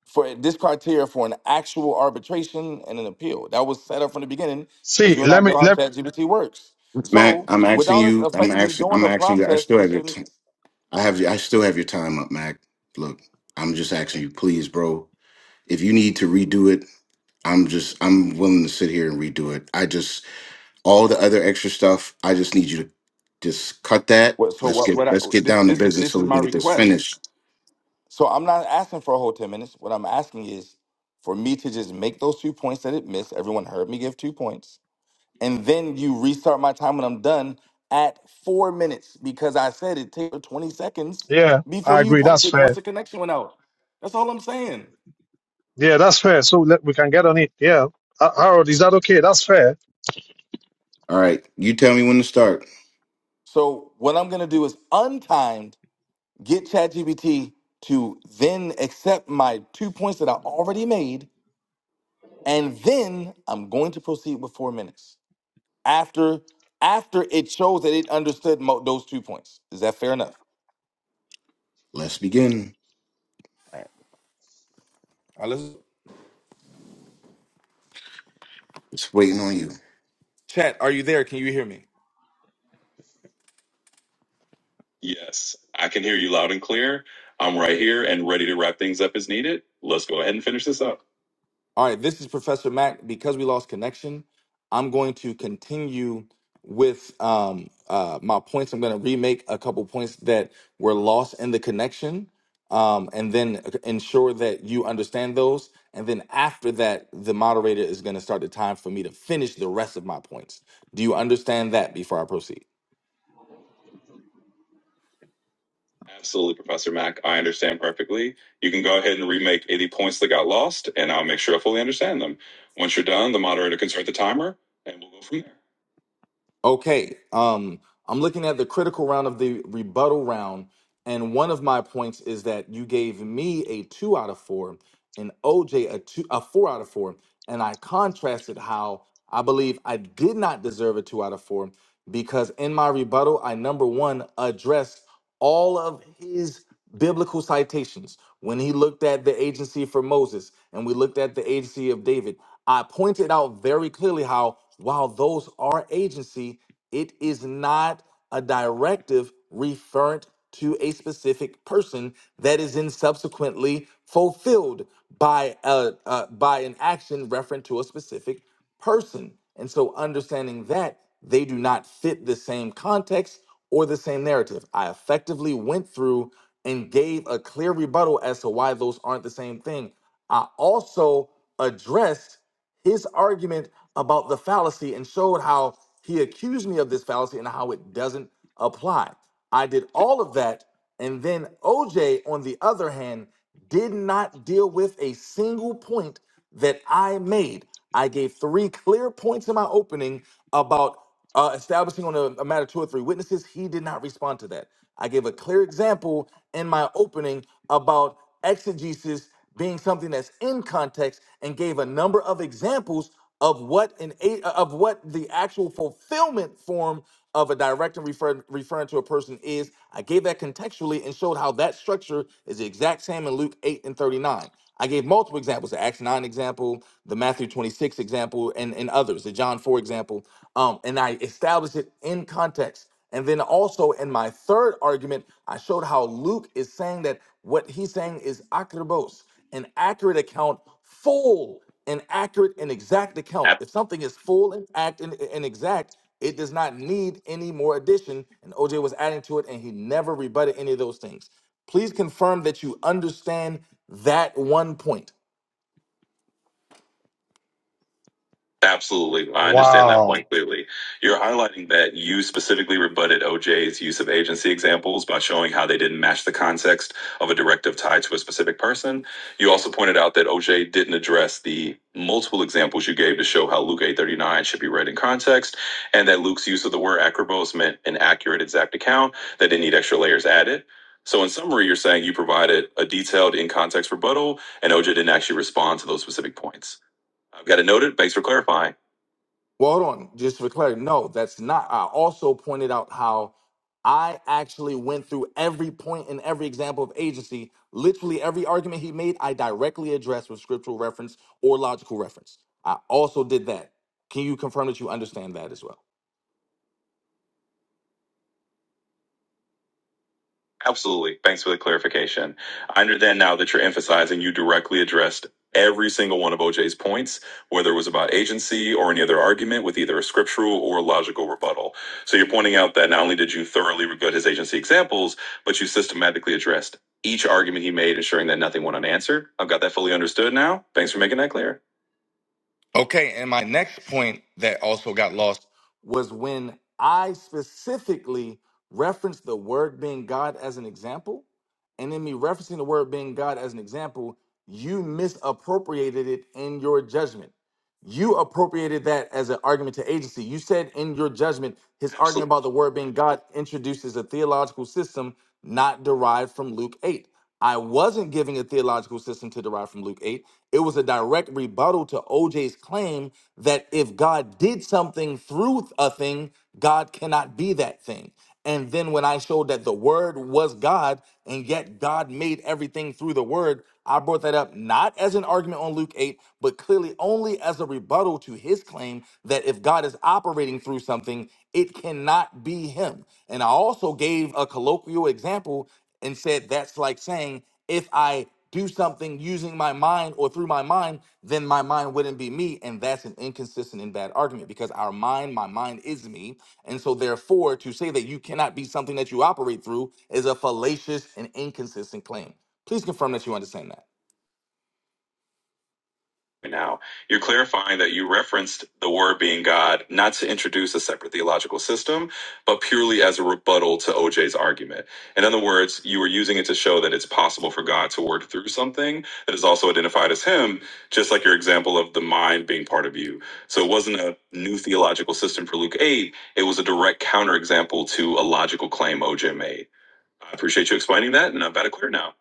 for this criteria for an actual arbitration and an appeal. That was set up from the beginning because you
see,
and I
let me
know how
let
ChatGPT works.
Mac,
So
I'm asking
without us
you. I'm
effectively
asking.
doing
I'm
the
asking you. I
process,
still
we
have your.
shouldn't.
T- I have. I still have your time up, Mac. Look, I'm just asking you, please, bro. If you need to redo it, I'm just. I'm willing to sit here and redo it. I just. All the other extra stuff, I just need you to just cut that.
What, so
Let's
what? What?
get
I,
let's get
this
down to
this is
business
this
so
is
we
my
can get this
request.
finished.
So I'm not asking for a whole ten minutes. What I'm asking is for me to just make those two points that it missed. Everyone heard me give two points and then you restart my time when I'm done at four minutes because I said it takes 20 seconds
yeah,
before
I
you
agree.
pause
That's
it once
fair.
the connection went out. That's all I'm saying.
Yeah, that's fair. So let we can get on it. Yeah, Uh, Harold, is that okay? That's fair.
All right, you tell me when to start.
So what I'm gonna do is untimed get ChatGPT to then accept my two points that I already made, and then I'm going to proceed with four minutes after after it shows that it understood mo- those two points. Is that fair enough?
Let's begin.
All right, let's
It's waiting on you.
chat. Are you there? Can you hear me?
Yes, I can hear you loud and clear. I'm right here and ready to wrap things up as needed. Let's go ahead and finish this up.
All right, this is Professor Mac. Because we lost connection, I'm going to continue with um, uh, my points. I'm going to remake a couple points that were lost in the connection um, and then ensure that you understand those. And then after that, the moderator is going to start the time for me to finish the rest of my points. Do you understand that before I proceed?
Absolutely, Professor Mack. I understand perfectly. You can go ahead and remake any points that got lost, and I'll make sure I fully understand them. Once you're done, the moderator can start the timer, and we'll go from there.
Okay, um, I'm looking at the critical round of the rebuttal round. And one of my points is that you gave me a two out of four and OJ a two, a four out of four. And I contrasted how I believe I did not deserve a two out of four because in my rebuttal, I number one addressed all of his biblical citations. When he looked at the agency for Moses and we looked at the agency of David, I pointed out very clearly how while those are agency, it is not a directive referent to a specific person that is then subsequently fulfilled by a uh, by an action referent to a specific person. And so understanding that they do not fit the same context or the same narrative. I effectively went through and gave a clear rebuttal as to why those aren't the same thing. I also addressed his argument about the fallacy and showed how he accused me of this fallacy and how it doesn't apply. I did all of that. And then OJ, on the other hand, did not deal with a single point that I made. I gave three clear points in my opening about uh, establishing on a, a matter of two or three witnesses. He did not respond to that. I gave a clear example in my opening about exegesis being something that's in context and gave a number of examples of what an a- of what the actual fulfillment form of a direction refer, referring to a person is. I gave that contextually and showed how that structure is the exact same in Luke 8 and 39. I gave multiple examples, the Acts 9 example, the Matthew 26 example, and, and others, the John 4 example. Um, and I established it in context. And then also in my third argument, I showed how Luke is saying that what he's saying is akribos an accurate account, full and accurate and exact account. If something is full and act and, and exact, it does not need any more addition. And OJ was adding to it, and he never rebutted any of those things. Please confirm that you understand that one point.
Absolutely. I understand that
Wow,
point clearly. You're highlighting that you specifically rebutted OJ's use of agency examples by showing how they didn't match the context of a directive tied to a specific person. You also pointed out that OJ didn't address the multiple examples you gave to show how Luke 839 should be read in context and that Luke's use of the word acrobos meant an accurate exact account that didn't need extra layers added. So in summary, you're saying you provided a detailed in context rebuttal and OJ didn't actually respond to those specific points. I've got it noted. Thanks for clarifying.
Well, hold on, just for clarity, no, that's not. I also pointed out how I actually went through every point in every example of agency. Literally every argument he made, I directly addressed with scriptural reference or logical reference. I also did that. Can you confirm that you understand that as well?
Absolutely. Thanks for the clarification. I understand now that you're emphasizing you directly addressed every single one of OJ's points, whether it was about agency or any other argument with either a scriptural or logical rebuttal. So you're pointing out that not only did you thoroughly rebut his agency examples, but you systematically addressed each argument he made, ensuring that nothing went unanswered. I've got that fully understood now. Thanks for making that clear.
Okay, and my next point that also got lost was when I specifically referenced the word being God as an example, and in me referencing the word being God as an example, you misappropriated it in your judgment. You appropriated that as an argument to agency. You said in your judgment, his
Absolutely.
argument about the word being God introduces a theological system not derived from Luke 8. I wasn't giving a theological system to derive from Luke 8. It was a direct rebuttal to OJ's claim that if God did something through a thing, God cannot be that thing. And then when I showed that the word was God and yet God made everything through the word, I brought that up not as an argument on Luke 8, but clearly only as a rebuttal to his claim that if God is operating through something, it cannot be him. And I also gave a colloquial example and said that's like saying if I do something using my mind or through my mind, then my mind wouldn't be me. And that's an inconsistent and bad argument because our mind, my mind is me. And so, therefore, to say that you cannot be something that you operate through is a fallacious and inconsistent claim. Please confirm that you understand that.
right now. You're clarifying that you referenced the word being God not to introduce a separate theological system, but purely as a rebuttal to OJ's argument. In other words, you were using it to show that it's possible for God to work through something that is also identified as Him, just like your example of the mind being part of you. So it wasn't a new theological system for Luke 8, it was a direct counterexample to a logical claim OJ made. I appreciate you explaining that, and I'm about to clear now.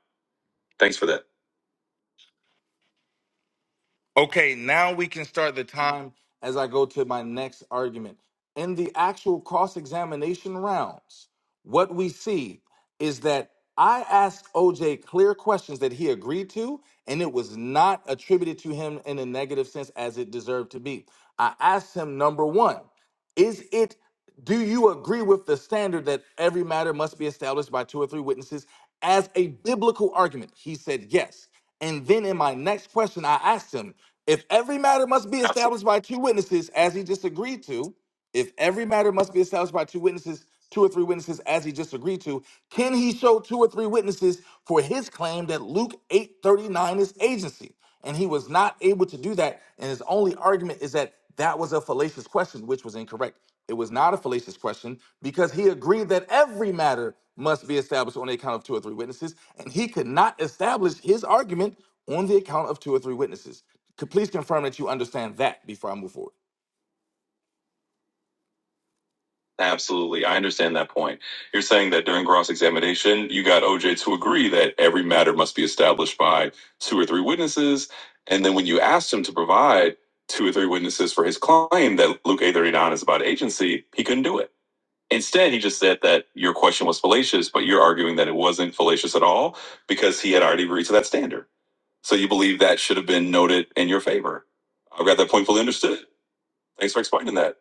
Thanks for that.
Okay, now we can start the time as I go to my next argument. In the actual cross examination rounds, what we see is that I asked OJ clear questions that he agreed to, and it was not attributed to him in a negative sense as it deserved to be. I asked him, number one, is it do you agree with the standard that every matter must be established by two or three witnesses as a biblical argument? He said yes. And then in my next question, I asked him, if every matter must be
Absolutely.
established by two witnesses, as he just agreed to, if every matter must be established by two witnesses, two or three witnesses, as he just agreed to, can he show two or three witnesses for his claim that Luke 8:39 is agency? And he was not able to do that. And his only argument is that that was a fallacious question, which was incorrect. It was not a fallacious question because he agreed that every matter must be established on the account of two or three witnesses, and he could not establish his argument on the account of two or three witnesses. Could please confirm that you understand that before I move forward?
Absolutely. I understand that point. You're saying that during cross examination, you got OJ to agree that every matter must be established by two or three witnesses. And then when you asked him to provide two or three witnesses for his claim that Luke A39 is about agency, he couldn't do it. Instead, he just said that your question was fallacious, but you're arguing that it wasn't fallacious at all because he had already agreed to that standard. So you believe that should have been noted in your favor. I've got that point fully understood. Thanks for explaining that.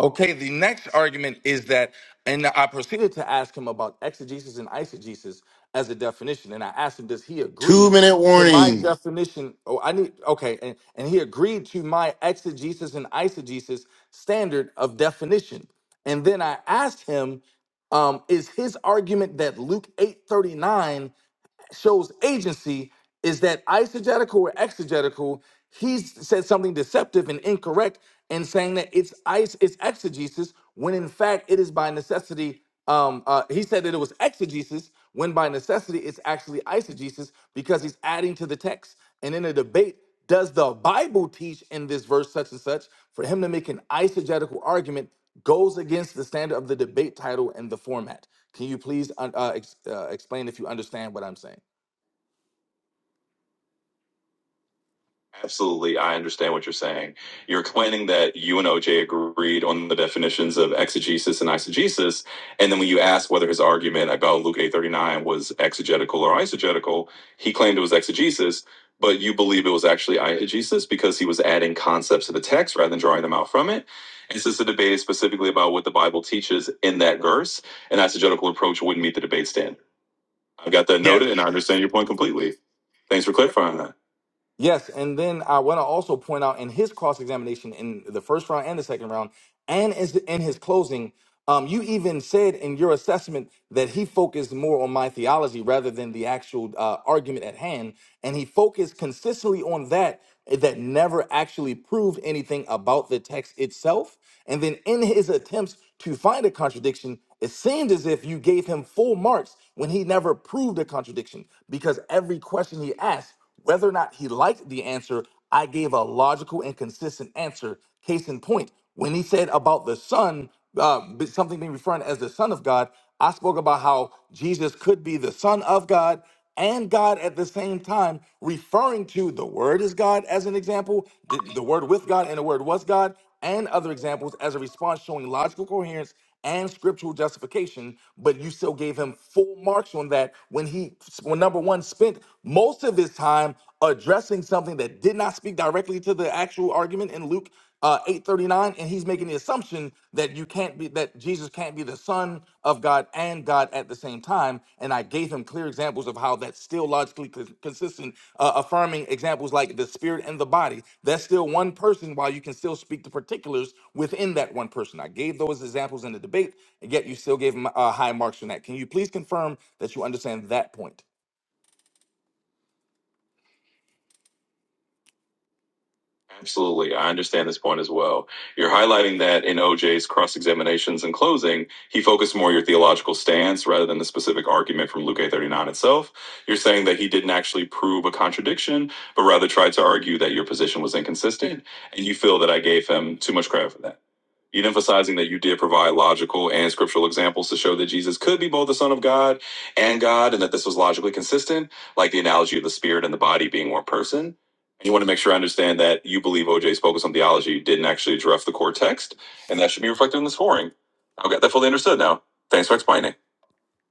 Okay, the next argument is that, and I proceeded to ask him about exegesis and eisegesis as a definition. And I asked him, does he
Two
agree
minute
to my
warning.
definition? Oh, I need, okay. And, and he agreed to my exegesis and eisegesis standard of definition. And then I asked him, um, is his argument that Luke eight thirty nine? shows agency is that eisegetical or exegetical, he said something deceptive and incorrect in saying that it's ice, it's exegesis, when in fact it is by necessity. Um, uh, he said that it was exegesis when by necessity it's actually eisegesis because he's adding to the text. And in a debate, does the Bible teach in this verse such and such? For him to make an eisegetical argument goes against the standard of the debate title and the format. Can you please uh, uh, ex- uh, explain if you understand what I'm saying?
Absolutely, I understand what you're saying. You're claiming that you and OJ agreed on the definitions of exegesis and eisegesis, and then when you asked whether his argument about Luke 8:39 was exegetical or eisegetical, he claimed it was exegesis, but you believe it was actually eisegesis because he was adding concepts to the text rather than drawing them out from it. And since the debate is specifically about what the Bible teaches in that verse, an eisegetical approach wouldn't meet the debate standard. I've got that noted, and I understand your point completely. Thanks for clarifying that.
Yes, and then I want to also point out in his cross examination in the first round and the second round, and as in his closing, um, you even said in your assessment that he focused more on my theology rather than the actual uh, argument at hand, and he focused consistently on that that never actually proved anything about the text itself. And then in his attempts to find a contradiction, it seemed as if you gave him full marks when he never proved a contradiction because every question he asked whether or not he liked the answer, I gave a logical and consistent answer. Case in point, when he said about the Son, uh, b- something being referred as the Son of God, I spoke about how Jesus could be the Son of God and God at the same time, referring to the Word is God as an example, th- the Word with God and the Word was God, and other examples as a response showing logical coherence and scriptural justification, but you still gave him full marks on that when he, when number one, spent most of his time addressing something that did not speak directly to the actual argument in Luke uh, 8:39, and he's making the assumption that you can't be that Jesus can't be the Son of God and God God at the same time. And I gave him clear examples of how that's still logically cons- consistent, uh, affirming examples like the spirit and the body. That's still one person, while you can still speak the particulars within that one person. I gave those examples in the debate, and yet you still gave him uh, high marks on that. Can you please confirm that you understand that point?
Absolutely. I understand this point as well. You're highlighting that in OJ's cross examinations and closing, he focused more on your theological stance rather than the specific argument from Luke 839 itself. You're saying that he didn't actually prove a contradiction, but rather tried to argue that your position was inconsistent, and you feel that I gave him too much credit for that. You're emphasizing that you did provide logical and scriptural examples to show that Jesus could be both the Son of God and God, and that this was logically consistent, like the analogy of the spirit and the body being one person. And you want to make sure I understand that you believe OJ's focus on theology didn't actually address the core text, and that should be reflected in the scoring. I've got that fully understood now. Thanks for explaining.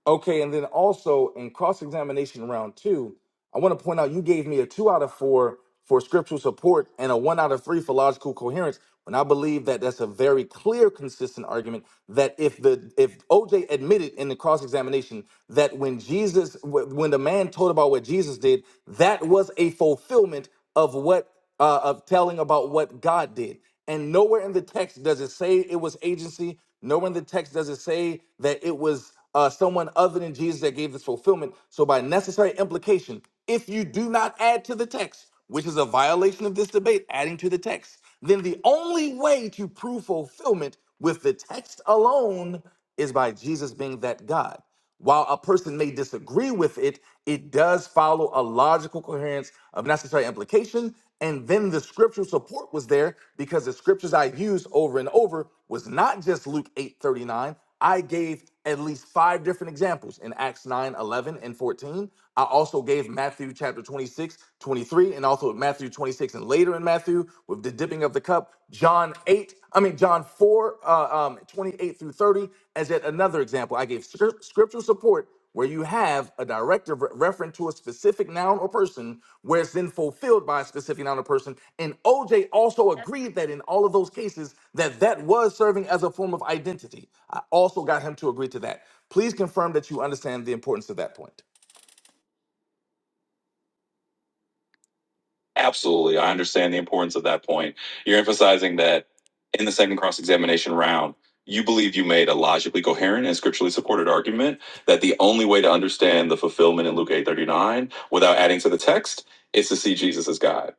Okay, and then also in cross examination round two, I want to point out you gave me a two out of four for scriptural support and a one out of three for logical coherence. When I believe that that's a very clear, consistent argument that if the if OJ admitted in the cross examination that when Jesus wh- when the man told about what Jesus did, that was a fulfillment of what uh, of telling about what God did. And nowhere in the text does it say it was agency. Nowhere in the text does it say that it was uh, someone other than Jesus that gave this fulfillment. So by necessary implication, if you do not add to the text, which is a violation of this debate, adding to the text, then the only way to prove fulfillment with the text alone is by Jesus being that God. While a person may disagree with it, it does follow a logical coherence of necessary implication. And then the scriptural support was there because the scriptures I used over and over was not just Luke 8 39. I gave at least five different examples in Acts 9 11 and 14. I also gave Matthew chapter 26 23, and also Matthew 26 and later in Matthew with the dipping of of the cup. John 8, I mean, John 4, uh, um, 28 through 30, as yet another example. I gave scrip- scriptural support where you have a directive re- referent to a specific noun or person, where it's then fulfilled by a specific noun or person. And OJ also agreed that in all of those cases, that that was serving as a form of identity. I also got him to agree to that. Please confirm that you understand the importance of that point.
Absolutely. I understand the importance of that point. You're emphasizing that in the second cross examination round, you believe you made a logically coherent and scripturally supported argument that the only way to understand the fulfillment in Luke 8:39 without adding to the text is to see Jesus as God.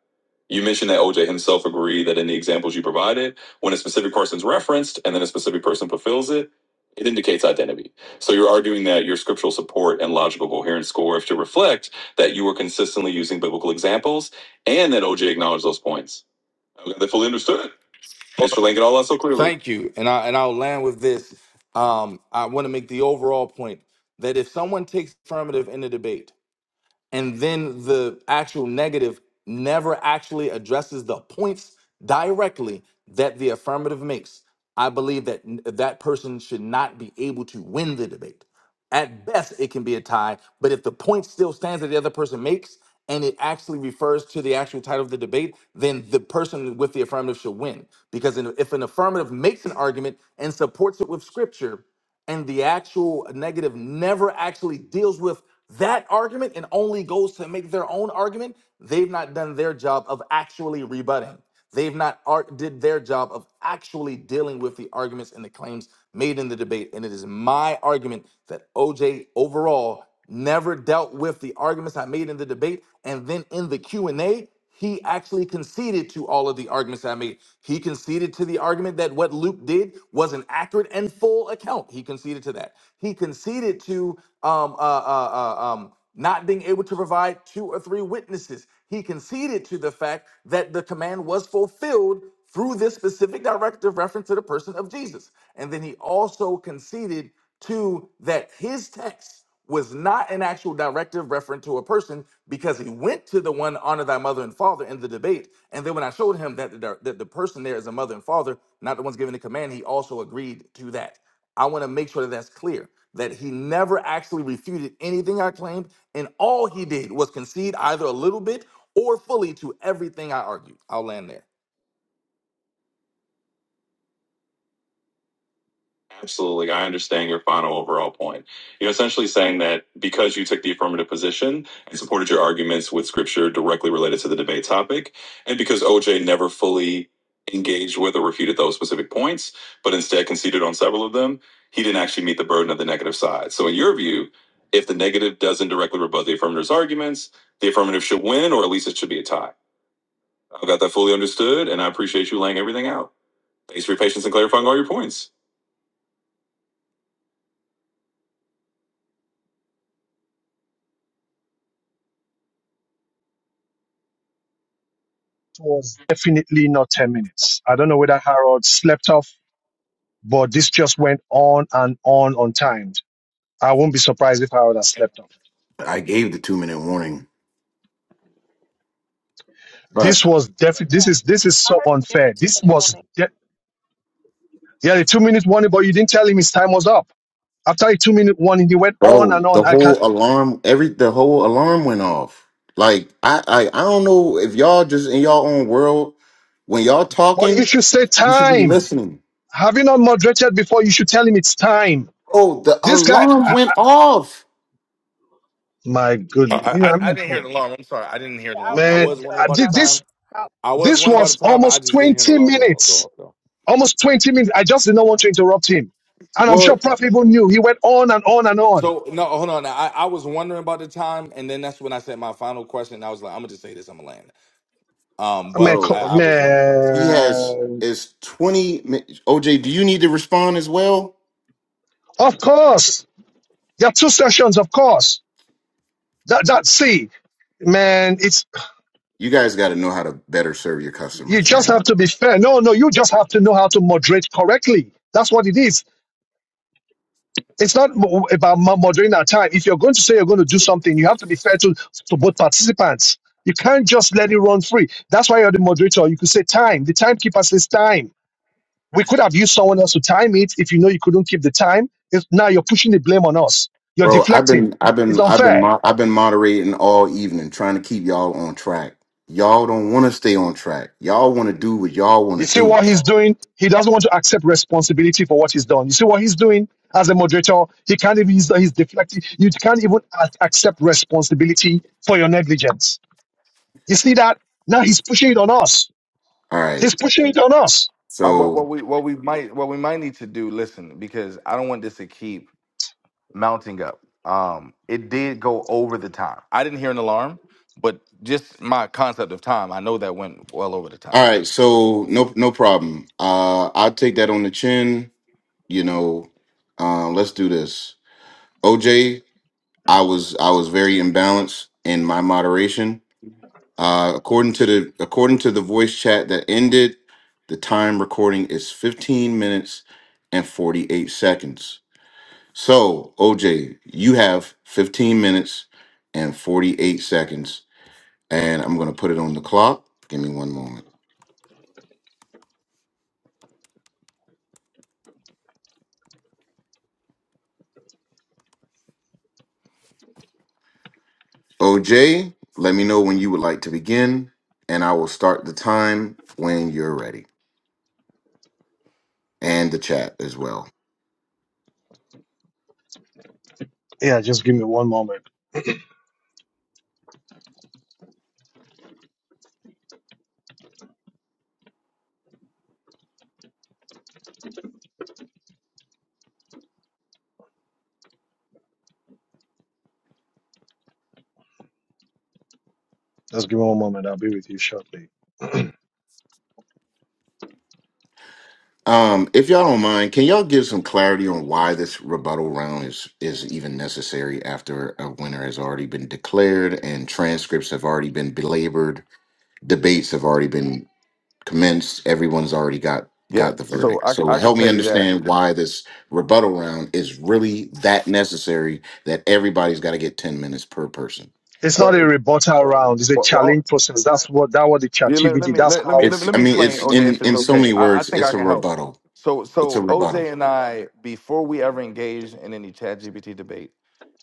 You mentioned that OJ himself agreed that in the examples you provided, when a specific person's referenced and then a specific person fulfills it, it indicates identity. So you're arguing that your scriptural support and logical coherence score have to reflect that you were consistently using biblical examples and that OJ acknowledged those points. Okay, they fully understood. Thanks for laying it all out so clearly.
Thank you. And I and I'll land with this. Um, I want to make the overall point that if someone takes affirmative in the debate, and then the actual negative never actually addresses the points directly that the affirmative makes i believe that n- that person should not be able to win the debate at best it can be a tie but if the point still stands that the other person makes and it actually refers to the actual title of the debate then the person with the affirmative should win because in- if an affirmative makes an argument and supports it with scripture and the actual negative never actually deals with that argument and only goes to make their own argument, they've not done their job of actually rebutting. They've not ar- did their job of actually dealing with the arguments and the claims made in the debate. And it is my argument that OJ overall never dealt with the arguments I made in the debate. And then in the Q&A, he actually conceded to all of the arguments I made. He conceded to the argument that what Luke did was an accurate and full account. He conceded to that. He conceded to um, uh, uh, uh, um, not being able to provide two or three witnesses. He conceded to the fact that the command was fulfilled through this specific directive reference to the person of Jesus. And then he also conceded to that his text was not an actual directive reference to a person because he went to the one honor thy mother and father in the debate and then when i showed him that the, that the person there is a mother and father not the ones giving the command he also agreed to that i want to make sure that that's clear that he never actually refuted anything i claimed and all he did was concede either a little bit or fully to everything i argued i'll land there
Absolutely. like, I understand your final overall point. You're essentially saying that because you took the affirmative position and supported your arguments with scripture directly related to the debate topic, and because OJ never fully engaged with or refuted those specific points, but instead conceded on several of them, he didn't actually meet the burden of the negative side. So, in your view, if the negative doesn't directly rebut the affirmative's arguments, the affirmative should win, or at least it should be a tie. I've got that fully understood, and I appreciate you laying everything out. Thanks for your patience and clarifying all your points.
it was definitely not ten minutes. I don't know whether Harold slept off, but this just went on and on untimed. I won't be surprised if Harold has slept off.
I gave the two minute warning,
This
but
was definitely. This
Yeah,
is this is
I
so
heard him give a
unfair.
two
This
minute
was
warning.
de- yeah, the two minutes warning, but you didn't tell him his time was up. After a two minute warning, he went on and
bro,
on.
the
I can't.
whole alarm, every the whole alarm went off. Like I, I, I don't know if y'all just in y'all own world. When y'all
But you
talking,
should say
you should be
time.
listening.
Have you not moderated before? You should tell him it's time.
Oh, the
This guy,
alarm
ah,
went off.
my goodness.
Uh,
You know
I, I
what I
I
mean?
didn't
Come
hear an
on.
alarm. I'm sorry. I didn't hear an
I
alarm.
was
I
gonna
Man,
was wondering
I
say.
about the
did
Uh,
this.
time.
how
I was
This
wondering about
was
the time, but I
almost
just didn't hear an
20
alarm. when it
minutes.
Go off.
Almost 20 minutes. I just did not want to interrupt him. And I'm sure
What,
Prof even knew. He went on and on and on.
So no, hold on. Now, I, I was wondering about the time, and then that's when I said my final question. I was like, I'm gonna just say this. I'm gonna land. Um,
Man,
but
bro?
I,
co-
I was wondering about the time.
He has
man.
is twenty. mi- OJ, do you need to respond as well?
Of course. There are two sessions, of course. That, that, see, man, it's
You guys got to know how to better serve your
You
customers,
just
man.
have to be fair. No, no, you just have to know how to moderate correctly. That's what it is. It's not mo- about mo- moderating our time. If you're going to say you're going to do something, you have to be fair to, to both participants. You can't just let it run free. That's why you're the moderator. You could say time. The timekeeper says time. We could have used someone else to time it if you know you couldn't keep the time. It's, now you're pushing the blame on us. You're
Bro, I've
deflecting.
been I've
It's
been I've been
unfair.
mo- I've been moderating all evening trying to keep y'all on track. Y'all don't want to stay on track. Y'all want to do what y'all want
You
to
see
do.
what he's doing? He doesn't want to accept responsibility for what he's done. You see what he's doing as a moderator? He can't even, he's, he's deflecting. You can't even a- accept responsibility for your negligence. You see that? Now he's pushing it on us.
All right.
He's pushing it on us.
Uh, what
So,
what we what we might what we might need to do, listen, because I don't want this to keep mounting up. Um, it did go over the time. I didn't hear an alarm, but just my concept of time, I know that went well over the time.
all right, so no no problem. Uh I'll take that on the chin, you know. Uh, let's do this. OJ, I was I was very imbalanced in my moderation. Uh according to the according to the voice chat that ended, the time recording is 15 minutes and 48 seconds. So, OJ, you have 15 minutes and 48 seconds, and I'm going to put it on the clock. Give me one moment. OJ, let me know when you would like to begin, and I will start the time when you're ready and the chat as well.
Yeah, just give me one moment. Just give me one moment. I'll be with you shortly.
Um, if y'all don't mind, can y'all give some clarity on why this rebuttal round is is even necessary after a winner has already been declared and transcripts have already been belabored, debates have already been commenced. Everyone's already got
Yeah,
got the
so
verdict.
I c-
So
I could
help
tell
me
you that.
understand why this rebuttal round is really that necessary that everybody's got to get 10 minutes per person.
It's not
But
a
it,
rebuttal round. It's a
well,
challenge process. That's what, that what the chat
Yeah, let, let
GPT,
me
that's
let, let me
how
let me
It's
let
I
me
mean
explain,
it's
OJ,
in
if it's
in so
okay.
many
I, I
words
think I
it's a
can help.
rebuttal.
So
It's a
so
rebuttal.
OJ and I, before we ever engaged in any chat GPT debate,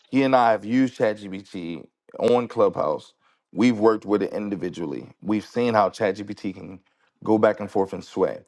he and I have used ChatGPT on Clubhouse. We've worked with it individually. We've seen how ChatGPT can go back and forth and sway.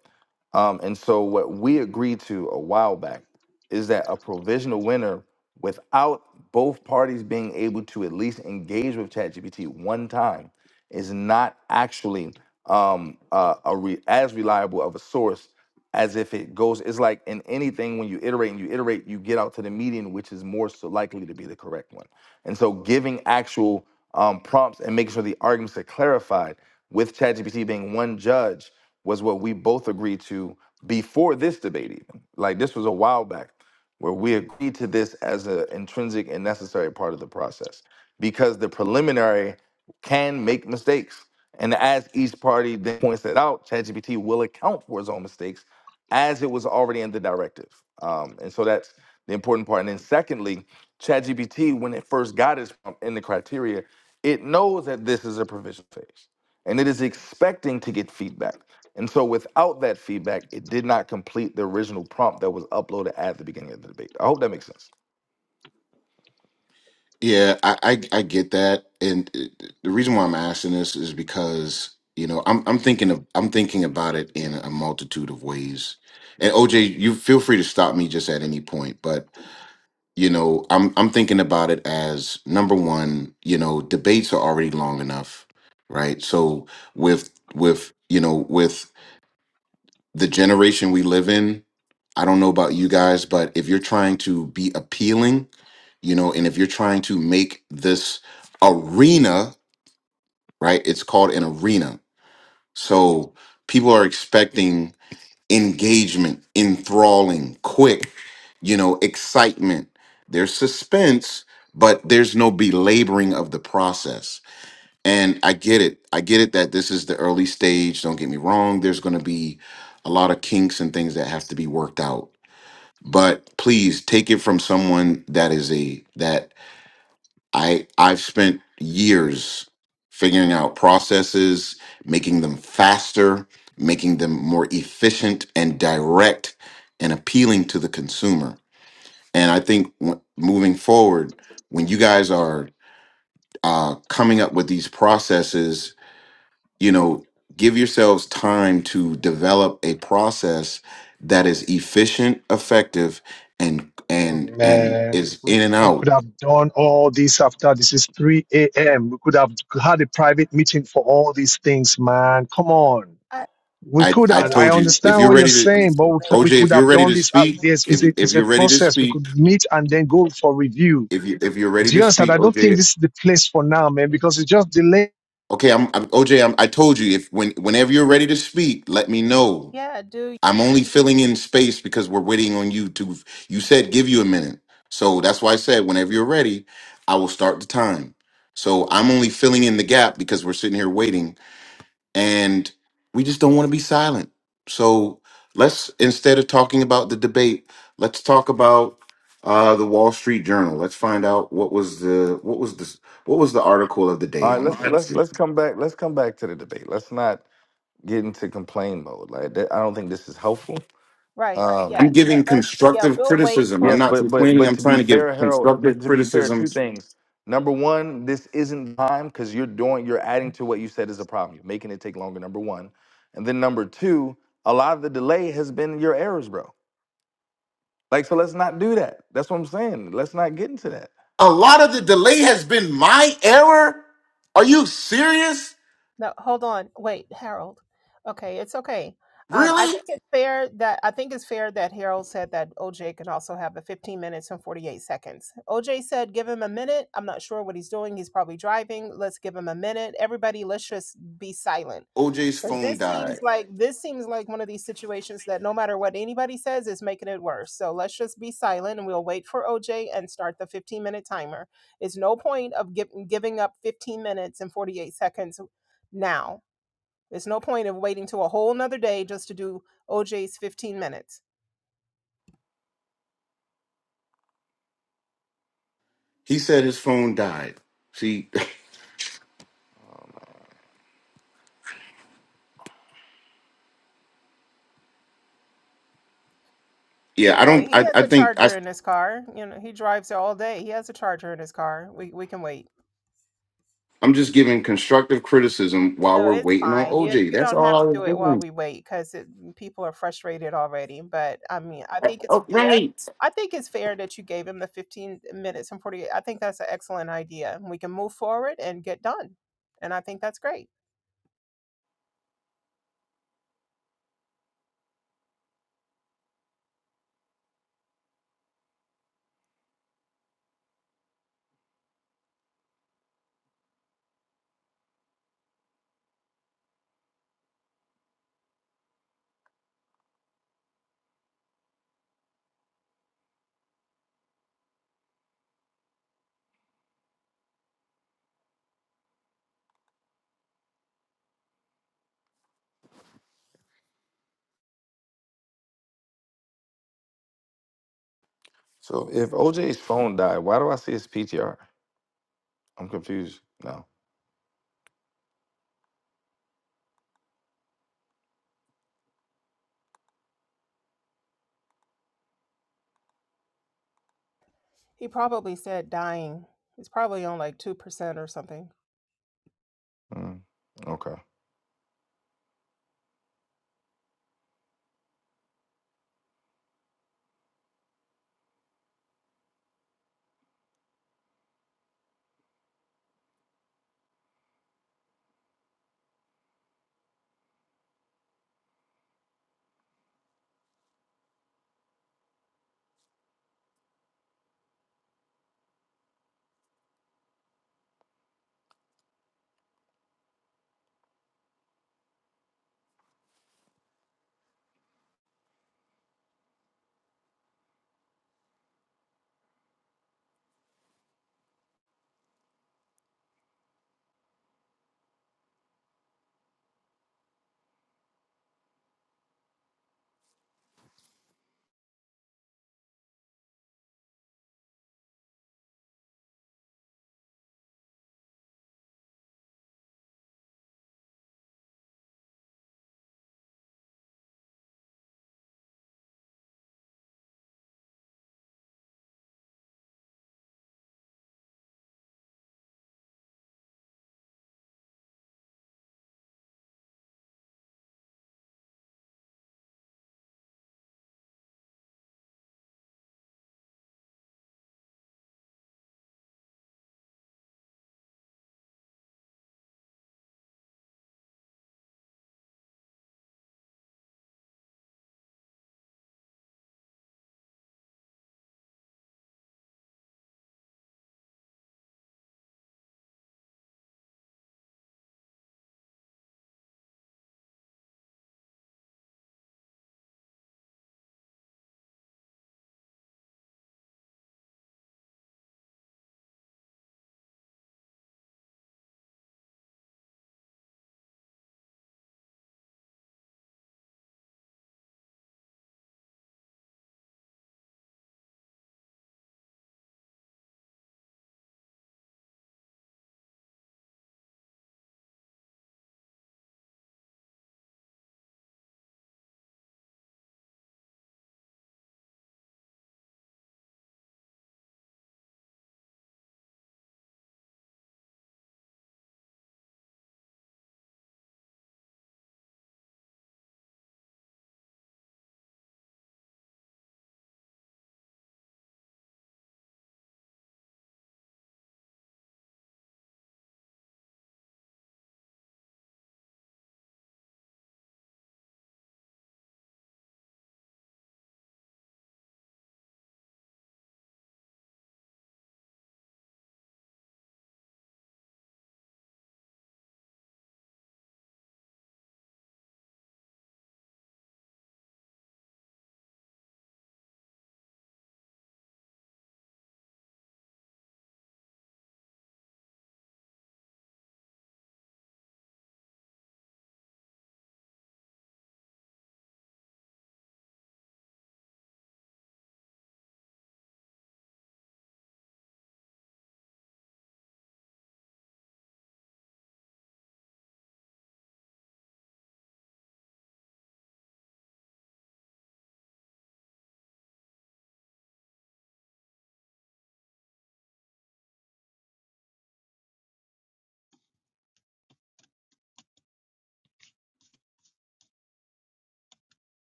Um, and so what we agreed to a while back is that a provisional winner without both parties being able to at least engage with ChatGPT one time is not actually um uh, a re- as reliable of a source as if it goes it's like in anything when you iterate and you iterate you get out to the median which is more so likely to be the correct one and so giving actual um, prompts and making sure the arguments are clarified with ChatGPT being one judge was what we both agreed to before this debate even like this was a while back where we agreed to this as an intrinsic and necessary part of the process because the preliminary can make mistakes. And as each party then points that out, ChatGPT will account for its own mistakes as it was already in the directive. Um, and so that's the important part. And then, secondly, ChatGPT, when it first got its prompt in the criteria, it knows that this is a provision phase and it is expecting to get feedback. And so, without that feedback, it did not complete the original prompt that was uploaded at the beginning of the debate. I hope that makes sense.
Yeah, I I, I get that and uh, the reason why I'm asking this is because you know, I'm I'm thinking of I'm thinking about it in a multitude of ways. And OJ, you feel free to stop me just at any point, but you know i'm i'm thinking about it as number one you know debates are already long enough right so with with you know with the generation we live in i don't know about you guys but if you're trying to be appealing you know and if you're trying to make this arena right it's called an arena so people are expecting engagement, enthralling, quick, you know, excitement. There's suspense, but there's no belaboring of the process. And I get it. I get it that this is the early stage. Don't get me wrong. There's going to be a lot of kinks and things that have to be worked out. But please take it from someone that is a that I I've spent years figuring out processes, making them faster, making them more efficient and direct and appealing to the consumer. And I think w- moving forward, when you guys are uh, coming up with these processes, you know, give yourselves time to develop a process that is efficient, effective, and and and
Man,
is
we,
in and
we
out
could have done all this after this is 3 a.m. We could have had a private meeting for all these things, man. Come on.
I
We
I
could
I
have. I
told
don't
you if
understand
you're
what
sound
you're
ready to
saying, but we,
late.
c- we
OJ,
could
if you're
have
ready
done
to
this. out
speak,
there.
if
It's a,
you, if
it's a
you're ready to
process. We
speak,
could meet and then go for review.
if you if you're ready
Do
to
you understand?
speak,
I don't think
OJ.
this is the place for now, man, because it's just delayed.
Okay, I'm, I'm OJ. am I told you if when whenever you're ready to speak, let me know.
Yeah, do
I'm only filling in space because we're waiting on you to. You said give you a minute, so that's why I said whenever you're ready, I will start the time. So I'm only filling in the gap because we're sitting here waiting and we just don't want to be silent. So let's instead of talking about the debate, let's talk about uh, the Wall Street Journal. Let's find out what was the what was the what was the article of the
All
day
right,
on the
let's
Wall
let's
Street.
let's come back. Let's come back to the debate. Let's not get into complain mode. Like that, I don't think this is helpful.
right.
Um,
Yeah,
I'm
let-
giving
let's. Yeah,
constructive
we'll wait
criticism. I'm
yes,
for.
not
but but
complaining.
but
I'm
to
trying
be
to give
fair, Harold. But
constructive
to be fair,
criticism.
two things. Number one, this isn't time because you're doing you're adding to what you said is a problem. You're making it take longer. Number one, and then number two, a lot of the delay has been your errors, bro. Like so, let's not do that. That's what I'm saying. Let's not get into that.
A lot of the delay has been my error. Are you serious?
No, hold on. Wait, Harold. Okay, it's okay. Um, I
Really?
think it's fair that I think it's fair that Harold said that OJ can also have the 15 minutes and 48 seconds. OJ said, "Give him a minute." I'm not sure what he's doing. He's probably driving. Let's give him a minute. Everybody, let's just be silent.
OJ's
Because
phone
this
died.
seems like this seems like one of these situations that no matter what anybody says is making it worse. So let's just be silent and we'll wait for OJ and start the 15 minute timer. It's no point of giv giving up 15 minutes and 48 seconds now. It's no point of waiting to a whole nother day just to do OJ's 15 minutes.
He said his phone died. See,
Oh, man.
yeah, I
Okay,
don't.
he
I,
has
I
a
think. I.
charger in his car. You know, he drives all day. He has a charger in his car. We we can wait.
I'm just giving constructive criticism while
No,
we're
it's
waiting on
fine. You
OJ.
you
That's
don't
all
have
I
to
was
do it while
doing.
we wait because people are frustrated already. But I mean, I think it's
Oh,
fair.
right.
I think it's fair that you gave him the 15 minutes and 48. I think that's an excellent idea. We can move forward and get done. And I think that's great.
So if OJ's phone died, why do I see his PTR? I'm confused now.
He probably said dying. He's probably on like 2% or something.
Mm, okay,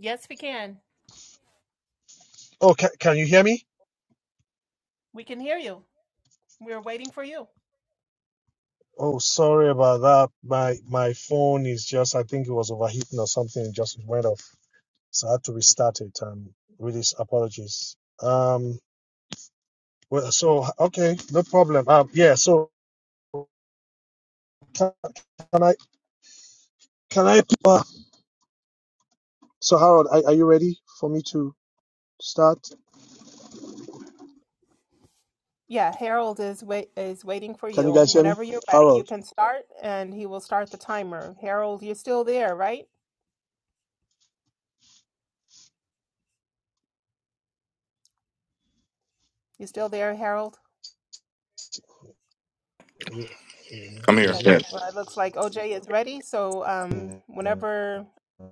Yes, we can. We can hear you. We're waiting for you. Yeah, Harold is wait is waiting for you. Whenever you're ready, you can start and he will start the timer. Harold, you're still there, right? You are still there, Harold?
I'm here.
Yes.
Yes.
Well, it looks like OJ is ready. So, um, whenever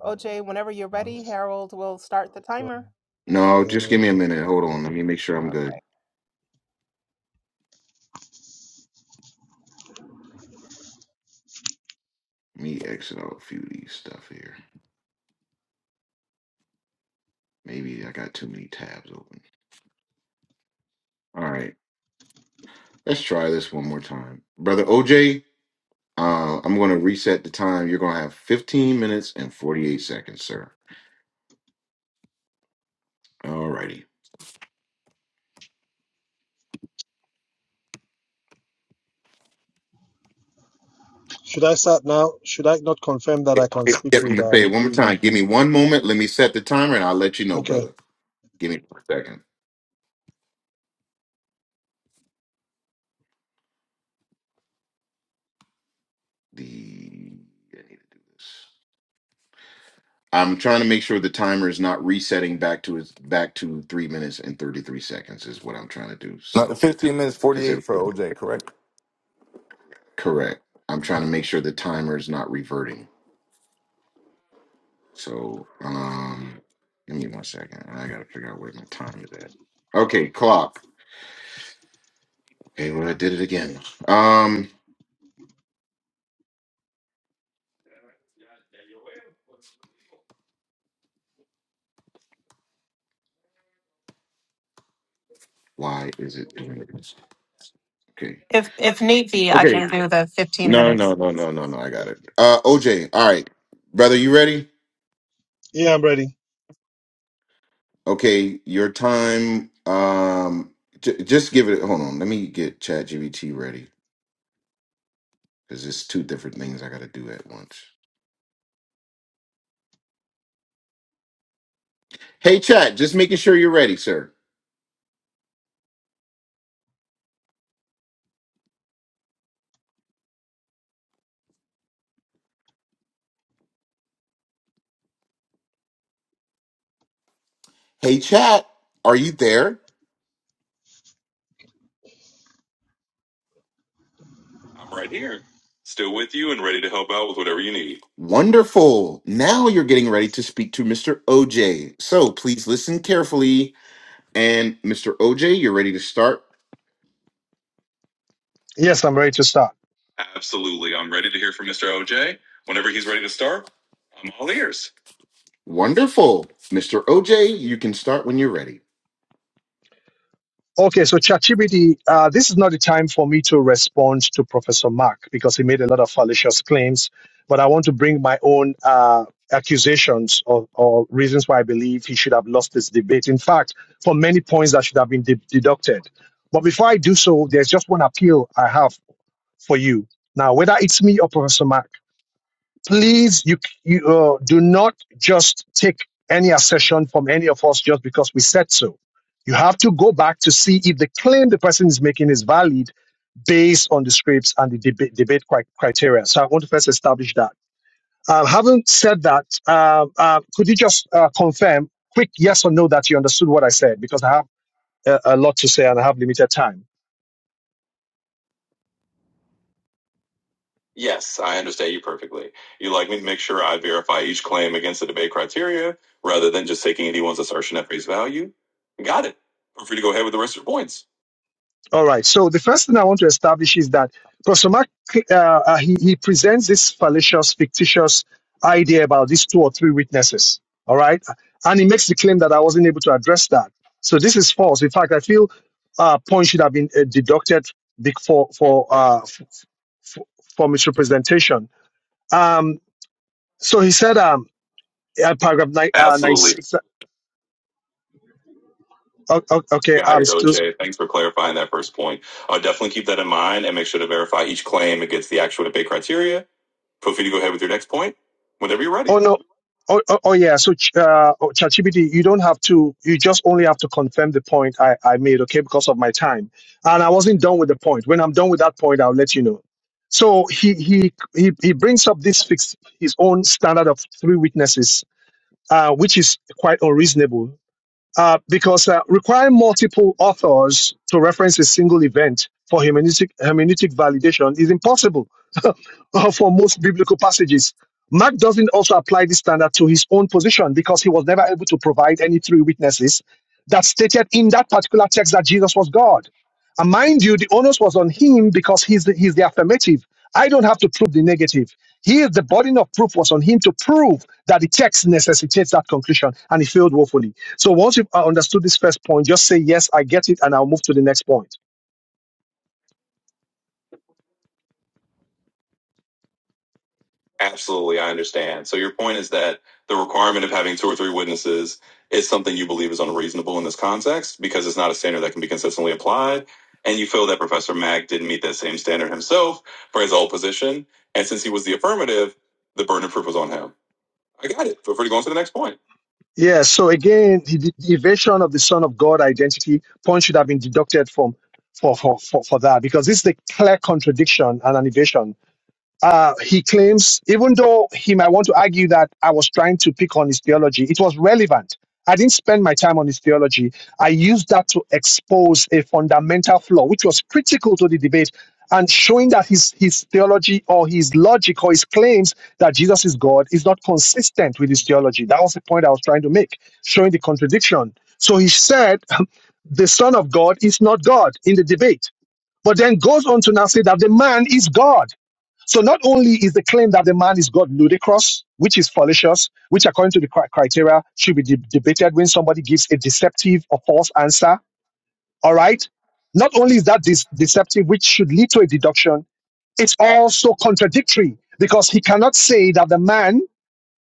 OJ, whenever you're ready, Harold will start the timer.
No, just give me a minute. Hold on. Let me make sure I'm good. Let me exit out a few of these stuff here. Maybe I got too many tabs open. All right. Let's try this one more time. Brother OJ, uh, I'm going to reset the time. You're going to have 15 minutes and 48 seconds, sir. All righty. I'm going to say it one more time. Give me one moment. Let me set the timer and I'll let you know, brother. Give me one second. the I need to do this. I'm trying to make sure the timer is not resetting back to its back to three minutes and 33 seconds is what I'm trying to do.
Not
So
15 minutes
because
48 for OJ, correct?
correct, I'm trying to make sure the timer is not reverting. So um, give me one second. I gotta figure out where my time is at. Okay, clock. Okay, well I did it again. Um, why is it doing this? Okay.
If if need be, I
Okay.
can do the fifteen
No,
minutes.
no, no, no, no, no. I got it. Uh, OJ. All right, brother, you ready? Okay, your time. Um, j- just give it. Hold on. Let me get ChatGPT ready because it's two different things I got to do at once. Hey, Chat. Just making sure you're ready, sir. Hey, Chat. Are you there? I'm right here, still with you and ready to help out with whatever you need. Wonderful. Now you're getting ready to speak to Mr. OJ. So please listen carefully. And Mr. OJ, you're ready to start.
Yes, I'm ready to start.
Absolutely. I'm ready to hear from Mr. OJ. Whenever he's ready to start, I'm all ears. Wonderful. Mr. OJ, you can start when you're ready.
Okay, so ChatGPT, uh, this is not the time for me to respond to Professor Mark because he made a lot of fallacious claims, but I want to bring my own uh, accusations or, or reasons why I believe he should have lost this debate. In fact, for many points that should have been de- deducted. But before I do so, there's just one appeal I have for you. Now, whether it's me or Professor Mark, please you, you uh, do not just take any accession from any of us just because we said so you have to go back to see if the claim the person is making is valid based on the scripts and the debate, debate cri- criteria so i want to first establish that uh, having said that uh, uh, could you just uh, confirm quick yes or no that you understood what i said because i have a, a lot to say and I have limited time.
Yes, I understand you perfectly. You'd like me to make sure I verify each claim against the debate criteria rather than just taking anyone's assertion at face value? Got it. Feel free to go ahead with the rest of your points.
All right. So the first thing I want to establish is that Professor Mark, uh, uh, he, he presents this fallacious, fictitious idea about these two or three witnesses. All right. And he makes the claim that I wasn't able to address that. So this is false. In fact, I feel uh, points should have been uh, deducted be- for, for, uh, f- f- for misrepresentation. Um, so he said, um, uh, paragraph nine, uh,
Absolutely.
96. uh, o- o- Okay,
Got
I'm
it,
still
OJ. Thanks for clarifying that first point. Uh, definitely keep that in mind and make sure to verify each claim against the actual debate criteria. Feel free to go ahead with your next point whenever you're ready.
Oh no. Oh, oh, oh yeah. So ch- uh, oh, ChatGPT, you don't have to. You just only have to confirm the point I, I made. Okay, because of my time, and I wasn't done with the point. When I'm done with that point, I'll let you know. So he he he, he brings up this fixed his own standard of three witnesses, uh, which is quite unreasonable uh, because uh, requiring multiple authors to reference a single event for hermeneutic, hermeneutic validation is impossible for most biblical passages. Mark doesn't also apply this standard to his own position because he was never able to provide any three witnesses that stated in that particular text that Jesus was God. And mind you, the onus was on him because he's the, he's the affirmative. I don't have to prove the negative. He is the burden of proof was on him to prove that the text necessitates that conclusion, and he failed woefully. So once you've uh, understood this first point, just say, Yes, I get it, and I'll move to the next point.
Absolutely, I understand. So your point is that the requirement of having two or three witnesses is something you believe is unreasonable in this context because it's not a standard that can be consistently applied. And you feel that Professor Mack didn't meet that same standard himself for his old position. And since he was the affirmative, the burden of proof was on him. I got it. Feel free to go on to the next point.
Yeah. So again, the, the the evasion of the Son of God identity point should have been deducted from for, for, for, for that because this is a clear contradiction and an evasion. uh, he claims, even though he might want to argue that I was trying to pick on his theology, it was relevant. I didn't spend my time on his theology. I used that to expose a fundamental flaw, which was critical to the debate, and showing that his, his theology or his logic or his claims that Jesus is God is not consistent with his theology. That was the point I was trying to make, showing the contradiction. So he said, the Son of God is not God in the debate, but then goes on to now say that the man is God so not only is the claim that the man is God ludicrous, which is fallacious, which according to the cri- criteria should be de- debated when somebody gives a deceptive or false answer. All right. Not only is that dis- deceptive, which should lead to a deduction, it's also contradictory because he cannot say that the man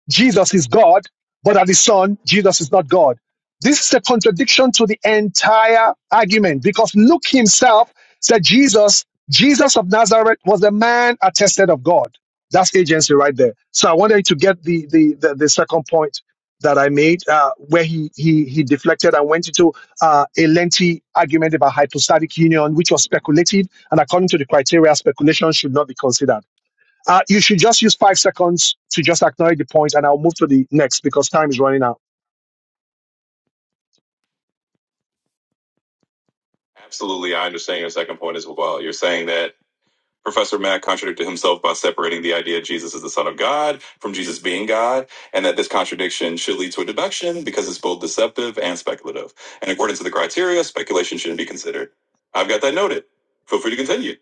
Jesus is God, but as the Son, Jesus is not God. This is a contradiction to the entire argument because Luke himself said Jesus, Jesus of Nazareth was a man attested of God. That's agency right there. So I wanted you to get the the the, the second point that I made, uh, where he he he deflected and went into uh, a lengthy argument about hypostatic union, which was speculative, and according to the criteria, speculation should not be considered. Uh, you should just use five seconds to just acknowledge the point, and I'll move to the next because time is running out.
Absolutely, I understand your second point as well. You're saying that Professor Mack contradicted himself by separating the idea Jesus is the Son of God from Jesus being God, and that this contradiction should lead to a deduction because it's both deceptive and speculative. And according to the criteria, speculation shouldn't be considered. I've got that noted. Feel free to continue.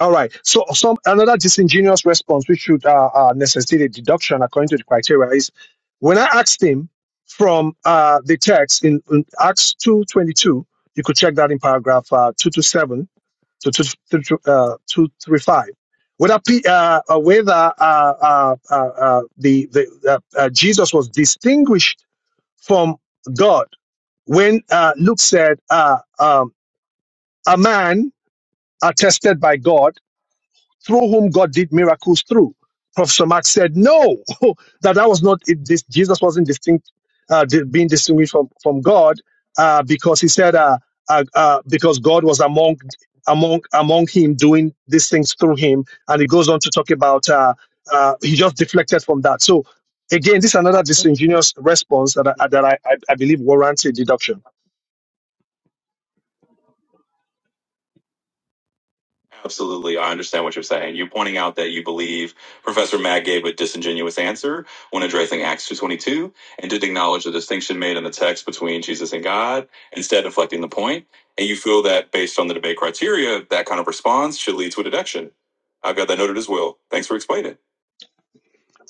All right. So, some another disingenuous response, which should uh, uh, necessitate a deduction according to the criteria, is when I asked him from uh, the text in, in Acts two twenty two. You could check that in paragraph uh, two to seven to two, two, two, uh, two three five. Whether uh, uh, whether uh, uh, uh, uh, the the uh, uh, Jesus was distinguished from God. When uh, Luke said, uh, um, a man are tested by God through whom God did miracles through. Professor Marx said no, that that was not it, this, Jesus wasn't distinct, uh, di- being distinguished from from God uh, because he said uh, uh, uh, because God was among among among him doing these things through him, and he goes on to talk about uh, uh, he just deflected from that. So again, this is another disingenuous response that I, that I, I I believe warrants a deduction.
Absolutely. I understand what you're saying. You're pointing out that you believe Professor Mack gave a disingenuous answer when addressing Acts 2.22 and didn't acknowledge the distinction made in the text between Jesus and God, instead deflecting the point. And you feel that based on the debate criteria, that kind of response should lead to a deduction. I've got that noted as well. Thanks for explaining.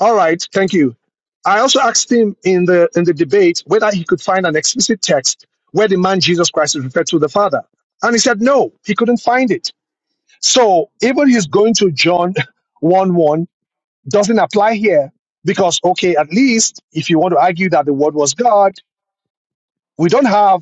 All right, thank you. I also asked him in the in the debate whether he could find an explicit text where the man Jesus Christ is referred to the Father. And he said no, he couldn't find it. So even he's going to John one one. doesn't apply here because okay at least if you want to argue that the word was god we don't have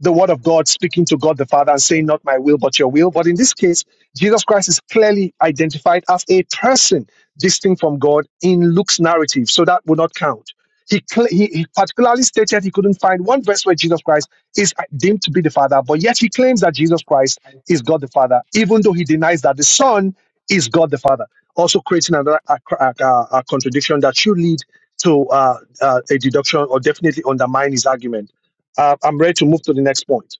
the word of God speaking to God the Father and saying, Not my will, but your will. But in this case, Jesus Christ is clearly identified as a person distinct from God in Luke's narrative. So that would not count. He, cl- he, he particularly stated he couldn't find one verse where Jesus Christ is deemed to be the Father, but yet he claims that Jesus Christ is God the Father, even though he denies that the Son is God the Father, also creating another a, a, a- a contradiction that should lead to uh, uh, a deduction or definitely undermine his argument. Uh, I'm ready to move to the next point.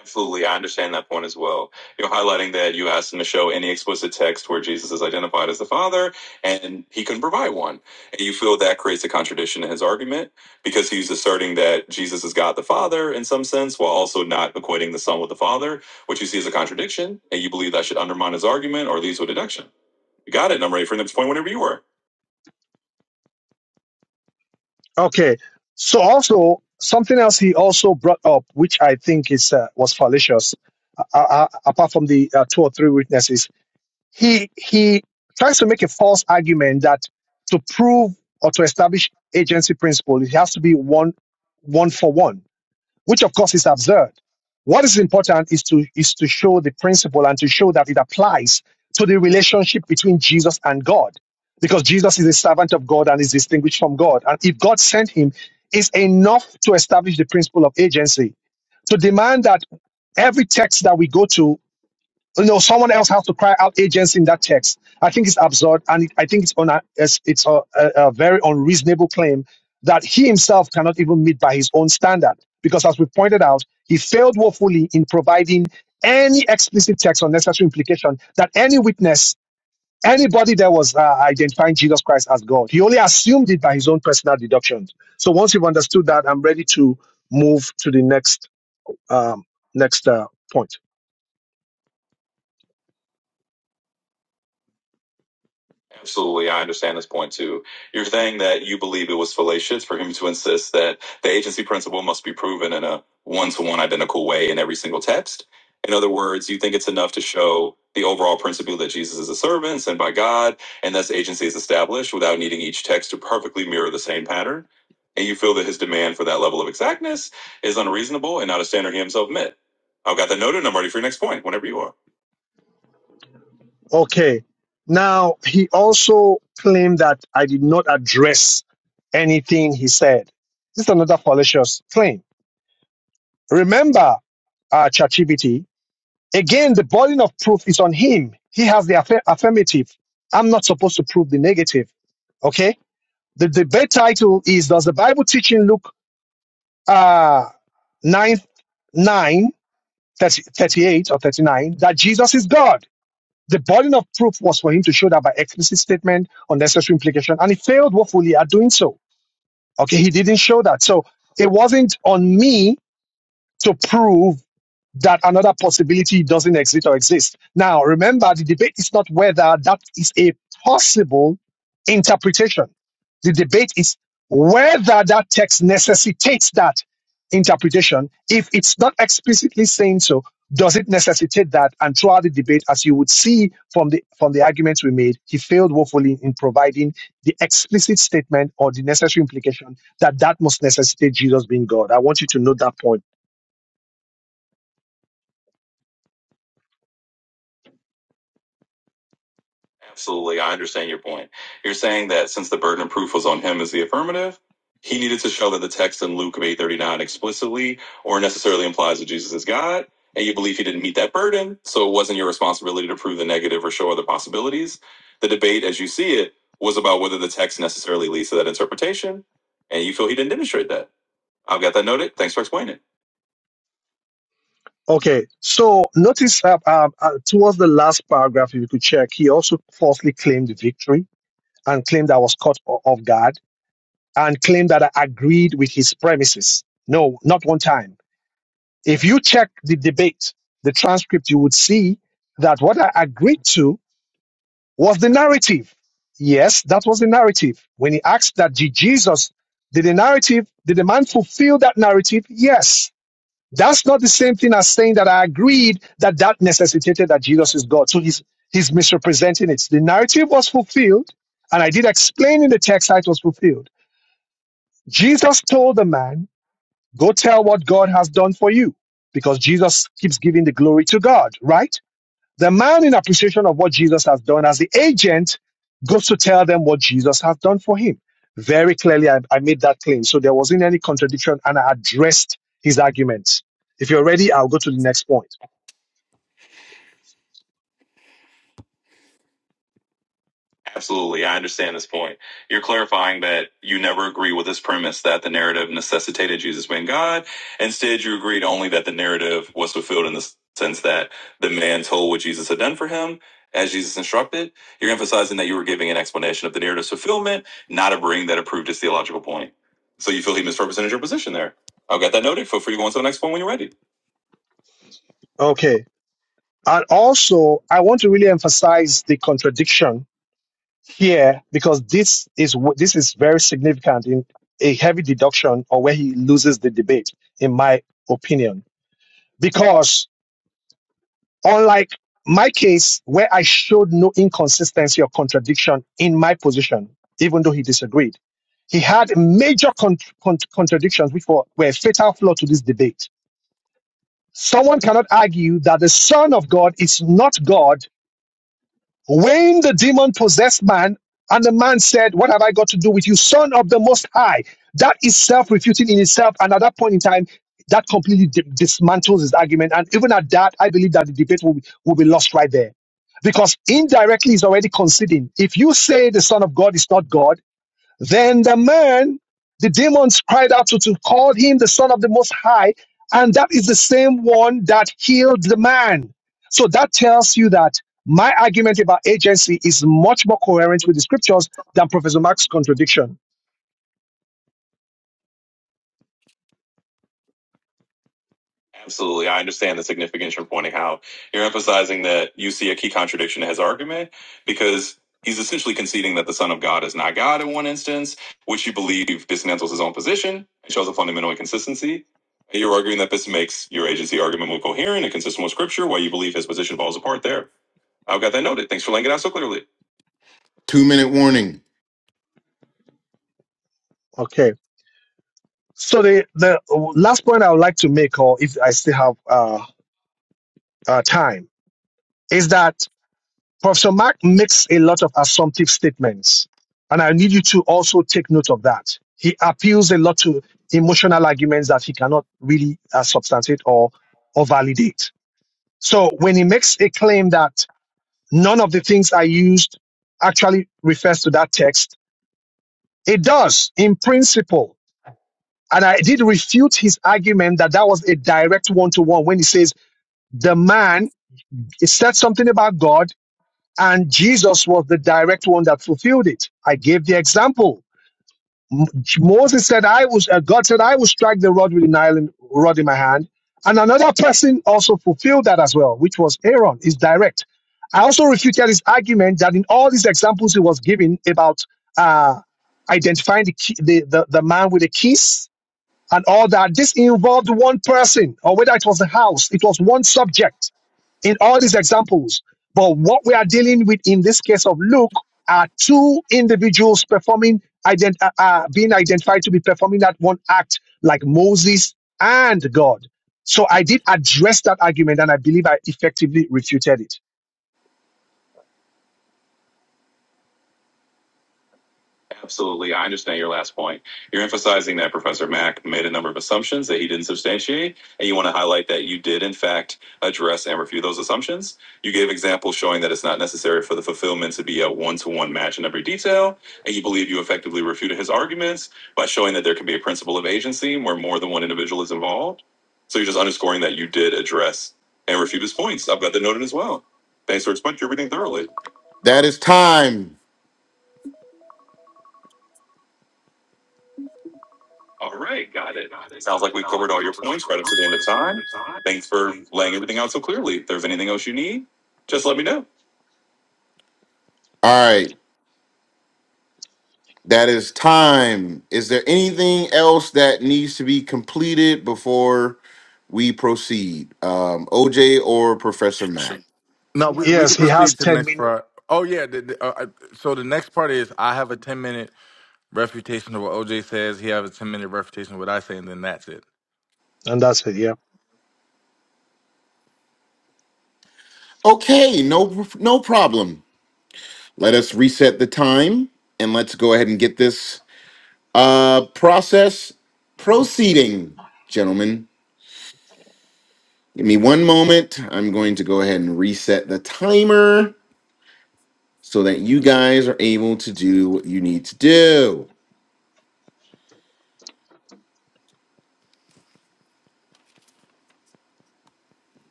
Absolutely, I understand that point as well. You're highlighting that you asked him to show any explicit text where Jesus is identified as the Father, and he couldn't provide one. And you feel that creates a contradiction in his argument because he's asserting that Jesus is God the Father in some sense, while also not equating the Son with the Father, which you see as a contradiction, and you believe that should undermine his argument or lead to a deduction. You got it, and I'm ready for the next point whenever you were.
Okay. So also something else he also brought up, which I think is uh, was fallacious, uh, uh, uh, apart from the uh, two or three witnesses, he he tries to make a false argument that to prove or to establish agency principle, it has to be one one for one. which of course is absurd. What is important is to is to show the principle and to show that it applies to the relationship between Jesus and God, because Jesus is a servant of God and is distinguished from God. And if God sent him, is enough to establish the principle of agency. To demand that every text that we go to you know, someone else has to cry out agency in that text. I think it's absurd, and it, I think it's on a, it's, it's a, a, a very unreasonable claim that he himself cannot even meet by his own standard. Because as we pointed out, he failed woefully in providing any explicit text or necessary implication that any witness, anybody there was uh, identifying Jesus Christ as God. He only assumed it by his own personal deductions. So once you've understood that, I'm ready to move to the next um, next uh, point.
Absolutely, I understand this point too. You're saying that you believe it was fallacious for him to insist that the agency principle must be proven in a one to one identical way in every single text. In other words, you think it's enough to show the overall principle that Jesus is a servant sent by God and thus agency is established without needing each text to perfectly mirror the same pattern. And you feel that his demand for that level of exactness is unreasonable and not a standard he himself met. I've got the noted and I'm ready for your next point whenever you are.
Okay. Now, he also claimed that I did not address anything he said. This is another fallacious claim. Remember, uh, ChatGPT, again, the burden of proof is on him. He has the aff- affirmative. I'm not supposed to prove the negative. Okay. The debate title is Does the Bible teach in Luke uh, 9, 9 thirty, thirty-eight or 39 that Jesus is God? The burden of proof was for him to show that by explicit statement or necessary implication, and he failed woefully at doing so. Okay, he didn't show that. So it wasn't on me to prove that another possibility doesn't exist or exist. Now, remember, the debate is not whether that is a possible interpretation. The debate is whether that text necessitates that interpretation. If it's not explicitly saying so, does it necessitate that? And throughout the debate, as you would see from the from the arguments we made, he failed woefully in providing the explicit statement or the necessary implication that that must necessitate Jesus being God. I want you to note that point
Absolutely. I understand your point. You're saying that since the burden of proof was on him as the affirmative, he needed to show that the text in Luke of 839 explicitly or necessarily implies that Jesus is God, and you believe he didn't meet that burden, so it wasn't your responsibility to prove the negative or show other possibilities. The debate, as you see it, was about whether the text necessarily leads to that interpretation, and you feel he didn't demonstrate that. I've got that noted. Thanks for explaining. it.
Okay, so notice uh, uh, uh, towards the last paragraph, if you could check, he also falsely claimed victory and claimed I was caught o- off guard and claimed that I agreed with his premises. No, not one time. If you check the debate, the transcript, you would see that what I agreed to was the narrative. Yes, that was the narrative. When he asked that did Jesus, did the narrative, did the man fulfill that narrative? Yes. That's not the same thing as saying that I agreed that that necessitated that Jesus is God. So he's, he's misrepresenting it. The narrative was fulfilled, and I did explain in the text how it was fulfilled. Jesus told the man, go tell what God has done for you, because Jesus keeps giving the glory to God, right? The man, in appreciation of what Jesus has done as the agent, goes to tell them what Jesus has done for him. Very clearly, I, I made that claim. So there wasn't any contradiction, and I addressed his arguments. If you're ready, I'll go to the next point.
Absolutely. I understand this point. You're clarifying that you never agree with this premise that the narrative necessitated Jesus being God. Instead, you agreed only that the narrative was fulfilled in the sense that the man told what Jesus had done for him as Jesus instructed. You're emphasizing that you were giving an explanation of the narrative's fulfillment, not a bring that approved his theological point. So you feel he misrepresented your position there. I've got that noted. Feel free to go on to the next one when you're ready.
Okay. And also, I want to really emphasize the contradiction here because this is this is very significant in a heavy deduction or where he loses the debate, in my opinion. Because Unlike my case, where I showed no inconsistency or contradiction in my position, even though he disagreed, he had major con- con- contradictions, which were, were a fatal flaw to this debate. Someone cannot argue that the Son of God is not God when the demon possessed man and the man said, What have I got to do with you, son of the most high? That is self refuting in itself. And at that point in time, that completely di- dismantles his argument. And even at that, I believe that the debate will be, will be lost right there. Because indirectly, he's already conceding. If you say the Son of God is not God, then the man, the demons cried out to, to call him the son of the most high, and that is the same one that healed the man. So that tells you that my argument about agency is much more coherent with the scriptures than Professor Mark's contradiction.
Absolutely. I understand the significance you're pointing out. You're emphasizing that you see a key contradiction in his argument because he's essentially conceding that the Son of God is not God in one instance, which you believe dismantles his own position and shows a fundamental inconsistency. And You're arguing that this makes your agency argument more coherent and consistent with Scripture, while you believe his position falls apart there. I've got that noted. Thanks for laying it out so clearly. Two minute warning.
Okay. So the, the last point I would like to make, or if I still have uh, uh, time, is that Professor Mark makes a lot of assumptive statements, and I need you to also take note of that. He appeals a lot to emotional arguments that he cannot really uh, substantiate or, or validate. So when he makes a claim that none of the things I used actually refers to that text, it does in principle. And I did refute his argument that that was a direct one to one when he says the man, he said something about God and Jesus was the direct one that fulfilled it. I gave the example. M- Moses said, "I was." Uh, God said, "I will strike the rod with an iron rod in my hand," and another person also fulfilled that as well, which was Aaron. Is direct. I also refuted his argument that in all these examples he was giving about uh, identifying the, key, the, the the man with a kiss and all that, this involved one person, or whether it was a house, it was one subject in all these examples. But what we are dealing with in this case of Luke are two individuals performing, ident- uh, uh, being identified to be performing that one act like Moses and God. So I did address that argument and I believe I effectively refuted it.
Absolutely. I understand your last point. You're emphasizing that Professor Mack made a number of assumptions that he didn't substantiate, and you want to highlight that you did, in fact, address and refute those assumptions. You gave examples showing that it's not necessary for the fulfillment to be a one to one match in every detail, and you believe you effectively refuted his arguments by showing that there can be a principle of agency where more than one individual is involved. So you're just underscoring that you did address and refute his points. I've got that noted as well. Thanks for explaining everything thoroughly. That is time. All right, got it. Sounds like we've covered all your points right up to the end of time. Thanks for laying everything out so clearly. If there's anything else you need, just let me know. All right, that is time. Is there anything else that needs to be completed before we proceed? Um, OJ or Professor
Sure.
Mac?
No, we, we can
Yes, he has
proceed to the
10
next
meaning
part. Oh, yeah. The, the, uh, I- so the next part is I have a 10 minute refutation of what OJ says. He has a 10 minute refutation of what I say, and then that's it.
and that's it. Yeah.
Okay, no, no problem. Let us reset the time and let's go ahead and get this uh, process proceeding, gentlemen. Give me one moment. I'm going to go ahead and reset the timer so that you guys are able to do what you need to do.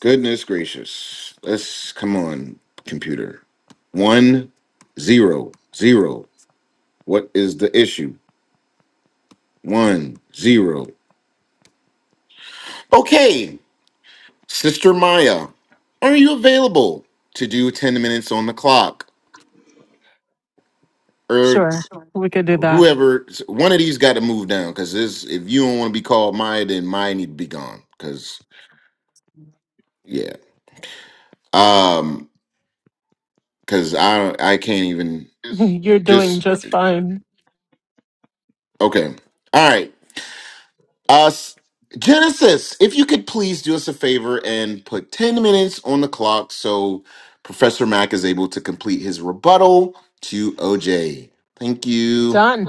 Goodness gracious. Let's come on, computer. One, zero, zero. What is the issue? One, zero. Okay, Sister Maya, are you available to do 10 minutes on the clock?
Sure,
Or
we could do that.
whoever one of these got to move down because if you don't want to be called Maya, then Maya need to be gone. Cause Yeah. Um, cause I don't I can't even
You're doing
just
just fine.
okay. All right. Us Genesis, if you could please do us a favor and put 10 minutes on the clock so Professor Mack is able to complete his rebuttal to OJ. Thank you.
Done.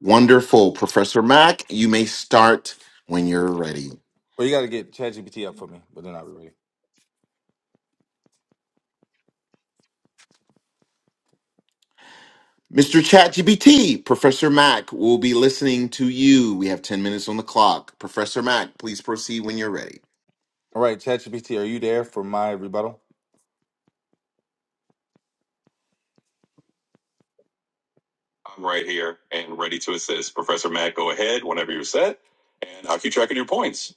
Wonderful, Professor Mack. You may start when you're ready.
Well, you got to get ChatGPT up for me, but then I'll be ready.
Mr. ChatGPT. Professor Mack will be listening to you. We have 10 minutes on the clock. Professor Mack, please proceed when you're ready.
All right, ChatGPT, are you there for my rebuttal?
I'm right here and ready to assist. Professor Matt, go ahead whenever you're set, and I'll keep track of your points.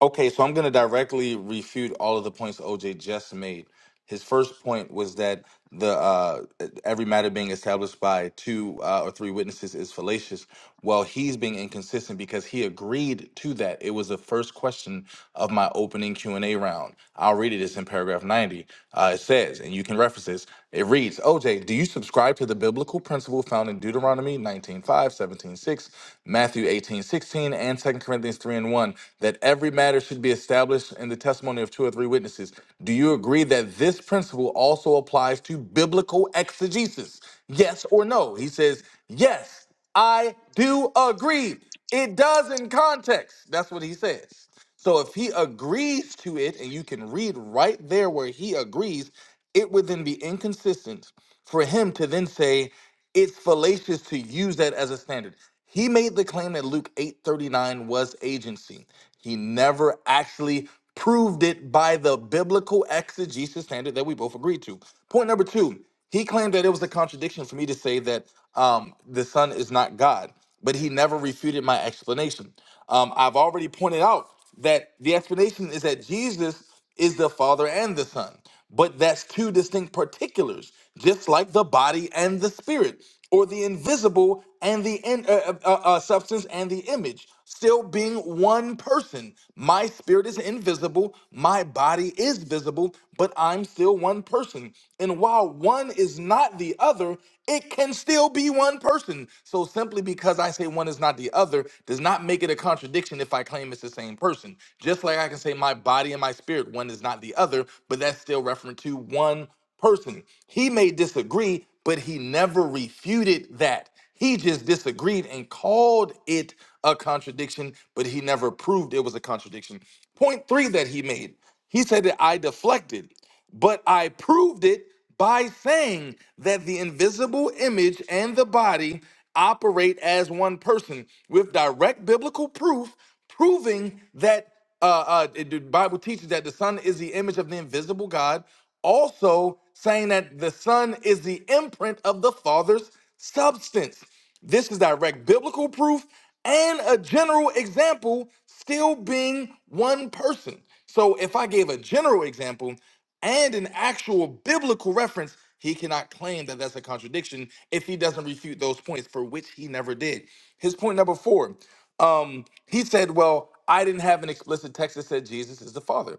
Okay, so I'm going to directly refute all of the points OJ just made. His first point was that the uh, every matter being established by two uh, or three witnesses is fallacious. Well, he's being inconsistent because he agreed to that. It was the first question of my opening Q and A round. I'll read it. It's in paragraph 90. Uh, it says, and you can reference this. It reads, OJ, do you subscribe to the biblical principle found in Deuteronomy 19:5, 17:6, Matthew 18:16, and and 2 Corinthians 3 and 1 that every matter should be established in the testimony of two or three witnesses. Do you agree that this principle also applies to biblical exegesis? Yes or no? He says, Yes, I do agree. It does in context. That's what he says. So if he agrees to it, and you can read right there where he agrees, it would then be inconsistent for him to then say it's fallacious to use that as a standard. He made the claim that Luke 8:39 was agency. He never actually proved it by the biblical exegesis standard that we both agreed to. Point number two, he claimed that it was a contradiction for me to say that um, the Son is not God but he never refuted my explanation. Um, I've already pointed out that the explanation is that Jesus is the Father and the Son, but that's two distinct particulars, just like the body and the spirit, or the invisible and the in, uh, uh, uh, uh, substance and the image, still being one person. My spirit is invisible, my body is visible, but I'm still one person person. And while one is not the other, it can still be one person. So simply because I say one is not the other does not make it a contradiction if I claim it's the same person. Just like I can say my body and my spirit, one is not the other, but that's still referring to one person. He may disagree, but he never refuted that. He just disagreed and called it a contradiction, but he never proved it was a contradiction. Point three that he made. He said that I deflected, but I proved it by saying that the invisible image and the body operate as one person with direct biblical proof, proving that uh, uh, it- the Bible teaches that the Son is the image of the invisible God, also saying that the Son is the imprint of the Father's substance. This is direct biblical proof and a general example, still being one person. So if I gave a general example and an actual biblical reference, he cannot claim that that's a contradiction if he doesn't refute those points, for which he never did. His point number four um, he said, Well, I didn't have an explicit text that said Jesus is the Father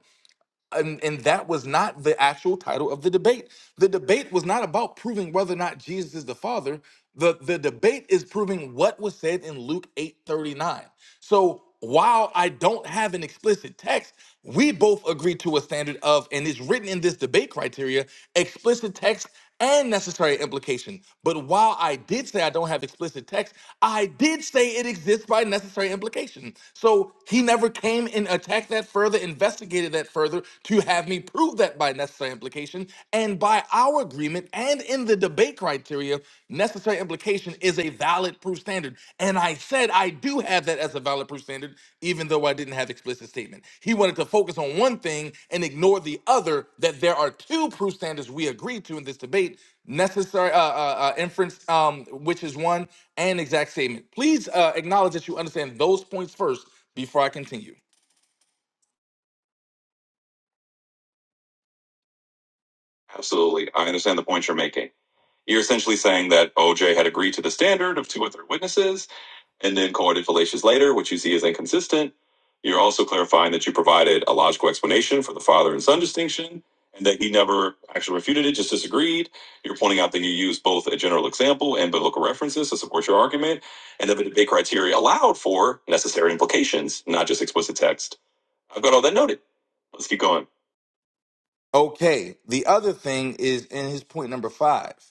and, and that was not the actual title of the debate. The debate was not about proving whether or not Jesus is the Father. The the debate is proving what was said in Luke 8:39. So while I don't have an explicit text, we both agree to a standard of, and it's written in this debate criteria, explicit text and necessary implication. But while I did say I don't have explicit text, I did say it exists by necessary implication. So he never came and attacked that further, investigated that further to have me prove that by necessary implication. And by our agreement and in the debate criteria, necessary implication is a valid proof standard. And I said I do have that as a valid proof standard, even though I didn't have explicit statement. He wanted to focus on one thing and ignore the other. That there are two proof standards we agreed to in this debate: necessary uh, uh, uh, inference, um, which is one, and exact statement. Please uh, acknowledge that you understand those points first before I continue.
Absolutely. I understand the points you're making. You're essentially saying that OJ had agreed to the standard of two or three witnesses, and then courted fallacious later, which you see as inconsistent. You're also clarifying that you provided a logical explanation for the father and son distinction, and that he never actually refuted it, just disagreed. You're pointing out that you used both a general example and biblical references to support your argument, and that the debate criteria allowed for necessary implications, not just explicit text. I've got all that noted. Let's keep going.
Okay. The other thing is in his point number five.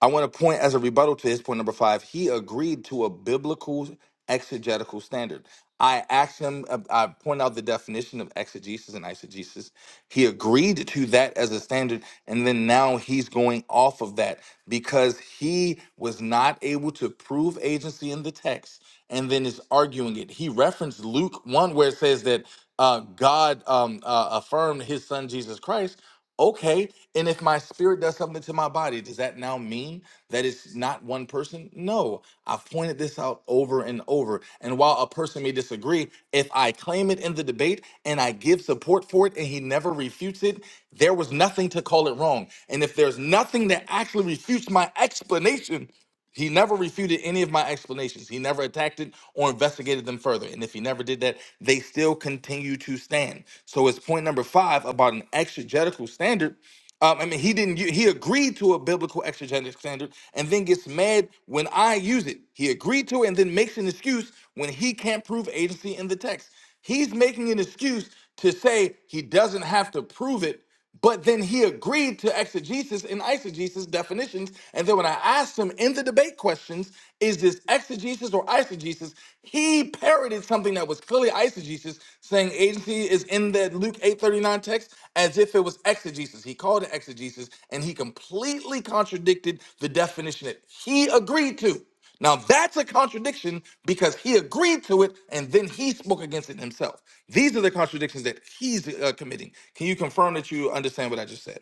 I want to point as a rebuttal to his point number five. He agreed to a biblical exegetical standard. I asked him, uh, I pointed out the definition of exegesis and eisegesis. He agreed to that as a standard. And then now he's going off of that because he was not able to prove agency in the text and then is arguing it. He referenced Luke 1, where it says that uh, God um, uh, affirmed his son Jesus Christ. Okay, and if my spirit does something to my body, does that now mean that it's not one person? No, I've pointed this out over and over. And while a person may disagree, if I claim it in the debate and I give support for it and he never refutes it, there was nothing to call it wrong. And if there's nothing that actually refutes my explanation, he never refuted any of my explanations. He never attacked it or investigated them further. And if he never did that, they still continue to stand. So it's point number five about an exegetical standard. Um, I mean, he didn't. u- He agreed to a biblical exegetical standard, and then gets mad when I use it. He agreed to it, and then makes an excuse when he can't prove agency in the text. He's making an excuse to say he doesn't have to prove it but then he agreed to exegesis and eisegesis definitions. And then when I asked him in the debate questions, is this exegesis or eisegesis? He parroted something that was clearly eisegesis, saying agency is in the Luke 839 text as if it was exegesis. He called it exegesis and he completely contradicted the definition that he agreed to. Now that's a contradiction because he agreed to it and then he spoke against it himself. These are the contradictions that he's uh, committing. Can you confirm that you understand what I just said?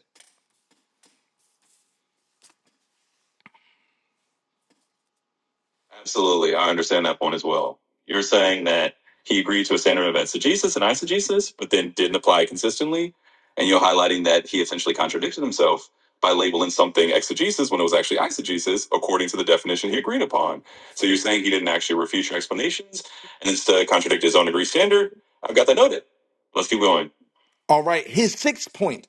Absolutely. I understand that point as well. You're saying that he agreed to a standard of exegesis and eisegesis, but then didn't apply it consistently. And you're highlighting that he essentially contradicted himself by labeling something exegesis when it was actually eisegesis, according to the definition he agreed upon. So you're saying he didn't actually refute your explanations and instead contradict his own agreed standard? I've got that noted. Let's keep going.
All right, his sixth point.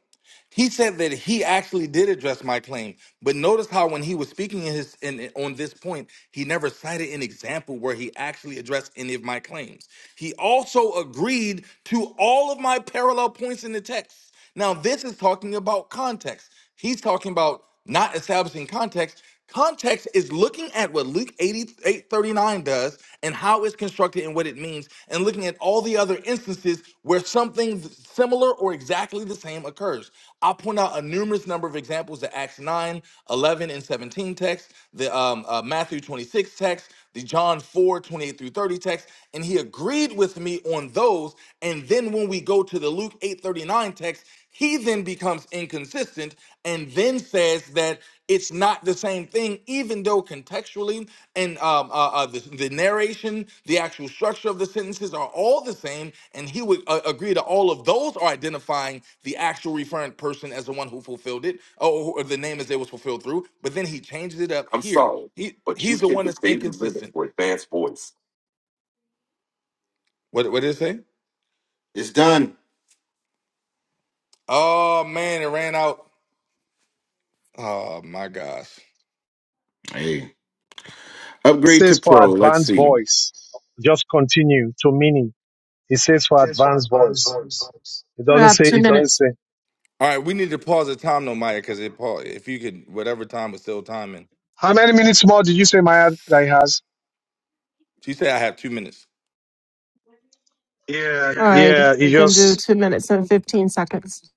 He said that he actually did address my claim, but notice how when he was speaking in his in, on this point, he never cited an example where he actually addressed any of my claims. He also agreed to all of my parallel points in the text. Now, this is talking about context. He's talking about not establishing context. Context is looking at what Luke 88 thirty-nine does and how it's constructed and what it means, and looking at all the other instances where something similar or exactly the same occurs. I'll point out a numerous number of examples the Acts 9 11 and 17 text, the um, uh, Matthew 26 text, the John 4 28 through 30 text, and he agreed with me on those. And then when we go to the Luke 8 39 text, he then becomes inconsistent and then says that it's not the same thing, even though contextually and um, uh, uh, the, the narration, the actual structure of the sentences are all the same. And he would uh, agree to all of those are identifying the actual referent person as the one who fulfilled it, or, or the name as it was fulfilled through. But then he changes it up
I'm
here.
sorry,
He
but
he's
you've
the
hit
one
the
that's
daily limit
inconsistent.
for advanced voice.
What what did it say?
It's done.
Oh man, it ran out. Oh my gosh.
Up,
Says for advanced voice. Just continue to meaning. It says for advanced voice. It
We
doesn't
have
say,
two
it doesn't
minutes.
say.
All right, we need to pause the time though, Maya, because it paused. If you could, whatever time was still timing.
How many minutes more did you say, Maya, that he has?
She said I have two minutes.
Yeah. All right, we can do two minutes and fifteen seconds.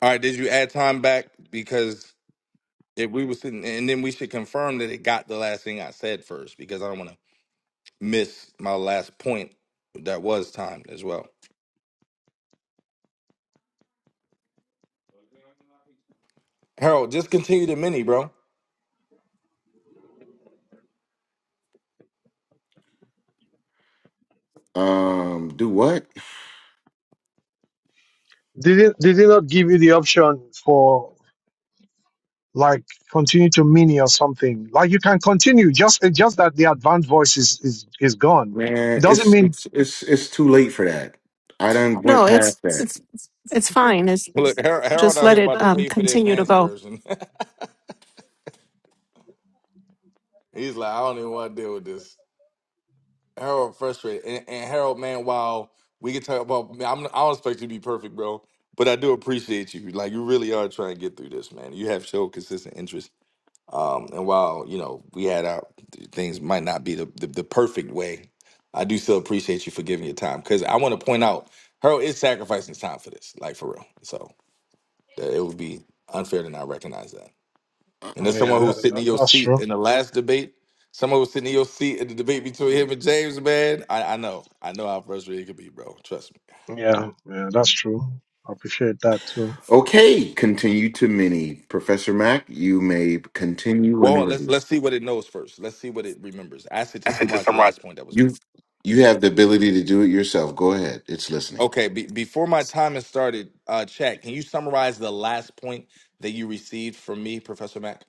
All right, did you add time back? Because if we were sitting, and then we should confirm that it got the last thing I said first, because I don't want to miss my last point that was timed as well. Harold, just continue the mini, bro.
um, do what?
Did it did it not give you the option for like continue to mini or something? Like you can continue, just it's just that the advanced voice is is, is gone. It
Man,
doesn't
it's
mean
it's it's it's too late for that. I done went
No, it's
past that.
it's it's fine. It's
Look, Har- Harold
just
out
let
here
it
about to
um
pay for the
continue to
advanced
go.
version. He's like, I don't even want to deal with this. Harold frustrated, and, and Harold, man, while we can talk about, I'm, I don't expect you to be perfect, bro, but I do appreciate you. Like, you really are trying to get through this, man. You have showed consistent interest Um, and while you know we had our things might not be the, the the perfect way, I do still appreciate you for giving your time because I want to point out Harold is sacrificing his time for this, like for real. So that it would be unfair to not recognize that. And
oh,
there's
yeah,
someone who was
that,
sitting
that,
in your
that's
seat
true.
in the last debate. Someone was sitting in your seat in the debate between him and James, man. I, I know, I know how frustrating it could be, bro. Trust me.
Yeah, yeah, that's true. I appreciate that too.
Okay, continue to mini. Professor Mack, you may continue when
Well, let's
ready.
let's see what it knows first. Let's see what it remembers. Ask it to summarize the last point that was. made.
You you have the ability to do it yourself. Go ahead. It's listening.
Okay, be, before my time has started, uh, chat, can you summarize the last point that you received from me, Professor Mack?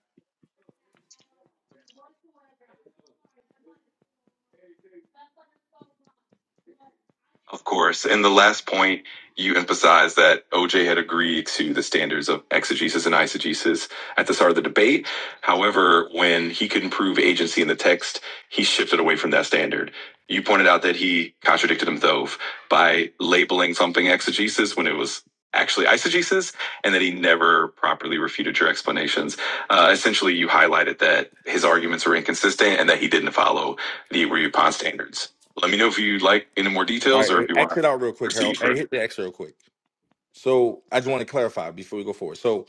Of course. And the last point, you emphasized that OJ had agreed to the standards of exegesis and eisegesis at the start of the debate. However, when he couldn't prove agency in the text, he shifted away from that standard. You pointed out that he contradicted himself by labeling something exegesis when it was actually eisegesis, and that he never properly refuted your explanations. Uh, essentially, you highlighted that his arguments were inconsistent and that he didn't follow the agreed upon standards. Let me know if you'd like any more
All
details or
right, uh,
if you want to
exit out real quick, Harold.
proceed
Hey,
further.
hit the exit real quick. So I just want to clarify before we go forward. So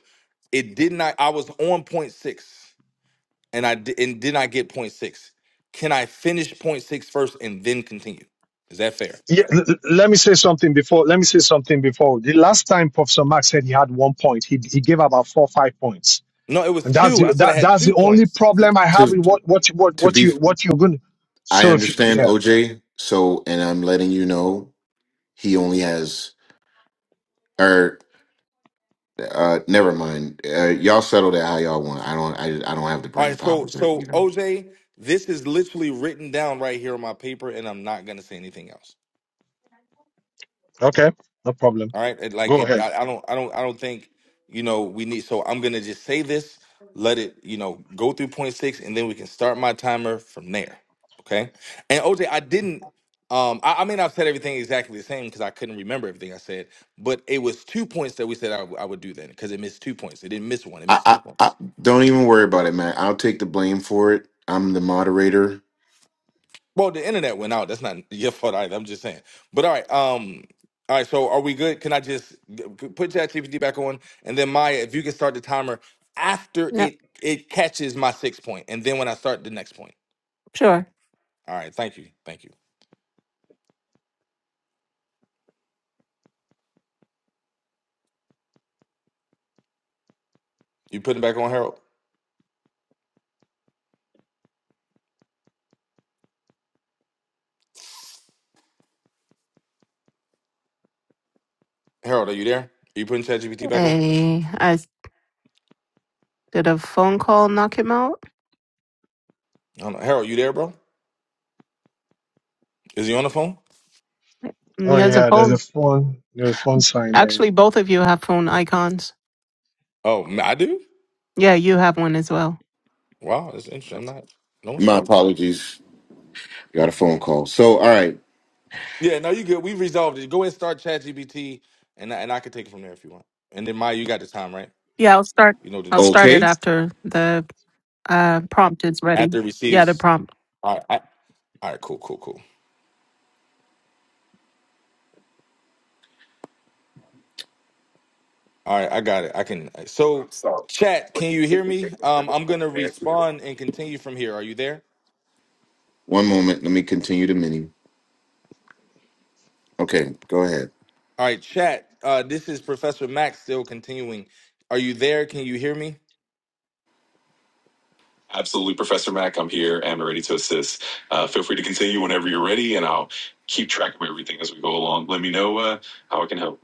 it did not. I was on point six, and I did, and did not get point six. Can I finish point six first and then continue? Is that fair?
Yeah, l- l- let me say something before. Let me say something before. The last time Professor Mark said he had one point, he he gave about four five points,
No, it was
and that's
two.
the
I said I
that,
had
that's
two
the only
points.
problem I have with
To
what what you- what
to
what
be,
you what you're going.
I
So if you
understand
yeah
OJ. So, and I'm letting you know he only has or uh, never mind. Uh, y'all settle that how y'all want. I don't. I I don't have the
All
brain
right,
power
so
to
so
even.
OJ, this is literally written down right here on my paper, and I'm not gonna say anything else.
okay no problem
All right. It, like
go
it,
ahead.
I, I don't, I don't, I don't think, you know, we need, so I'm going to just say this, let it, you know, go through point six and then we can start my timer from there. Okay. And OJ, I didn't, um, I, I mean, I've said everything exactly the same because I couldn't remember everything I said, but it was two points that we said I, w- I would do then because it missed two points. It didn't miss one. It
I,
missed two
I
points.
I don't even worry about it, man. I'll take the blame for it. I'm the moderator.
Well, the internet went out. That's not your fault either. I'm just saying. But all right, um, all right. So are we good? Can I just g- g- put ChatGPT back on, and then Maya, if you can start the timer after
Yeah,
it it catches my six point, and then when I start the next point.
sure.
All right. Thank you. Thank you. You putting it back on Harold? Harold, are you there? Are you putting ChatGPT back on?
Hey, I did a phone call. Knock him out.
I don't know. Harold, you there, bro? Is he on the phone?
And He
Oh
has a
yeah, there's a
phone.
phone. There's a phone sign there.
Actually, both of you have phone icons.
Oh, ma- I do.
Yeah, you have one as well.
Wow, that's interesting. I'm not. No one's
My
called.
apologies. Got a phone call. So, all right.
Yeah, no, you good. We resolved it. Go ahead, and start ChatGPT, and I- and I can take it from there if you want. And then Maya, you got the time, right?
Yeah, I'll start.
You know what to
I'll
do.
start
Okay.
it
I'm
after the Uh, prompt is ready.
After it
Yeah, the
receives.
prompt.
All right, I, all right, cool, cool, cool. All right, I got it. I can. So,
sorry,
chat, can
but you
you hear
hit the
me?
data
Um,
limit
I'm
for
gonna
the
respond and continue from here. Are you there?
One moment. Let me continue the menu. Okay, go ahead.
All right, chat. Uh, this is Professor Max still continuing. Are you there? Can you hear me?
Absolutely, Professor Mack. I'm here and ready to assist. Uh, feel free to continue whenever you're ready, and I'll keep track of everything as we go along. Let me know uh, how I can help.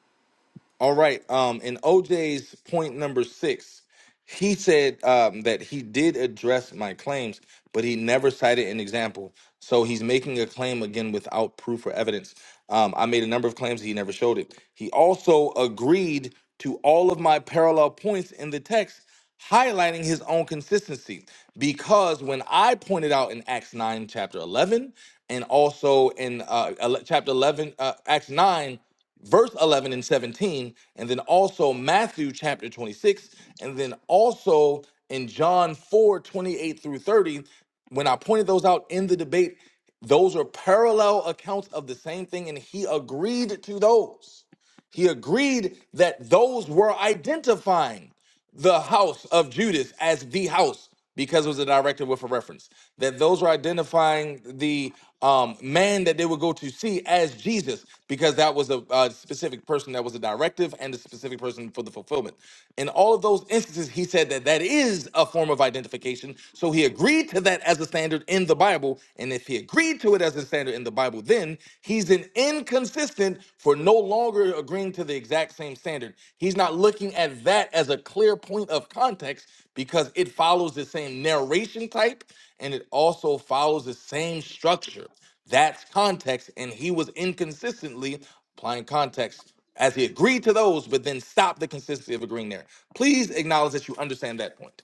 All right. Um, in OJ's point number six, he said um, that he did address my claims, but he never cited an example. So he's making a claim again without proof or evidence. Um, I made a number of claims. He never showed it. He also agreed to all of my parallel points in the text, highlighting his own consistency. Because when I pointed out in Acts 9, chapter 11, and also in uh, ele- chapter 11, uh, Acts 9, verse 11 and 17, and then also Matthew chapter 26, and then also in John 4 28 through 30. When I pointed those out in the debate, those are parallel accounts of the same thing, and he agreed to those. He agreed that those were identifying the house of Judas as the house because it was a directive with a reference. That those were identifying the um, man that they would go to see as Jesus because that was a, uh specific person that was a directive and a specific person for the fulfillment. In all of those instances, he said that that is a form of identification. So he agreed to that as a standard in the Bible. And if he agreed, agreed to it as a standard in the Bible, then he's an inconsistent for no longer agreeing to the exact same standard. He's not looking at that as a clear point of context because it follows the same narration type and it also follows the same structure. That's context, and he was inconsistently applying context as he agreed to those, but then stopped the consistency of agreeing there. Please acknowledge that you understand that point.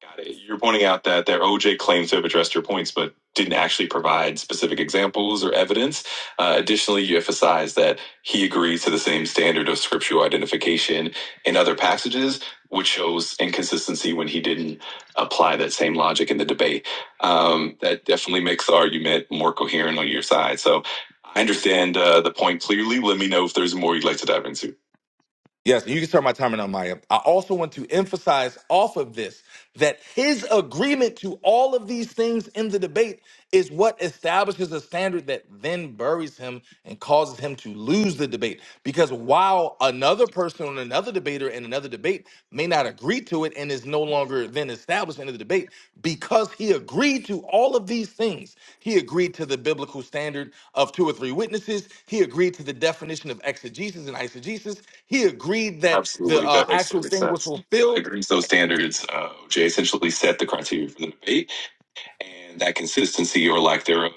Got it. You're pointing out that their OJ claims to have addressed your points, but didn't actually provide specific examples or evidence. Uh, additionally, you emphasize that he agrees to the same standard of scriptural identification in other passages, which shows inconsistency when he didn't apply that same logic in the debate. Um, that definitely makes the argument more coherent on your side. So I understand uh, the point clearly. Let me know if there's more you'd like to dive into.
Yes, you can start my timer now, Maya. I also want to emphasize off of this that his agreement to all of these things in the debate is what establishes a standard that then buries him and causes him to lose the debate. Because while another person on another debater in another debate may not agree to it and is no longer then established in the debate, because he agreed to all of these things, he agreed to the biblical standard of two or three witnesses, he agreed to the definition of exegesis and eisegesis, he agreed that the
Absolutely,
uh,
that makes
actual
perfect
thing was
sense. I
fulfilled
agree with those standards. Uh, OJ essentially set the criteria for the debate, and that consistency or lack thereof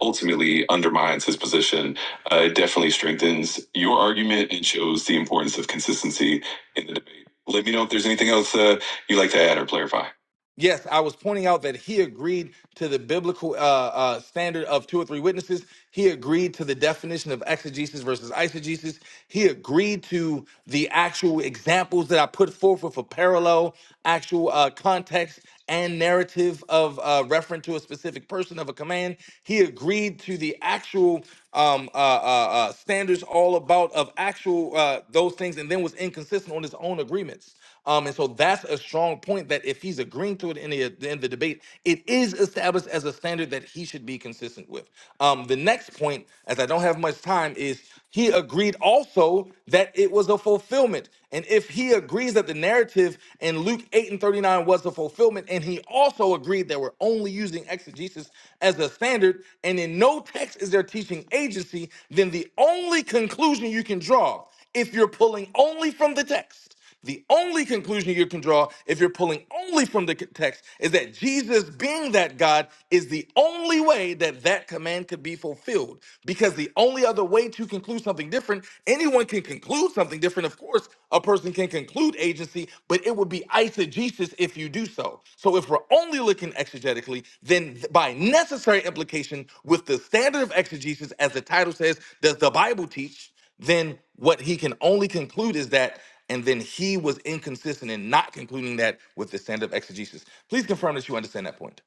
ultimately undermines his position. Uh, it definitely strengthens your argument and shows the importance of consistency in the debate. Let me know if there's anything else uh, you'd like to add or clarify.
Yes, I was pointing out that he agreed to the biblical uh, uh, standard of two or three witnesses. He agreed to the definition of exegesis versus eisegesis. He agreed to the actual examples that I put forth with a parallel, actual uh, context and narrative of uh, reference to a specific person of a command. He agreed to the actual um, uh, uh, uh, standards all about of actual uh, those things, and then was inconsistent on his own agreements. Um, and so that's a strong point that if he's agreeing to it in the, in the debate, it is established as a standard that he should be consistent with. Um, the next point, as I don't have much time, is he agreed also that it was a fulfillment. And if he agrees that the narrative in Luke 8 and 39 was a fulfillment, and he also agreed that we're only using exegesis as a standard, and in no text is there teaching agency, then the only conclusion you can draw, if you're pulling only from the text, the only conclusion you can draw, if you're pulling only from the text, is that Jesus being that God is the only way that that command could be fulfilled. Because the only other way to conclude something different, anyone can conclude something different. Of course, a person can conclude agency, but it would be eisegesis if you do so. So if we're only looking exegetically, then th- by necessary implication, with the standard of exegesis, as the title says, does the Bible teach? then what he can only conclude is that, and then he was inconsistent in not concluding that with the standard of exegesis. Please confirm that you understand that point.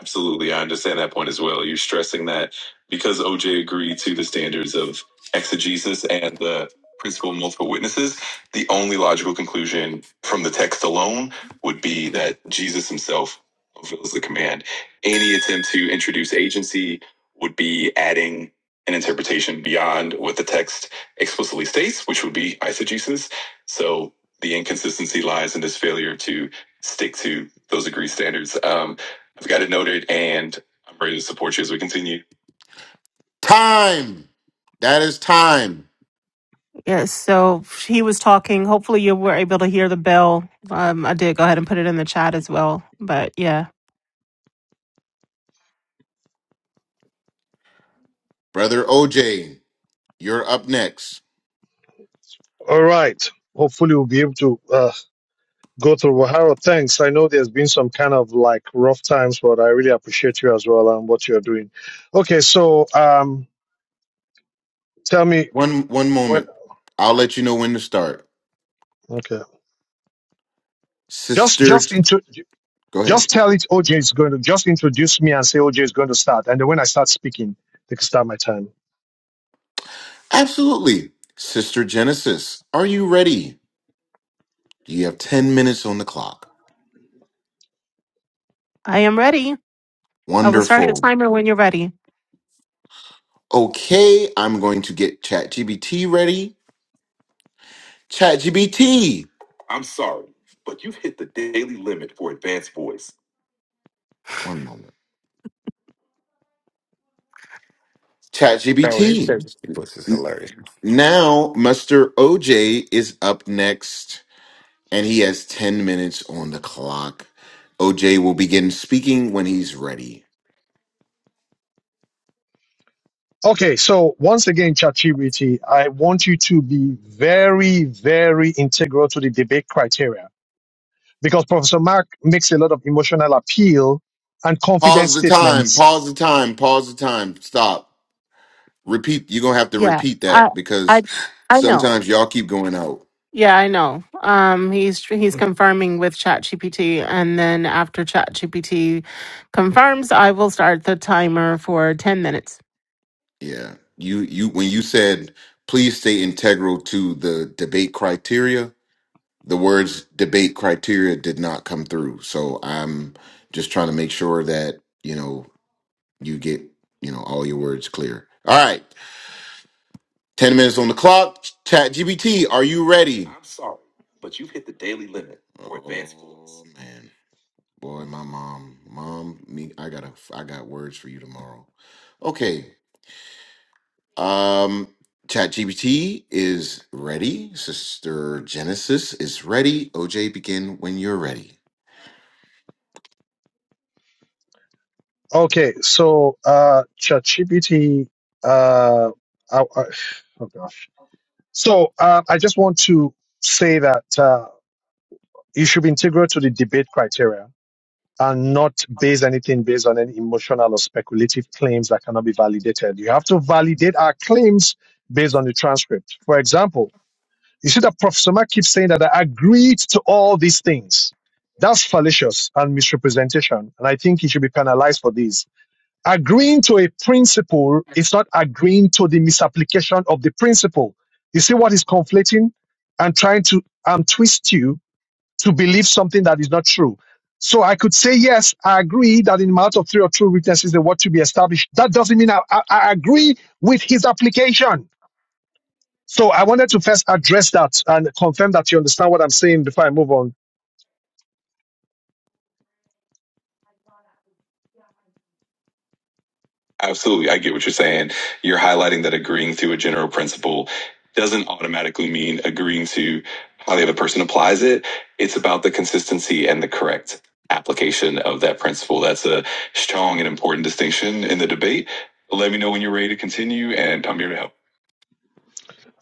Absolutely. I understand that point as well. You're stressing that because OJ agreed to the standards of exegesis and the principle of multiple witnesses, the only logical conclusion from the text alone would be that Jesus himself fulfills the command. Any attempt to introduce agency would be adding an interpretation beyond what the text explicitly states, which would be eisegesis. So the inconsistency lies in this failure to stick to those agreed standards. Um, I've got it noted, and I'm ready to support you as we continue. Time. That is time.
Yes. So he was talking. Hopefully, you were able to hear the bell. Um, I did go ahead and put it in the chat as well. But yeah,
Brother OJ, you're up next.
All right. Hopefully we'll be able to uh, go through. Well, Harold, thanks. I know there's been some kind of like rough times, but I really appreciate you as well and what you're doing. Okay, so um, tell me
One one
when.
moment. I'll let you know when to start.
Okay, just
Sister
just into
Go ahead.
just tell it OJ is going to just introduce me and say OJ is going to start, and then when I start speaking, they can start my time.
Absolutely. Sister Genesis, are you ready? You have 10 minutes on the clock.
I am ready. I will start the
Wonderful.
timer when you're ready.
Okay, I'm going to get ChatGPT ready. ChatGPT. I'm sorry, but you've hit the daily limit for advanced voice. One moment. ChatGPT.
This is
N-
hilarious.
Now, Mr. OJ is up next, and he has 10 minutes on the clock. OJ will begin speaking when he's ready.
Okay, so once again, ChatGPT, I want you to be very, very integral to the debate criteria because Professor Mark makes a lot of emotional appeal and confidence
Pause the time,
statements.
pause the time, pause the time, stop. Repeat, you're gonna have to
Yeah.
repeat
I
that
I
because
I know.
sometimes y'all keep going out.
Yeah, I know. Um, he's he's confirming with ChatGPT, and then after ChatGPT confirms, I will start the timer for ten minutes.
Yeah. You you when you said please stay integral to the debate criteria, the words debate criteria did not come through. So I'm just trying to make sure that, you know, you get, you know, all your words clear. All right. 10 minutes on the clock. Chat GBT, are you ready? I'm sorry, but you've hit the daily limit for advanced Oh courses. man. Boy, my mom, mom, me, I got a, I got words for you tomorrow. Okay. Um, Chat GBT is ready. Sister Genesis is ready. OJ, begin when you're ready.
Okay, so uh, ChatGPT. Uh, I, I, oh gosh. So uh, I just want to say that uh, you should be integral to the debate criteria and not base anything based on any emotional or speculative claims that cannot be validated. You have to validate our claims based on the transcript. For example. You see that Professor Mark keeps saying that I agreed to all these things. That's fallacious and misrepresentation. And I think he should be penalized for this. Agreeing to a principle is not agreeing to the misapplication of the principle. You see what is conflating and trying to um, twist you to believe something that is not true. So I could say, yes, I agree that in the mouth of three or two witnesses, the word to be established. That doesn't mean I, I I agree with his application. So I wanted to first address that and confirm that you understand what I'm saying before I move on.
Absolutely. I get what you're saying. You're highlighting that agreeing to a general principle doesn't automatically mean agreeing to how the other person applies it. It's about the consistency and the correct application of that principle. That's a strong and important distinction in the debate. Let me know when you're ready to continue, and I'm here to help.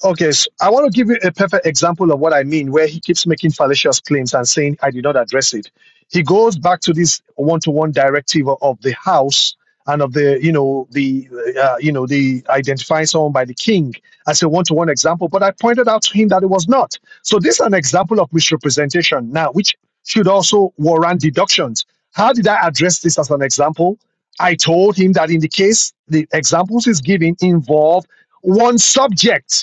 Okay, so I want to give you a perfect example of what I mean, where he keeps making fallacious claims and saying, I did not address it. He goes back to this one to one directive of the House and of the, you know, the, uh, you know, the identifying someone by the king as a one to one example. But I pointed out to him that it was not. So this is an example of misrepresentation now, which should also warrant deductions. How did I address this as an example? I told him that in the case the examples he's giving involve one subject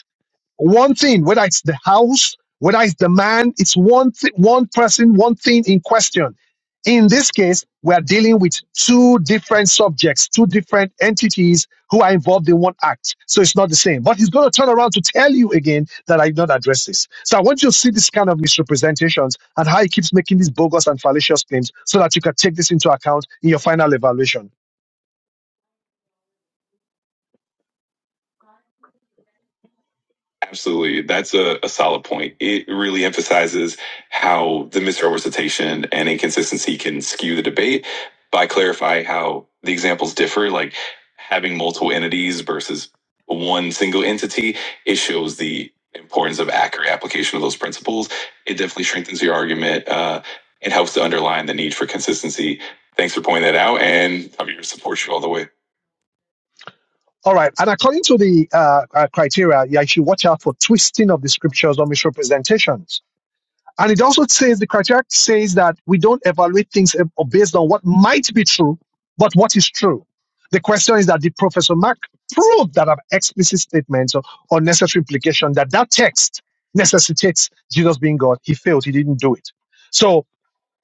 one thing, whether it's the house, whether it's the man, it's one thi- one person, one thing in question. In this case, we are dealing with two different subjects, two different entities who are involved in one act. So it's not the same. But he's going to turn around to tell you again that I did not address this. So I want you to see this kind of misrepresentations and how he keeps making these bogus and fallacious claims so that you can take this into account in your final evaluation.
Absolutely. That's a, a solid point. It really emphasizes how the misrepresentation and inconsistency can skew the debate by clarifying how the examples differ, like having multiple entities versus one single entity. It shows the importance of accurate application of those principles. It definitely strengthens your argument uh, and helps to underline the need for consistency. Thanks for pointing that out, and I'm here to support you all the way.
All right. And according to the uh, uh, criteria, yeah, you should watch out for twisting of the scriptures or misrepresentations. And it also says the criteria says that we don't evaluate things uh, based on what might be true, but what is true. The question is that did Professor Mark prove that an explicit statement or, or necessary implication that that text necessitates Jesus being God? He failed. He didn't do it. So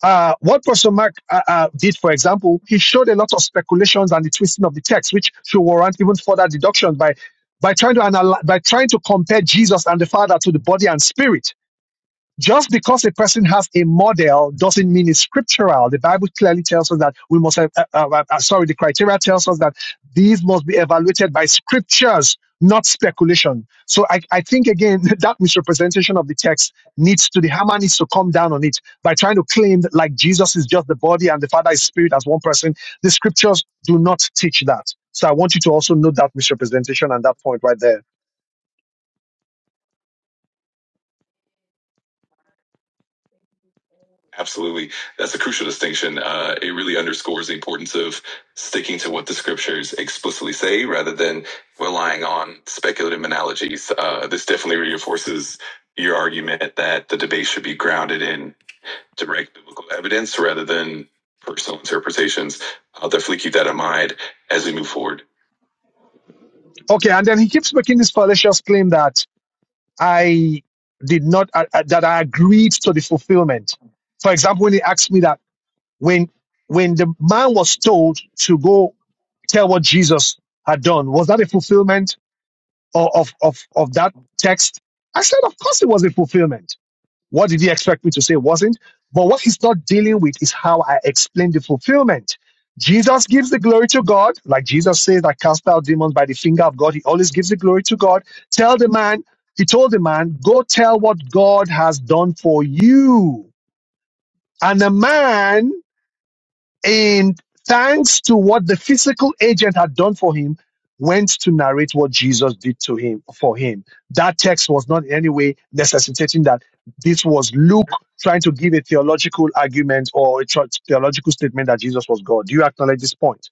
uh, what Professor Mark uh, uh, did, for example, he showed a lot of speculations and the twisting of the text, which should warrant even further deduction by by trying to analyze, by trying to compare Jesus and the Father to the body and spirit. Just because a person has a model doesn't mean it's scriptural. The Bible clearly tells us that we must have, uh, uh, uh, sorry, the criteria tells us that these must be evaluated by scriptures, not speculation. So I, I think, again, that misrepresentation of the text needs to, the hammer needs to come down on it by trying to claim that like Jesus is just the body and the Father is spirit as one person. The scriptures do not teach that. So I want you to also note that misrepresentation and that point right there.
Absolutely. That's a crucial distinction. Uh, it really underscores the importance of sticking to what the scriptures explicitly say rather than relying on speculative analogies. Uh, this definitely reinforces your argument that the debate should be grounded in direct biblical evidence rather than personal interpretations. I'll definitely keep that in mind as we move forward.
Okay, and then he keeps making this fallacious claim that I did not uh, uh, that I agreed to the fulfillment. For example, when he asked me that when when the man was told to go tell what Jesus had done, was that a fulfillment of of of, of that text? I said, of course, it was a fulfillment what did he expect me to say wasn't? But what he's not dealing with is how I explain the fulfillment. Jesus gives the glory to God. Like Jesus says, I cast out demons by the finger of God. He always gives the glory to God. Tell the man, he told the man, go tell what God has done for you. And the man and thanks to what the physical agent had done for him, went to narrate what Jesus did to him for him. That text was not in any way necessitating that this was Luke trying to give a theological argument or a tro- theological statement that Jesus was God. Do you acknowledge this point?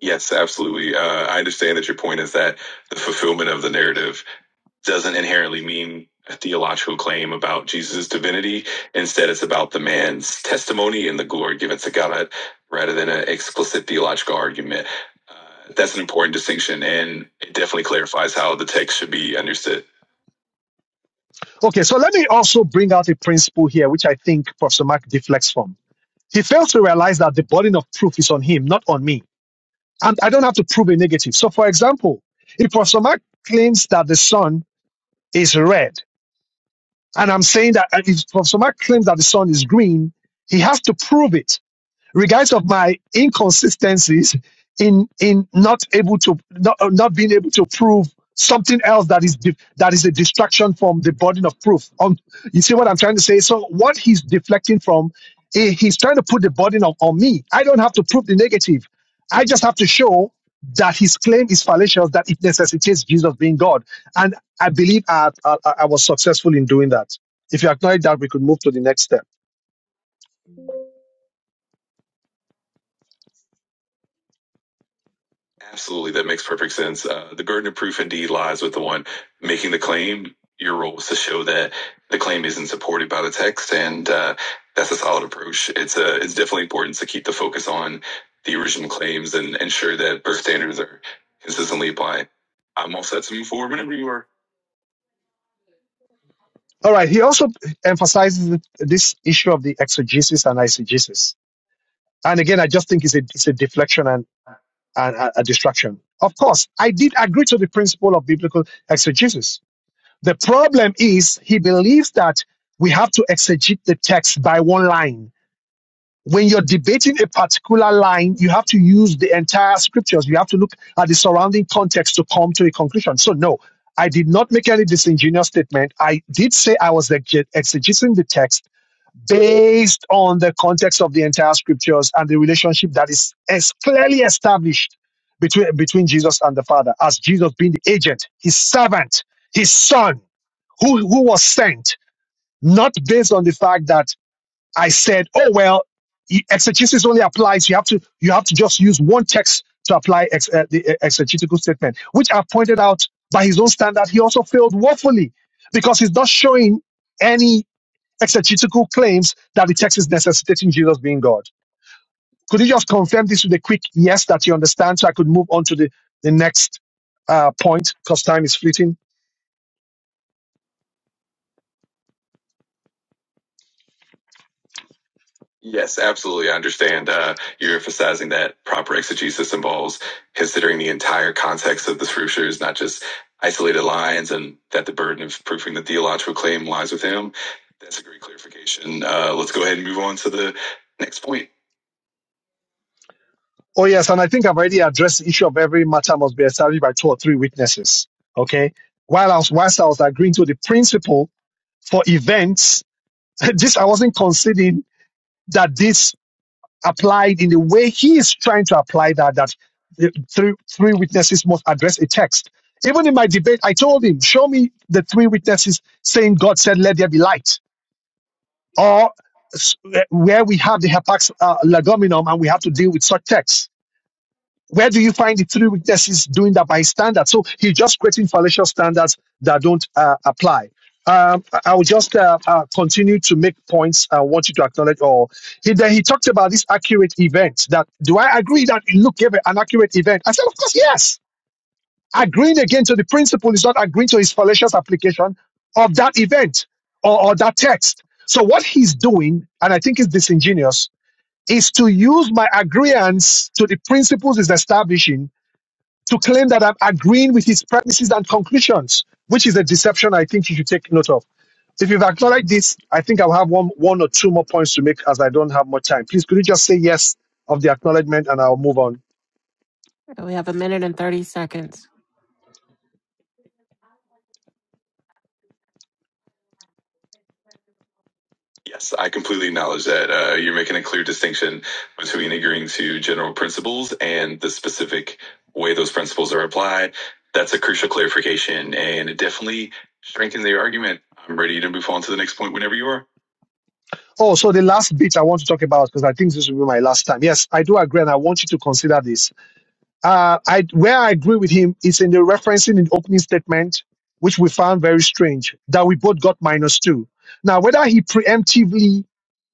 Yes, absolutely. Uh, I understand that your point is that the fulfillment of the narrative doesn't inherently mean a theological claim about Jesus' divinity. Instead, it's about the man's testimony and the glory given to God rather than an explicit theological argument. Uh, that's an important distinction, and it definitely clarifies how the text should be understood.
Okay, so let me also bring out a principle here, which I think Professor Mark deflects from. He fails to realize that the burden of proof is on him, not on me. And I don't have to prove a negative. So, for example, if Professor Mark claims that the Son is red. And I'm saying that uh, if if somebody claims that the sun is green, he has to prove it regardless of my inconsistencies in in not able to not, uh, not being able to prove something else that is dif- that is a distraction from the burden of proof um you see what i'm trying to say so what he's deflecting from eh, he's trying to put the burden on, on me i don't have to prove the negative i just have to show that his claim is fallacious that it necessitates jesus being god and i believe i i, I I was successful in doing that if you acknowledge that we could move to the next step
Absolutely, that makes perfect sense. Uh, the burden of proof indeed lies with the one making the claim. Your role is to show that the claim isn't supported by the text, and uh, that's a solid approach. It's uh it's definitely important to keep the focus on the original claims and ensure that birth standards are consistently applied. I'm all set to move forward whenever you are.
All right. He also emphasizes th- this issue of the exegesis and eisegesis. And again, I just think it's a, it's a deflection and, and a, a distraction. Of course, I did agree to the principle of biblical exegesis. The problem is he believes that we have to exegete the text by one line. When you're debating a particular line, you have to use the entire scriptures. You have to look at the surrounding context to come to a conclusion. So no, I did not make any disingenuous statement. I did say I was exeg- exegeting the text based on the context of the entire scriptures and the relationship that is as clearly established between between Jesus and the Father, as Jesus being the agent, his servant, his son, who, who was sent, not based on the fact that I said, oh well, e- exegesis only applies. You have to you have to just use one text to apply ex, uh, the uh, exegetical statement, which I've pointed out by his own standard, he also failed woefully because he's not showing any exegetical claims that the text is necessitating Jesus being God. Could you just confirm this with a quick yes that you understand so I could move on to the, the next uh, point because time is fleeting?
Yes, absolutely. I understand uh, you're emphasizing that proper exegesis involves considering the entire context of the scriptures, not just isolated lines, and that the burden of proving the theological claim lies with him. That's a great clarification. Uh, let's go ahead and move on to the next point.
Oh, yes. And I think I've already addressed the issue of every matter must be established by two or three witnesses. Okay. While I was, whilst I was agreeing to the principle for events, this, I wasn't considering that this applied in the way he is trying to apply that that the three three witnesses must address a text. Even in my debate, I told him, show me the three witnesses saying God said, "Let there be light," or s- eh, where we have the hapax uh, legominum and we have to deal with such texts where do you find the three witnesses doing that by standard? So he's just creating fallacious standards that don't uh, apply. Um, I I will just uh, uh, continue to make points. uh, I want you to acknowledge all. He, then he talked about this accurate event. That do I agree that Luke gave an accurate event? I said, of course, yes. Agreeing again to the principle is not agreeing to his fallacious application of that event or, or that text. So what he's doing, and I think it's disingenuous, is to use my agreement to the principles he's establishing to claim that I'm agreeing with his premises and conclusions, which is a deception I think you should take note of. If you've acknowledged this, I think I'll have one, one or two more points to make as I don't have much time. Please, could you just say yes of the acknowledgement and I'll move on?
We have a minute and 30 seconds.
Yes, I completely acknowledge that. Uh, you're making a clear distinction between agreeing to general principles and the specific way those principles are applied. That's a crucial clarification, and it definitely strengthens your argument. I'm ready to move on to the next point whenever you are.
Oh, so the last bit I want to talk about, because I think this will be my last time. Yes, I do agree, and I want you to consider this. Uh, I, where I agree with him is in the referencing in the opening statement, which we found very strange, that we both got minus two. Now, whether he preemptively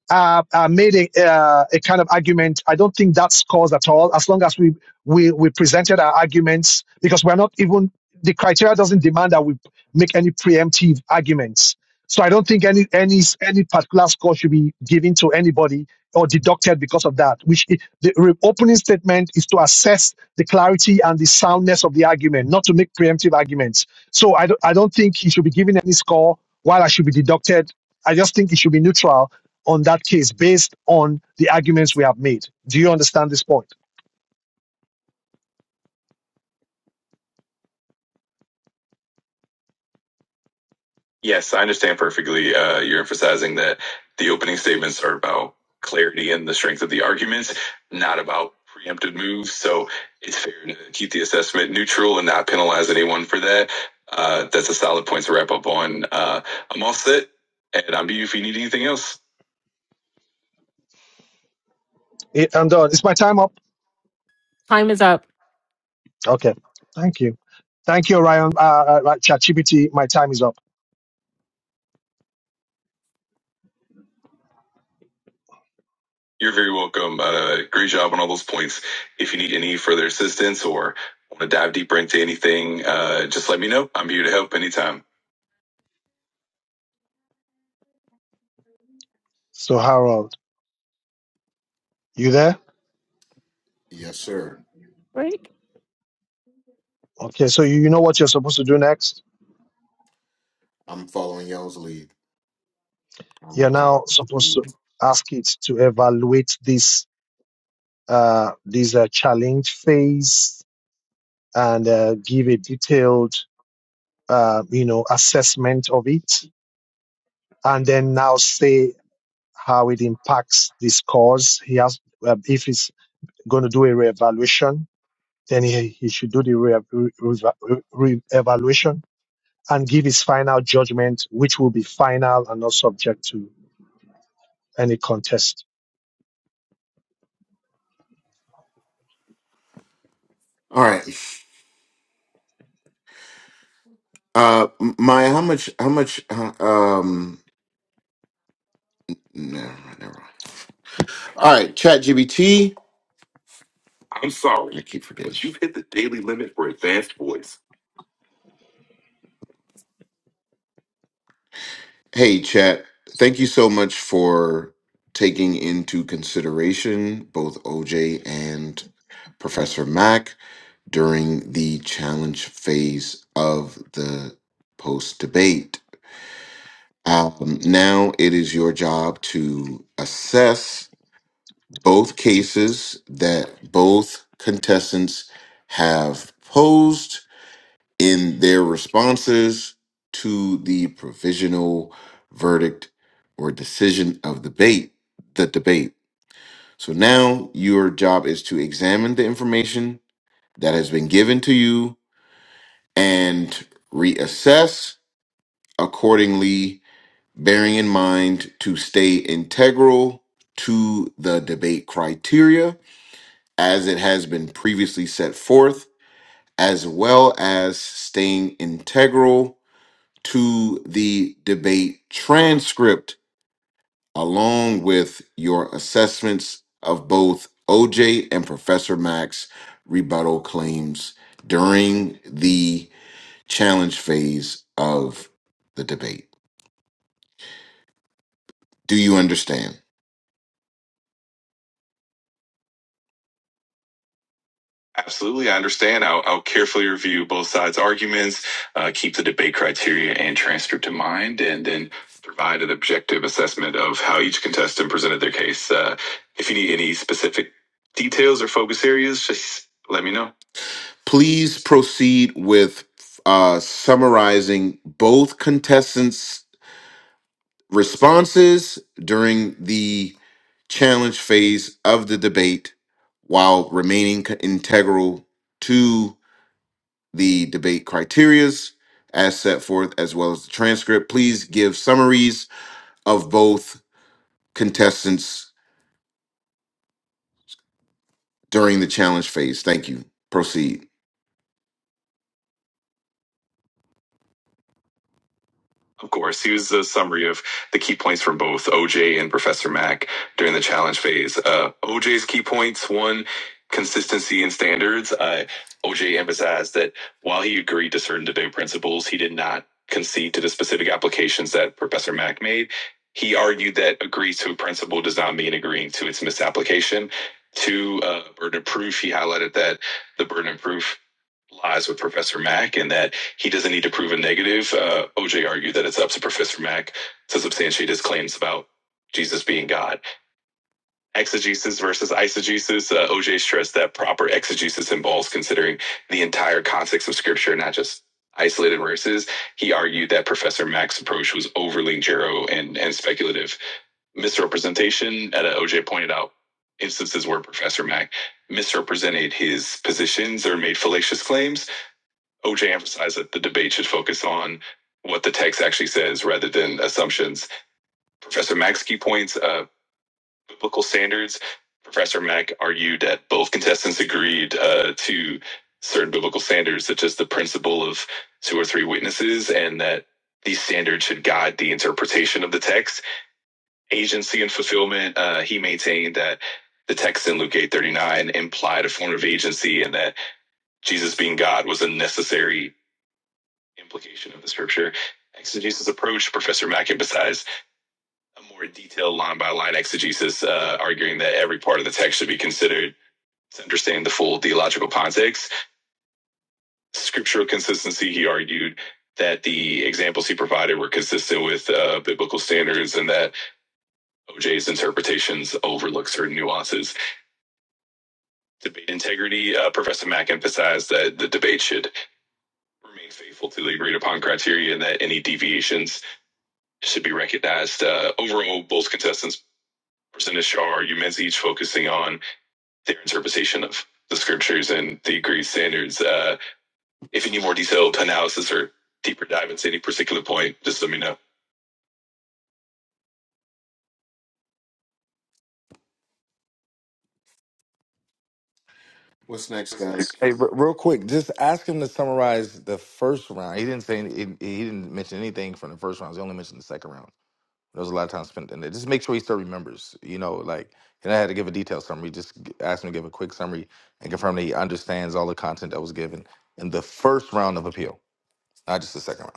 uh, uh, made a, uh, a kind of argument. I don't think that scores at all. As long as we, we we presented our arguments, because we're not even the criteria doesn't demand that we make any preemptive arguments. So I don't think any any any particular score should be given to anybody or deducted because of that. Which i- the re- opening statement is to assess the clarity and the soundness of the argument, not to make preemptive arguments. So I don't I don't think he should be given any score while I should be deducted. I just think it should be neutral on that case based on the arguments we have made. Do you understand this point?
Yes, I understand perfectly. Uh, you're emphasizing that the opening statements are about clarity and the strength of the arguments, not about preemptive moves. So it's fair to keep the assessment neutral and not penalize anyone for that. Uh, that's a solid point to wrap up on. Uh, I'm all set, and I'm you if you need anything else.
Eh, I'm done. Is my time up?
Time is up.
Okay. Thank you. Thank you, Orion. Uh, uh, uh, right, ChatGPT, my time is up.
You're very welcome. Uh, great job on all those points. If you need any further assistance or want to dive deeper into anything, uh, just let me know. I'm here to help anytime.
So, Harold, you there?
Yes, sir.
Great.
Okay. So, you, you know what you're supposed to do next?
I'm following y'all's lead. I
You're
will-
now supposed
I'll-
to ask it to evaluate this, uh, this uh, challenge phase and uh, give a detailed, uh, you know, assessment of it. And then now say how it impacts the scores. He has, uh, if he's going to do a reevaluation, then he, he should do the re- re- re- evaluation and give his final judgment, which will be final and not subject to any contest.
All right, uh, Maya, how much? How much? uh, Um, never mind, never mind. All right, Chat GBT. I'm sorry. I keep forgetting. But you've hit the daily limit for advanced voice. Hey, Chat. Thank you so much for taking into consideration both OJ and Professor Mack during the challenge phase of the post debate. Um, now it is your job to assess both cases that both contestants have posed in their responses to the provisional verdict or decision of debate the debate so now your job is to examine the information that has been given to you and reassess accordingly bearing in mind to stay integral to the debate criteria as it has been previously set forth, as well as staying integral to the debate transcript, along with your assessments of both OJ and Professor Mack's rebuttal claims during the challenge phase of the debate. Do you understand? Absolutely. I understand. I'll, I'll carefully review both sides' arguments, uh, keep the debate criteria and transcript in mind, and then provide an objective assessment of how each contestant presented their case. Uh, if you need any specific details or focus areas, just let me know. Please proceed with uh, summarizing both contestants' responses during the challenge phase of the debate while remaining co- integral to the debate criterias as set forth, as well as the transcript. Please give summaries of both contestants during the challenge phase. Thank you. Proceed. Of course, here's a summary of the key points from both OJ and Professor Mack during the challenge phase. Uh, OJ's key points one, consistency and standards. Uh, OJ emphasized that while he agreed to certain debate principles, he did not concede to the specific applications that Professor Mack made. He argued that agree to a principle does not mean agreeing to its misapplication. Two, uh, burden of proof. He highlighted that the burden of proof lies with Professor Mack and that he doesn't need to prove a negative. Uh, OJ argued that it's up to Professor Mack to substantiate his claims about Jesus being God. Exegesis versus eisegesis. Uh, OJ stressed that proper exegesis involves considering the entire context of Scripture, not just isolated verses. He argued that Professor Mack's approach was overly narrow and, and speculative. Misrepresentation, at OJ pointed out instances where Professor Mack misrepresented his positions or made fallacious claims OJ emphasized that the debate should focus on what the text actually says rather than assumptions. Professor Mack's key points, uh, biblical standards. Professor Mack argued that both contestants agreed uh, to certain biblical standards, such as the principle of two or three witnesses, and that these standards should guide the interpretation of the text. Agency and fulfillment, uh, he maintained that the text in Luke 8:39 implied a form of agency and that Jesus being God was a necessary implication of the scripture. Exegesis approach, Professor Mack emphasized a more detailed line by line exegesis, uh, arguing that every part of the text should be considered to understand the full theological context. Scriptural consistency, he argued that the examples he provided were consistent with uh, biblical standards and that OJ's interpretations overlook certain nuances. Debate integrity, uh, Professor Mack emphasized that the debate should remain faithful to the agreed upon criteria and that any deviations should be recognized. Uh, overall, both contestants presented Shar humans each focusing on their interpretation of the scriptures and the agreed standards. Uh, if you need more detailed analysis or deeper dive into any particular point, just let me know. What's next, guys?
Hey, re- real quick, just ask him to summarize the first round. He didn't say any, he he didn't mention anything from the first round. He only mentioned the second round. There was a lot of time spent in there. Just make sure he still remembers. You know, like and I had to give a detailed summary. Just g- ask him to give a quick summary and confirm that he understands all the content that was given in the first round of appeal, not just the second round.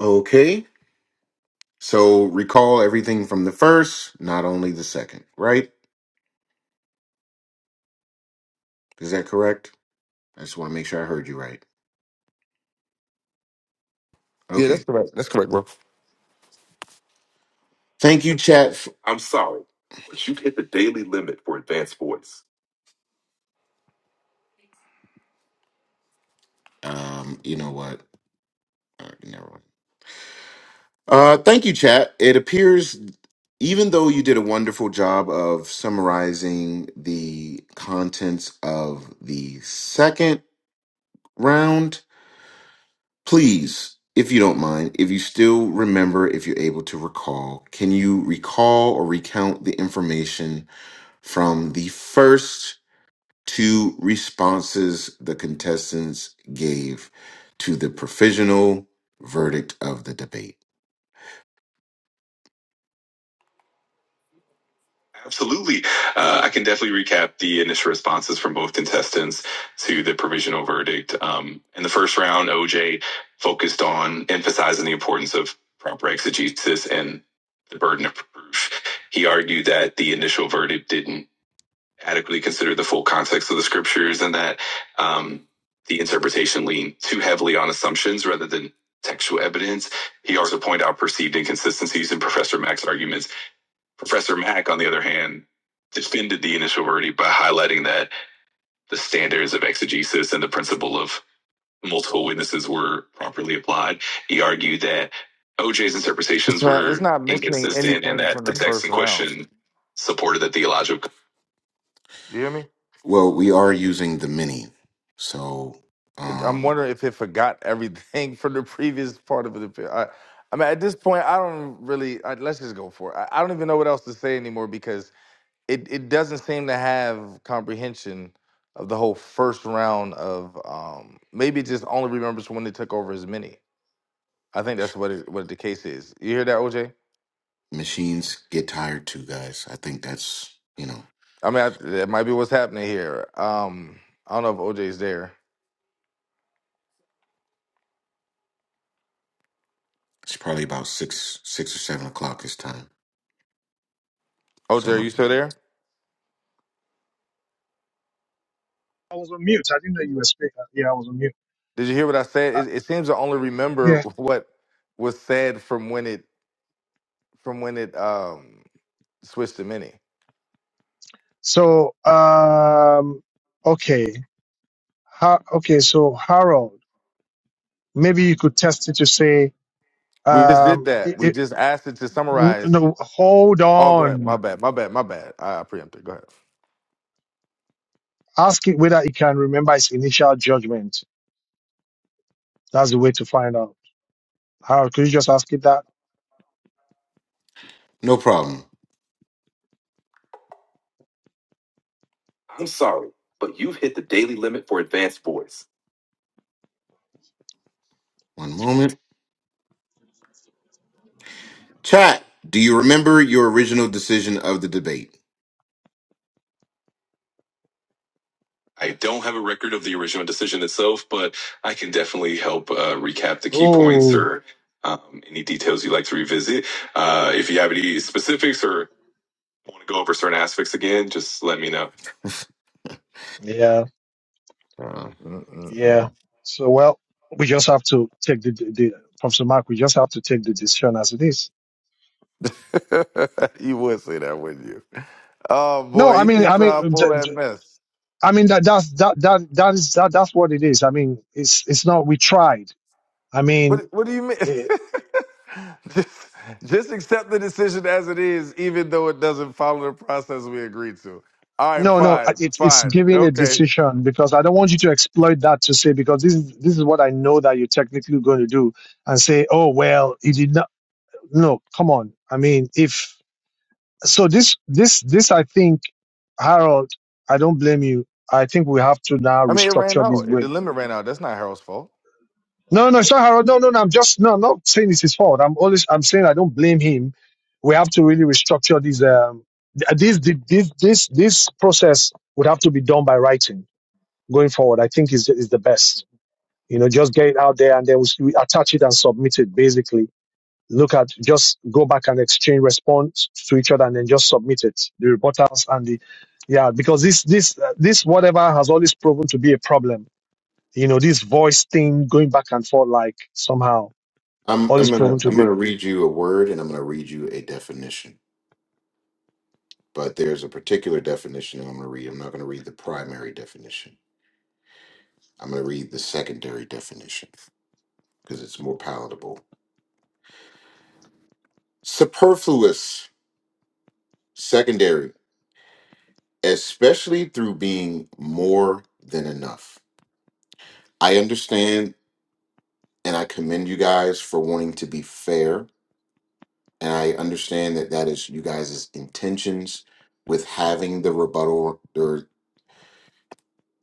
Okay. So recall everything from the first, not only the second, right? Is that correct? I just want to make sure I heard you right.
Yeah,
Okay.
that's correct. That's correct, bro.
Thank you, chat. f- I'm sorry, but you hit the daily limit for advanced voice. Um, you know what? Uh, never mind. Uh, thank you, chat. It appears, even though you did a wonderful job of summarizing the contents of the second round, please, if you don't mind, if you still remember, if you're able to recall, can you recall or recount the information from the first two responses the contestants gave to the provisional verdict of the debate? Absolutely. Uh, I can definitely recap the initial responses from both contestants to the provisional verdict. Um, in the first round, OJ focused on emphasizing the importance of proper exegesis and the burden of proof. He argued that the initial verdict didn't adequately consider the full context of the scriptures and that um, the interpretation leaned too heavily on assumptions rather than textual evidence. He also pointed out perceived inconsistencies in Professor Mack's arguments Professor Mack, on the other hand, defended the initial verdict by highlighting that the standards of exegesis and the principle of multiple witnesses were properly applied. He argued that OJ's
It's
interpretations
not. It's
were
not missing
inconsistent and
anything
that
from
the
the
text
first
in
round.
question supported the theological.
You hear me?
Well, we are
It-
using the mini, so
I'm
um,
wondering if it forgot everything from the previous part of the. fi- I, I mean, at this point, I don't really. I, let's just go for it. I, I don't even know what else to say anymore because it, it doesn't seem to have comprehension of the whole first round of. Um, maybe it just only remembers when they took over as many. I think that's what it, what the case is. You hear that, OJ?
machines get tired too, guys. I think that's you know
I mean, I, that might be what's happening here. Um, I don't know if OJ's there.
it's probably about six, six or seven o'clock this time.
OJ, are you
Somewhere.
still there?
I was on mute. I didn't know you were speaking. Yeah, I was on mute.
Did you hear what I said? It, it seems I only remember
Yeah.
what was said from when it from when it um switched to mini.
So, um, okay. How, okay. So Harold, maybe you could test it to say,
We just did
um, it,
that. We
it,
just asked it to
n-
summarize.
no, hold
Oh, go ahead. My
on.
bad. My bad. My bad. I, I preempted. Go ahead.
Ask it whether it can remember its initial judgment. That's the way to find out. How could you just ask it that?
No problem. I'm sorry, but you've hit the daily limit for advanced voice. One moment. Chat, do you remember your original decision of the debate? I don't have a record of the original decision itself, but I can definitely help uh, recap the key points
Oh,
or um, any details you'd like to revisit. Uh, if you have any specifics or want to go over certain aspects again, just let me know.
yeah,
Uh,
yeah.
Mm-mm-mm.
So well, we just have to take the, the, the Professor Mark. We just have to take the decision as it is.
you would say that, wouldn't you? Oh
No,
boy,
I
you
mean,
keep
I
trying to
mean, d-
pull that
d-
mess.
I mean that that's that that that is that that's what it is. I mean, it's it's not. We tried. I mean.
What What do you mean? just Just accept the decision as it is, even though it doesn't follow the process we agreed to. All right,
No, no, I-
fine,
it's it's
fine,
giving a
okay.
decision because I don't want you to exploit that to say because this is this is what I know that you're technically going to do and say, oh well, it did not. No, come on. I mean, if so, this this this I think, Harold, I don't blame you. I think we have to now
I mean, it ran
restructure this
out. The
way.
limit ran out. That's not Harold's fault.
No, no, it's not Harold. No, no, no. I'm just no, I'm not saying it's his fault. I'm always I'm saying I don't blame him. We have to really restructure this um th- this this this this, this process would have to be done by writing going forward, I think is is the best. You know, just get it out there and then we, we attach it and submit it. Basically, look at just go back and exchange response to each other and then just submit it. The reporters and the yeah, because this this uh, this whatever has always proven to be a problem. You know, this voice thing going back and forth like somehow
I'm
always
I'm gonna
proven to
I'm
be.
gonna read you a word and I'm gonna read you a definition. But there's a particular definition I'm gonna read. I'm not gonna read the primary definition. I'm going to read the secondary definition because it's more palatable. Superfluous, secondary, especially through being more than enough. I understand and I commend you guys for wanting to be fair. And I understand that that is you guys' intentions with having the rebuttal, or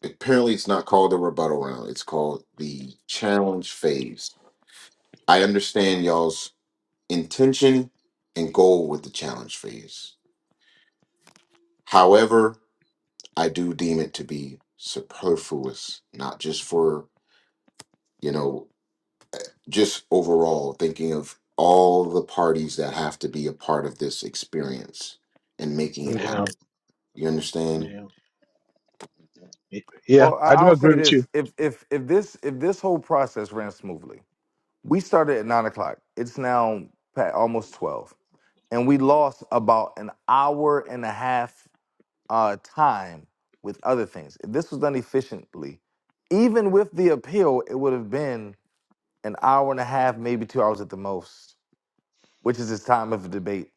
apparently it's not called the rebuttal round, it's called the challenge phase. I understand y'all's intention and goal with the challenge phase However, I do deem it to be superfluous, not just for, you know, just overall thinking of all the parties that have to be a part of this experience and making it
Yeah,
happen. You understand?
yeah,
Well, I,
I do
I'll
agree
say
with
this:
you.
if if if this if this whole process ran smoothly, we started at nine o'clock. It's now pa- almost twelve, and we lost about an hour and a half uh, time with other things. If this was done efficiently, even with the appeal, it would have been an hour and a half, maybe two hours at the most, which is his time of the debate.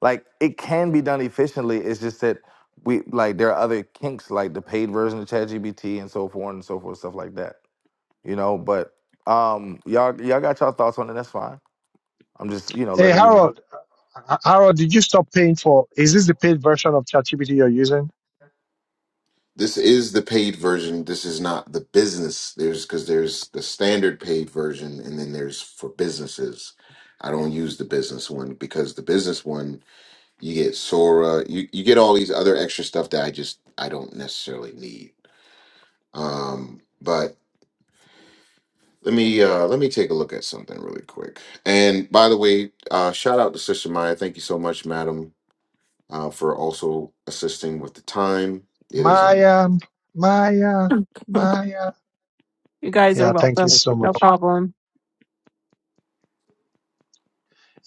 Like it can be done efficiently. It's just that we like there are other kinks, like the paid version of ChatGPT and so forth and so forth, stuff like that. You know, but um, y'all y'all got y'all thoughts on it. That's fine. I'm just you know
Hey
letting you know.
Harold, Ha- Harold, did you stop paying for? Is this the paid version of ChatGPT you're using?
This is the paid version. This is not the business. There's because there's the standard paid version, and then there's for businesses. I don't use the business one because the business one you get Sora, you you get all these other extra stuff that I just I don't necessarily need. Um, but let me uh let me take a look at something really quick. And by the way, uh shout out to Sister Maya. Thank you so much, madam, uh, for also assisting with the time. It is on.
Maya, Maya, Maya.
You guys are
Yeah, thank you
welcome.
so
No
much.
problem.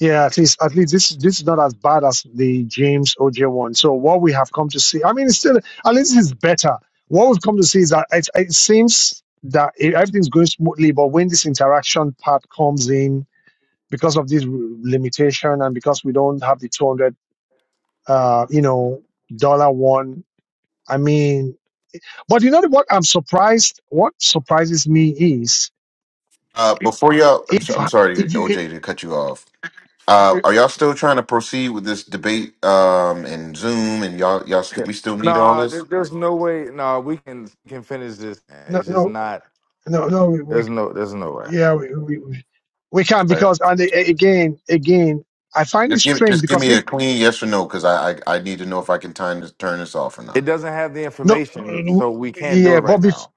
Yeah, at least at least this this is not as bad as the James OJ one. So what we have come to see, I mean, it's still at least it's better. What we've come to see is that it, it seems that it, everything's going smoothly, but when this interaction part comes in, because of this r- limitation and because we don't have the two hundred, uh, you know, dollar one. I mean, but you know what? I'm surprised. What surprises me is
Uh, before y'all, I'm so-
if
I'm sorry,
if you if,
OJ, to cut you off. Uh,
you
are y'all still trying to proceed with this debate um, and Zoom? And y'all, y'all,
Yeah.
st- we still need all
Nah, there,
this.
there's no way. Nah, we can can finish this.
no
It's just
no
not.
no no we, we
There's no. There's no way.
yeah we, we we we can
Right.
because and a- again again I find it
Just give,
strange
just give
because
me
if
a clean yes or no, because I, I, I need to know if I can time this, turn this off or
It
not.
doesn't have the
no
information,
uh,
so we can't do it
yeah
right
but bef-
now.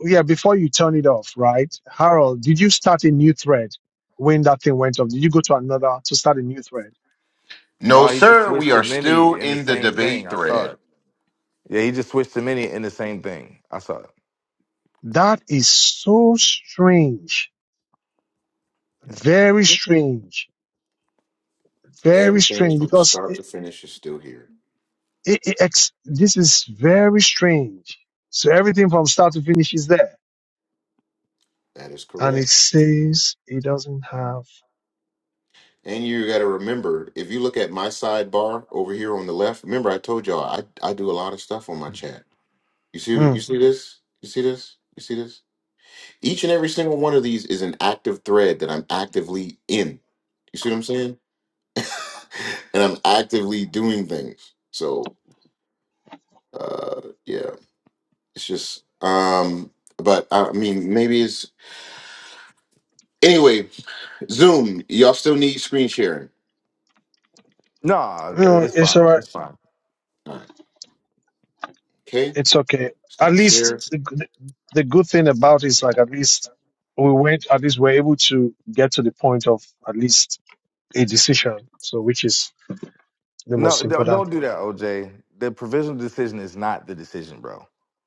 yeah before you turn it off right Harold did you start a new thread when that thing went off did you go to another to start a new thread
No,
No, he just
sir. We
switched
are
to
still
mini in the
in the
same thing.
debate
I saw
thread.
it. Yeah, he just switched to mini in the same thing. I saw it.
that is so strange
Yeah.
very strange very strange because eh, It, it, ex- this is very strange. So everything from start to finish is there.
That is
And it
correct.
says it doesn't have.
And you got to remember, if you look at my sidebar over here on the left, remember I told y'all I, I do a lot of stuff on my chat. You see, you
Mm.
see this? You see this? You see this? Each and every single one of these is an active thread that I'm actively in. You see what I'm saying? And I'm actively doing things. So uh yeah, it's just um but I mean maybe it's anyway, Zoom, y'all still need screen sharing.
No, uh,
No,
it's
it's all
fine.
right.
It's fine.
All right. Okay?
It's okay. At
Stop
least
share.
the, g- the good thing about it is like at least we went, at least we're able to get to the point of at least a decision. So which is the
No,
most
don't
important
don't do
thing.
that, OJ. The provisional decision is not the decision, bro.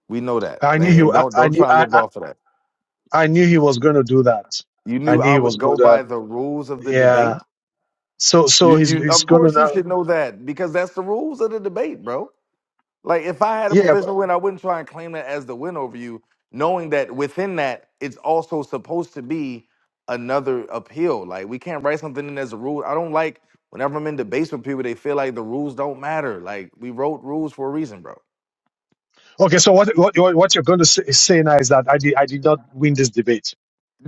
We know that,
I knew he,
and
I,
don't
I
don't
knew,
try to
I,
live
I,
off of that.
I knew he was going to do that.
You
I
knew
knew
I
he was
would
going
go
to,
by the rules of the
yeah.
debate.
So, so
You
he's,
you
he's
of
going to
course you
now,
should know that because that's the rules of the debate, bro. Like if I had a
yeah.
professional win, I wouldn't try and claim that as the win over you, knowing that within that it's also supposed to be another appeal. Like we can't write something in as a rule. I don't like whenever I'm in debates with people, they feel like the rules don't matter. Like we wrote rules for a reason, bro.
Okay, so what what what what you're going to say, say now is that I did I did not win this debate.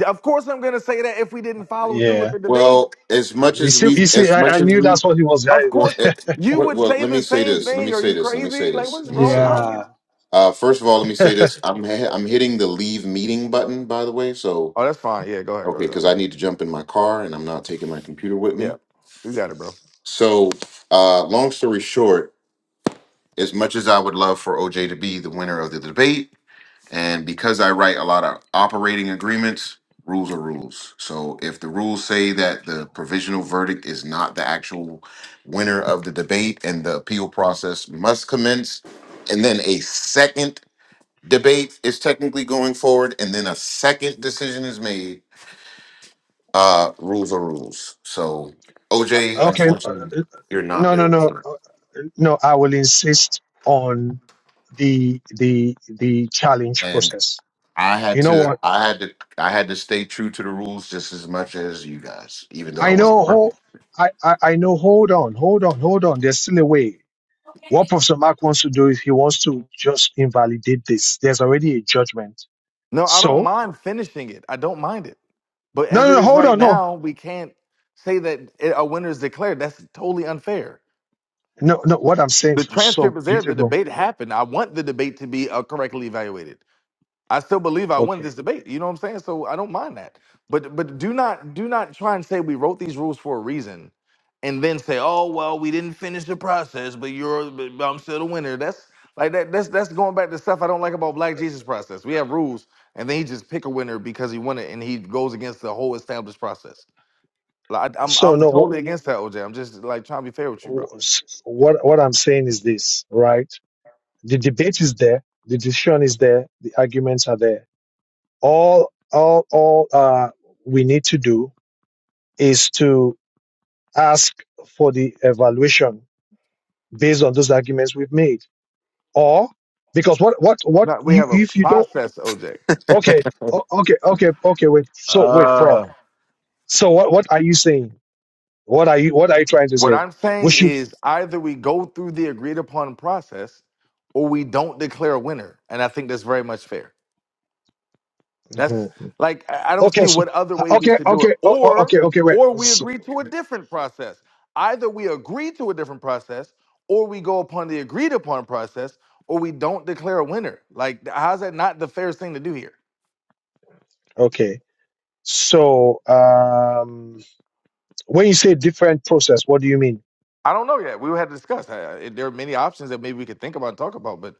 Of course I'm gonna say that if we didn't follow through with
Yeah,
the debate.
Well, as much
you
as
see,
we
you see,
as
I, I
much as
knew
we
that's what he was.
Of
well,
course uh,
eh,
I,
you
well
would
well,
say
let me
the
say
same
this. Let me
thing. Are
say
you
this. Let me
crazy?
say
Like
this.
what's
Let me
wrong? I
say this.
don't
yeah.
get-
Uh, first of all, let me say this. I'm he- I'm hitting the leave meeting button, by the way. So
Oh, that's fine. Yeah, go ahead, go
Okay,
ahead, go ahead.
because I need to jump in my car and I'm not taking my computer with
Yeah,
me.
you got it, bro.
So, uh, long story short, as much as I would love for OJ to be the winner of the debate, and because I write a lot of operating agreements, rules are rules. So, if the rules say that the provisional verdict is not the actual winner of the debate and the appeal process must commence, and then a second debate is technically going forward, and then a second decision is made Uh, rules are rules. So OJ,
okay.
unfortunately,
uh,
you're not
No, no,
there,
no, uh, no. I will insist on the the the challenge
and
process.
I had
You know
to,
what?
I had to, I had to stay true to the rules just as much as you guys, even though I
I know.
wasn't perfect.
Ho- I, I I know. Hold on, hold on, hold on. There's still a way. What Professor Mark wants to do is he wants to just invalidate this. There's already a judgment.
No, I don't
So
mind finishing it. I don't mind it. But
No,
as
no,
it
no,
is
hold
right
on. No,
now, we can't say that it- a winner is declared. That's totally unfair.
no, no. What I'm saying
The
was so
transcript is there. The
beautiful.
debate happened. I want the debate to be uh, correctly evaluated. I still believe I won
Okay.
this debate. You know what I'm saying? So I don't mind that. But but do not do not try and say we wrote these rules for a reason, and then say, oh well, we didn't finish the process, but you're but I'm still the winner. That's like that. That's that's going back to stuff I don't like about Black Jesus process. We have rules, and then he just pick a winner because he won it, and he goes against the whole established process. Like I, I'm
So,
I'm
no,
totally against that, OJ. I'm just like trying to be fair with you, bro.
wh- what, what I'm saying is this, right? The debate is there. The decision is there. The arguments are there. All, all, all, uh, we need to do is to ask for the evaluation based on those arguments we've made. Or, because what, what, what
No, we
you,
have a
if you don't,
process, OJ.
okay, o- okay, okay, okay, wait. So, wait, Prof.
Uh,
So what, what are you saying? What are you? What are you trying to
What
say?
I'm
We
saying
should.
is either we go through the agreed upon process or we don't declare a winner. And I think that's very much fair. That's
Mhm.
like I I don't
Okay.
see
So,
what other way we
okay.
should do it.
Okay. o- o-
Or
Okay. Okay. Wait.
or we
So,
agree to a different process. Either we agree to a different process or we go upon the agreed upon process or we don't declare a winner. Like how's that not the fairest thing to do here?
okay. So, um, when you say different process, what do you mean?
I don't know yet. We had to discuss. Uh, it- There are many options that maybe we could think about and talk about, but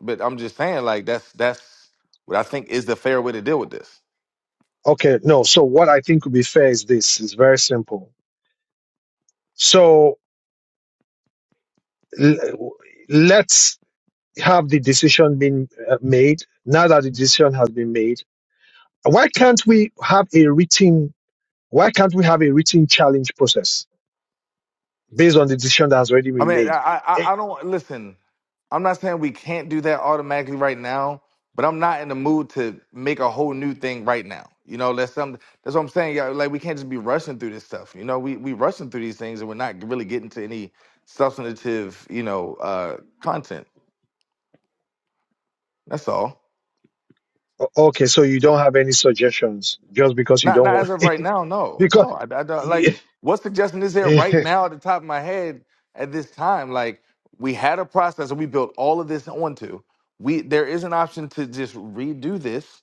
but I'm just saying, like that's that's what I think is the fair way to deal with this.
Okay. No. So, what I think would be fair is this. It's very simple. So, l- let's have the decision being uh, made. Now that the decision has been made, why can't we have a written? Why can't we have a written challenge process? based on the decision that has already
I
been
mean,
made.
I
Eh,
I, I don't listen. I'm not saying we can't do that automatically right now, but I'm not in the mood to make a whole new thing right now. You know, that's something. That's what I'm saying. Yeah, like we can't just be rushing through this stuff. You know, we we rushing through these things and we're not really getting to any substantive, you know, uh, content. That's all.
o- Okay, so you don't have any suggestions just because you
Not
don't
not
want
as of right now. No,
because
no. I, I don't like what suggestion is there right
okay,
now at the top of my head at this time. Like we had a process that we built all of this onto. We there is an option to just redo this,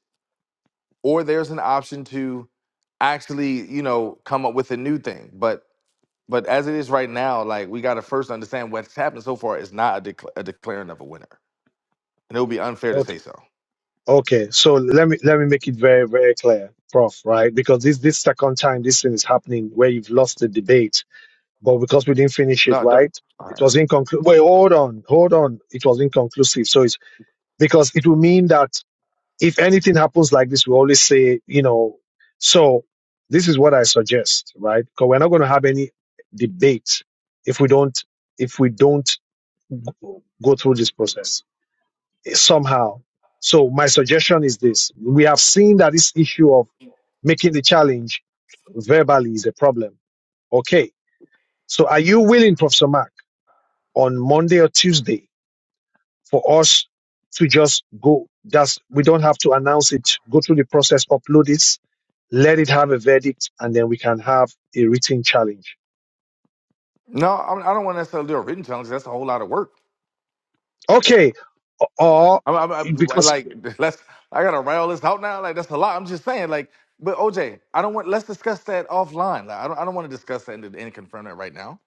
or there's an option to actually you know come up with a new thing. But but as it is right now, like we got to first understand what's happened so far is not a, decla- a declaring of a winner, and it would be unfair to say so.
okay. So let me let me make it very very clear, Prof. Right, because this this second time this thing is happening where you've lost the debate, but because we didn't finish it
No, no.
right,
All
it
right.
was inconclusive. Wait, hold on, hold on. It was inconclusive, so it's because it will mean that if anything happens like this, we always say, you know, so this is what I suggest, right? Because we're not going to have any debate if we don't if we don't go through this process somehow. So my suggestion is this: we have seen that this issue of making the challenge verbally is a problem. Okay, so are you willing, Professor Mark, on Monday or Tuesday? for us to just go. just we don't have to announce it, go through the process, upload it, let it have a verdict, and then we can have a written challenge.
No, I I don't want to necessarily do a written challenge. That's a whole lot of work.
Okay. Or
I'm, I'm, I'm
because,
like, let's. I gotta write all this out now. Like, that's a lot. I'm just saying, like, but OJ, I don't want. Let's discuss that offline. Like, I don't. I don't want to discuss that and, and confront it right now.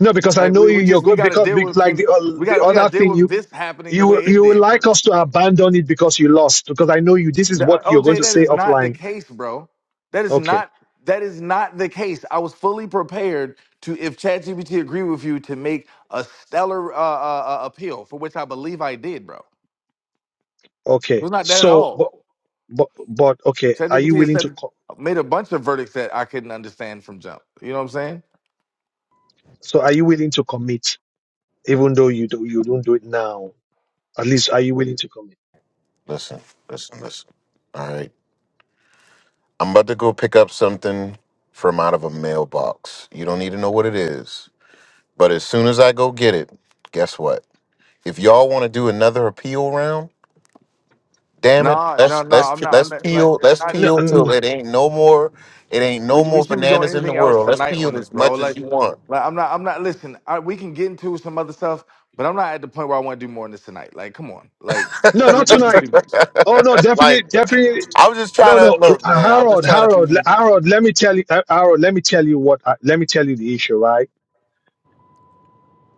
no, because I
Like,
know
we,
you,
we
you're
just we
good
got to
because,
deal
because
with
like the,
can
uh,
we got
the
to we got
other
to deal
thing
with
you,
this happening the
you, will-
way it
you would
did
like us
first.
to abandon it because you lost, because I know you, this is
The, uh,
what you're going
OJ,
to
that
say
is not the
offline.
case, bro. That is
Okay.
not that is not the case. I was fully prepared to, if ChatGPT agreed with you, to make a stellar uh, uh, uh, appeal for which I believe I did, bro. It
Okay.
was not that at
So,
all.
but, but, but okay. Are you
ChatGPT has
willing to,
said
co-
made a bunch of verdicts that I couldn't understand from jump. You know what I'm saying?
so are you willing to commit even though you do, you don't do it now? At least, are you willing to come
Listen, listen, listen. All right, I'm about to go pick up something from out of a mailbox. You don't need to know what it is, but as soon as I go get it, guess what? If y'all want to do another appeal round. Damn it.
No,
Let's
no, no.
let's
I'm not. I'm
let's
not like
peel
it's
let's
not.
in? No,
peel
n-
till it ain't no more it ain't
We
no
we
more
shouldn't be doing
bananas in the
anything else
world. Let's
tonight on
peel
this,
as
bro.
much as
Like,
you want.
like I'm not. I'm not. Listen, I, we can get into some other stuff, but I'm not at the point where I want to do more on this tonight. Like, come on. Like,
no, not
th- this is
tonight.
too much.
Oh no, definitely,
like
definitely.
I'm just
No,
trying
no,
to look,
uh,
man. I'm just
Harold,
trying to
Harold, le-
be
Harold. Let me tell you, uh, Harold. Let me tell you what. I- Let me tell you the issue, right?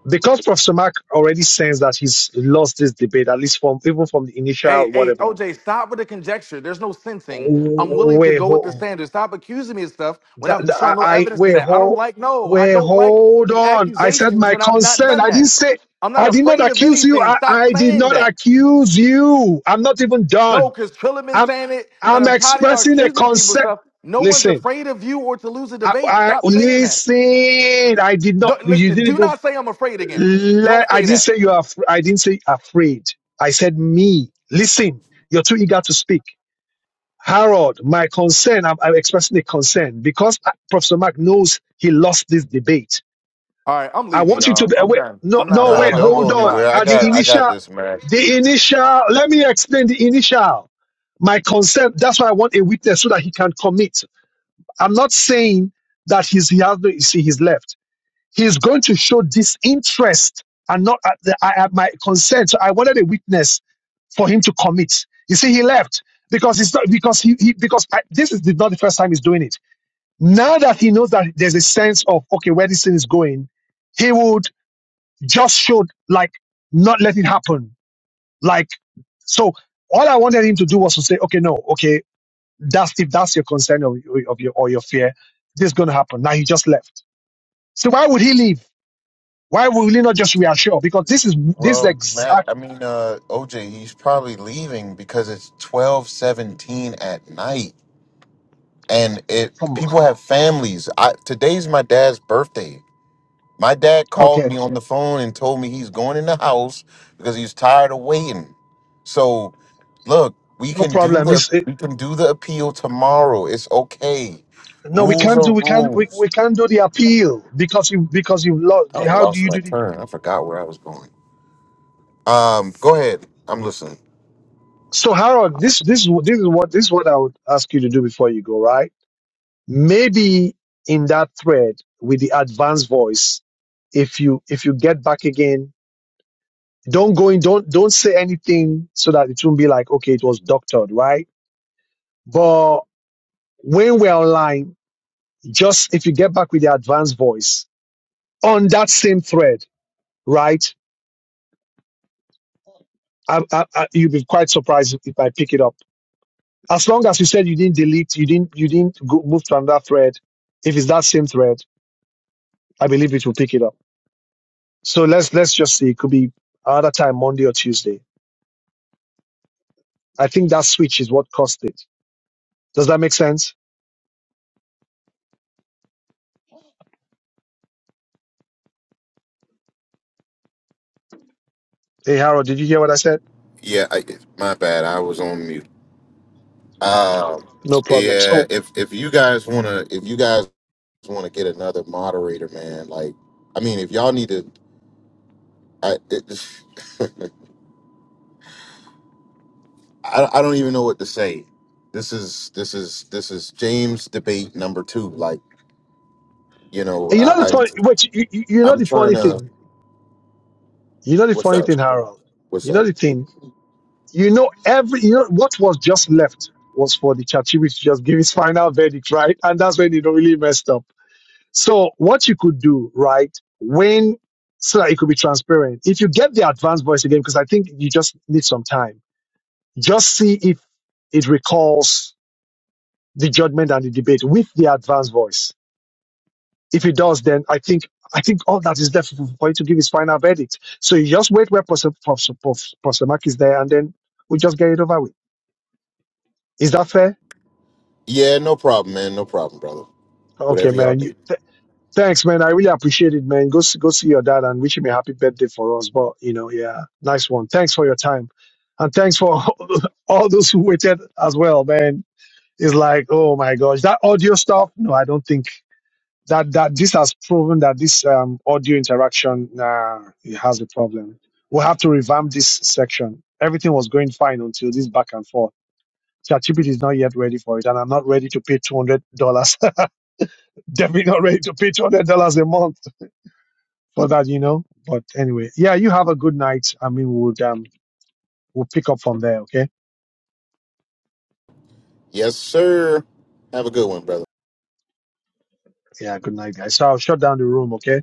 Because Professor Mark already sensed that he's lost this debate, at least from even from the initial
Hey, hey,
whatever.
OJ, stop with the conjecture. There's no sensing. I'm willing to
Wait,
go with the
ho,
standard. Stop accusing me of stuff when
that,
I've
that- I,
shown no
I
evidence to
wait,
that. I don't
ho,
like. No, I
wait,
don't like
hold
the
on. I said
accusations
my
when I've not
consent.
done
I
that.
didn't say.
I'm not
I did not
afraid of
accuse you.
anything.
I,
Stop
I did
saying
not
that.
accuse you. I'm not even
No,
done.
because Trilla been
I'm
saying it, and
I'm
I'm tired of y'all
expressing a
accusing people of
concern.
stuff. No one's
Listen,
afraid of you or to lose a
I,
debate.
I
Stop saying that.
listen. I did not.
Don't-
You
listen,
didn't.
do
even-
not say I'm afraid again.
Le,
Don't
I
say
didn't
that.
say you are. af- I didn't say afraid. I said me. Listen, you're too eager to speak. Harold, my concern. I'm, I'm expressing a concern because uh, Professor Mark knows he lost this debate.
All right, I'm
I
leaving,
want you to
y'all.
be, uh,
I'm
wait.
done.
No,
I'm not. I'm
no,
not
nah,
wait.
talking
don't go
Hold
anymore.
on.
Bye.
anywhere. I
At the
got I got
initial,
this, man.
the initial. Let me explain the initial. My concern. That's why I want a witness so that he can commit. I'm not saying that he's, he has no, you see, he's left. He's going to show disinterest and not at the, I, I- my consent. So I wanted a witness for him to commit. You see, he left because it's not, because he, he because I, this is not the first time he's doing it. Now that he knows that there's a sense of okay where this thing is going, he would just show like not let it happen. Like so, all I wanted him to do was to say, okay, no, okay. That's if that's your concern or, of your or your fear, this is going to happen. Now he just left. So why would he leave? Why would he not just reassure? Because this is this is the
Well, Matt,
exact.
I mean uh OJ, he's probably leaving because it's twelve seventeen at night. And it
Come on.
people have families. I today's my dad's birthday. My dad called
Okay,
me on the phone and told me he's going in the house because he's tired of waiting. So, look, we
no
can do
problem.
the
It's, it,
we can do the appeal tomorrow. It's okay.
no, we
Rules
can't do
are
we can't we,
rules.
we can't do the appeal because you because you've lost.
I done
How do
lost
you
my
do the?
turn. I forgot where I was going. Um, go ahead. I'm listening.
So Harold, this this is what- this is what this is what I would ask you to do before you go. Right? Maybe in that thread with the advanced voice, if you if you get back again Don't go in. Don't don't say anything so that it won't be like okay, it was doctored, right? But when we're online, just if you get back with the advanced voice on that same thread, right? I, I, I, you'll be quite surprised if I pick it up. As long as you said you didn't delete, you didn't you didn't go, move to another thread. If it's that same thread, I believe it will pick it up. So let's let's just see. It could be another time, Monday or Tuesday. I think that switch is what caused it. Does that make sense? Hey, Harold, did you hear what I said?
Yeah, I, my bad. I was on mute. Um,
No problem.
yeah.
So
If if you guys wanna if you guys wanna get another moderator, man, like I mean, if y'all need to, I. It, I, I don't even know what to say. This is this is this is James debate number two. Like you know,
You know the
I, I
funny, wait. you, you you know
I'm
the
trying
funny
to.
thing. You know the
What's
funny
up?
thing, Harold.
What's
You know
up?
the thing. You know every. You know what was just left was for the Chachibi to just give his final verdict, right? And that's when it really messed up. So what you could do, right? When so that it could be transparent. If you get the advanced voice again, because I think you just need some time. Just see if it recalls the judgment and the debate with the advanced voice If he does, then I think I think all that is left for him to give his final verdict. So you just wait where Pos- Pos- Pos- Posomak is there, and then we just get it over with. Is that fair?
Yeah, no problem, man. No problem, brother.
Okay,
Whatever y'all
man.
need.
You, th- thanks, man. I really appreciate it, man. Go see, go see your dad and wish him a happy birthday for us. But you know, yeah, nice one. Thanks for your time, and thanks for all those who waited as well, man. It's like, oh my gosh, that audio stuff. No, I don't think. that that this has proven that this um, audio interaction uh, it has a problem. We'll have to revamp this section. Everything was going fine until this back and forth. ChatGPT is not yet ready for it, and I'm not ready to pay two hundred dollars. Definitely not ready to pay two hundred dollars a month for that, you know. But anyway, yeah, you have a good night. I mean, we'll um, we'll pick up from there, okay?
Yes, sir. Have a good one, brother.
Yeah, good night, guys. So I'll shut down the room, okay?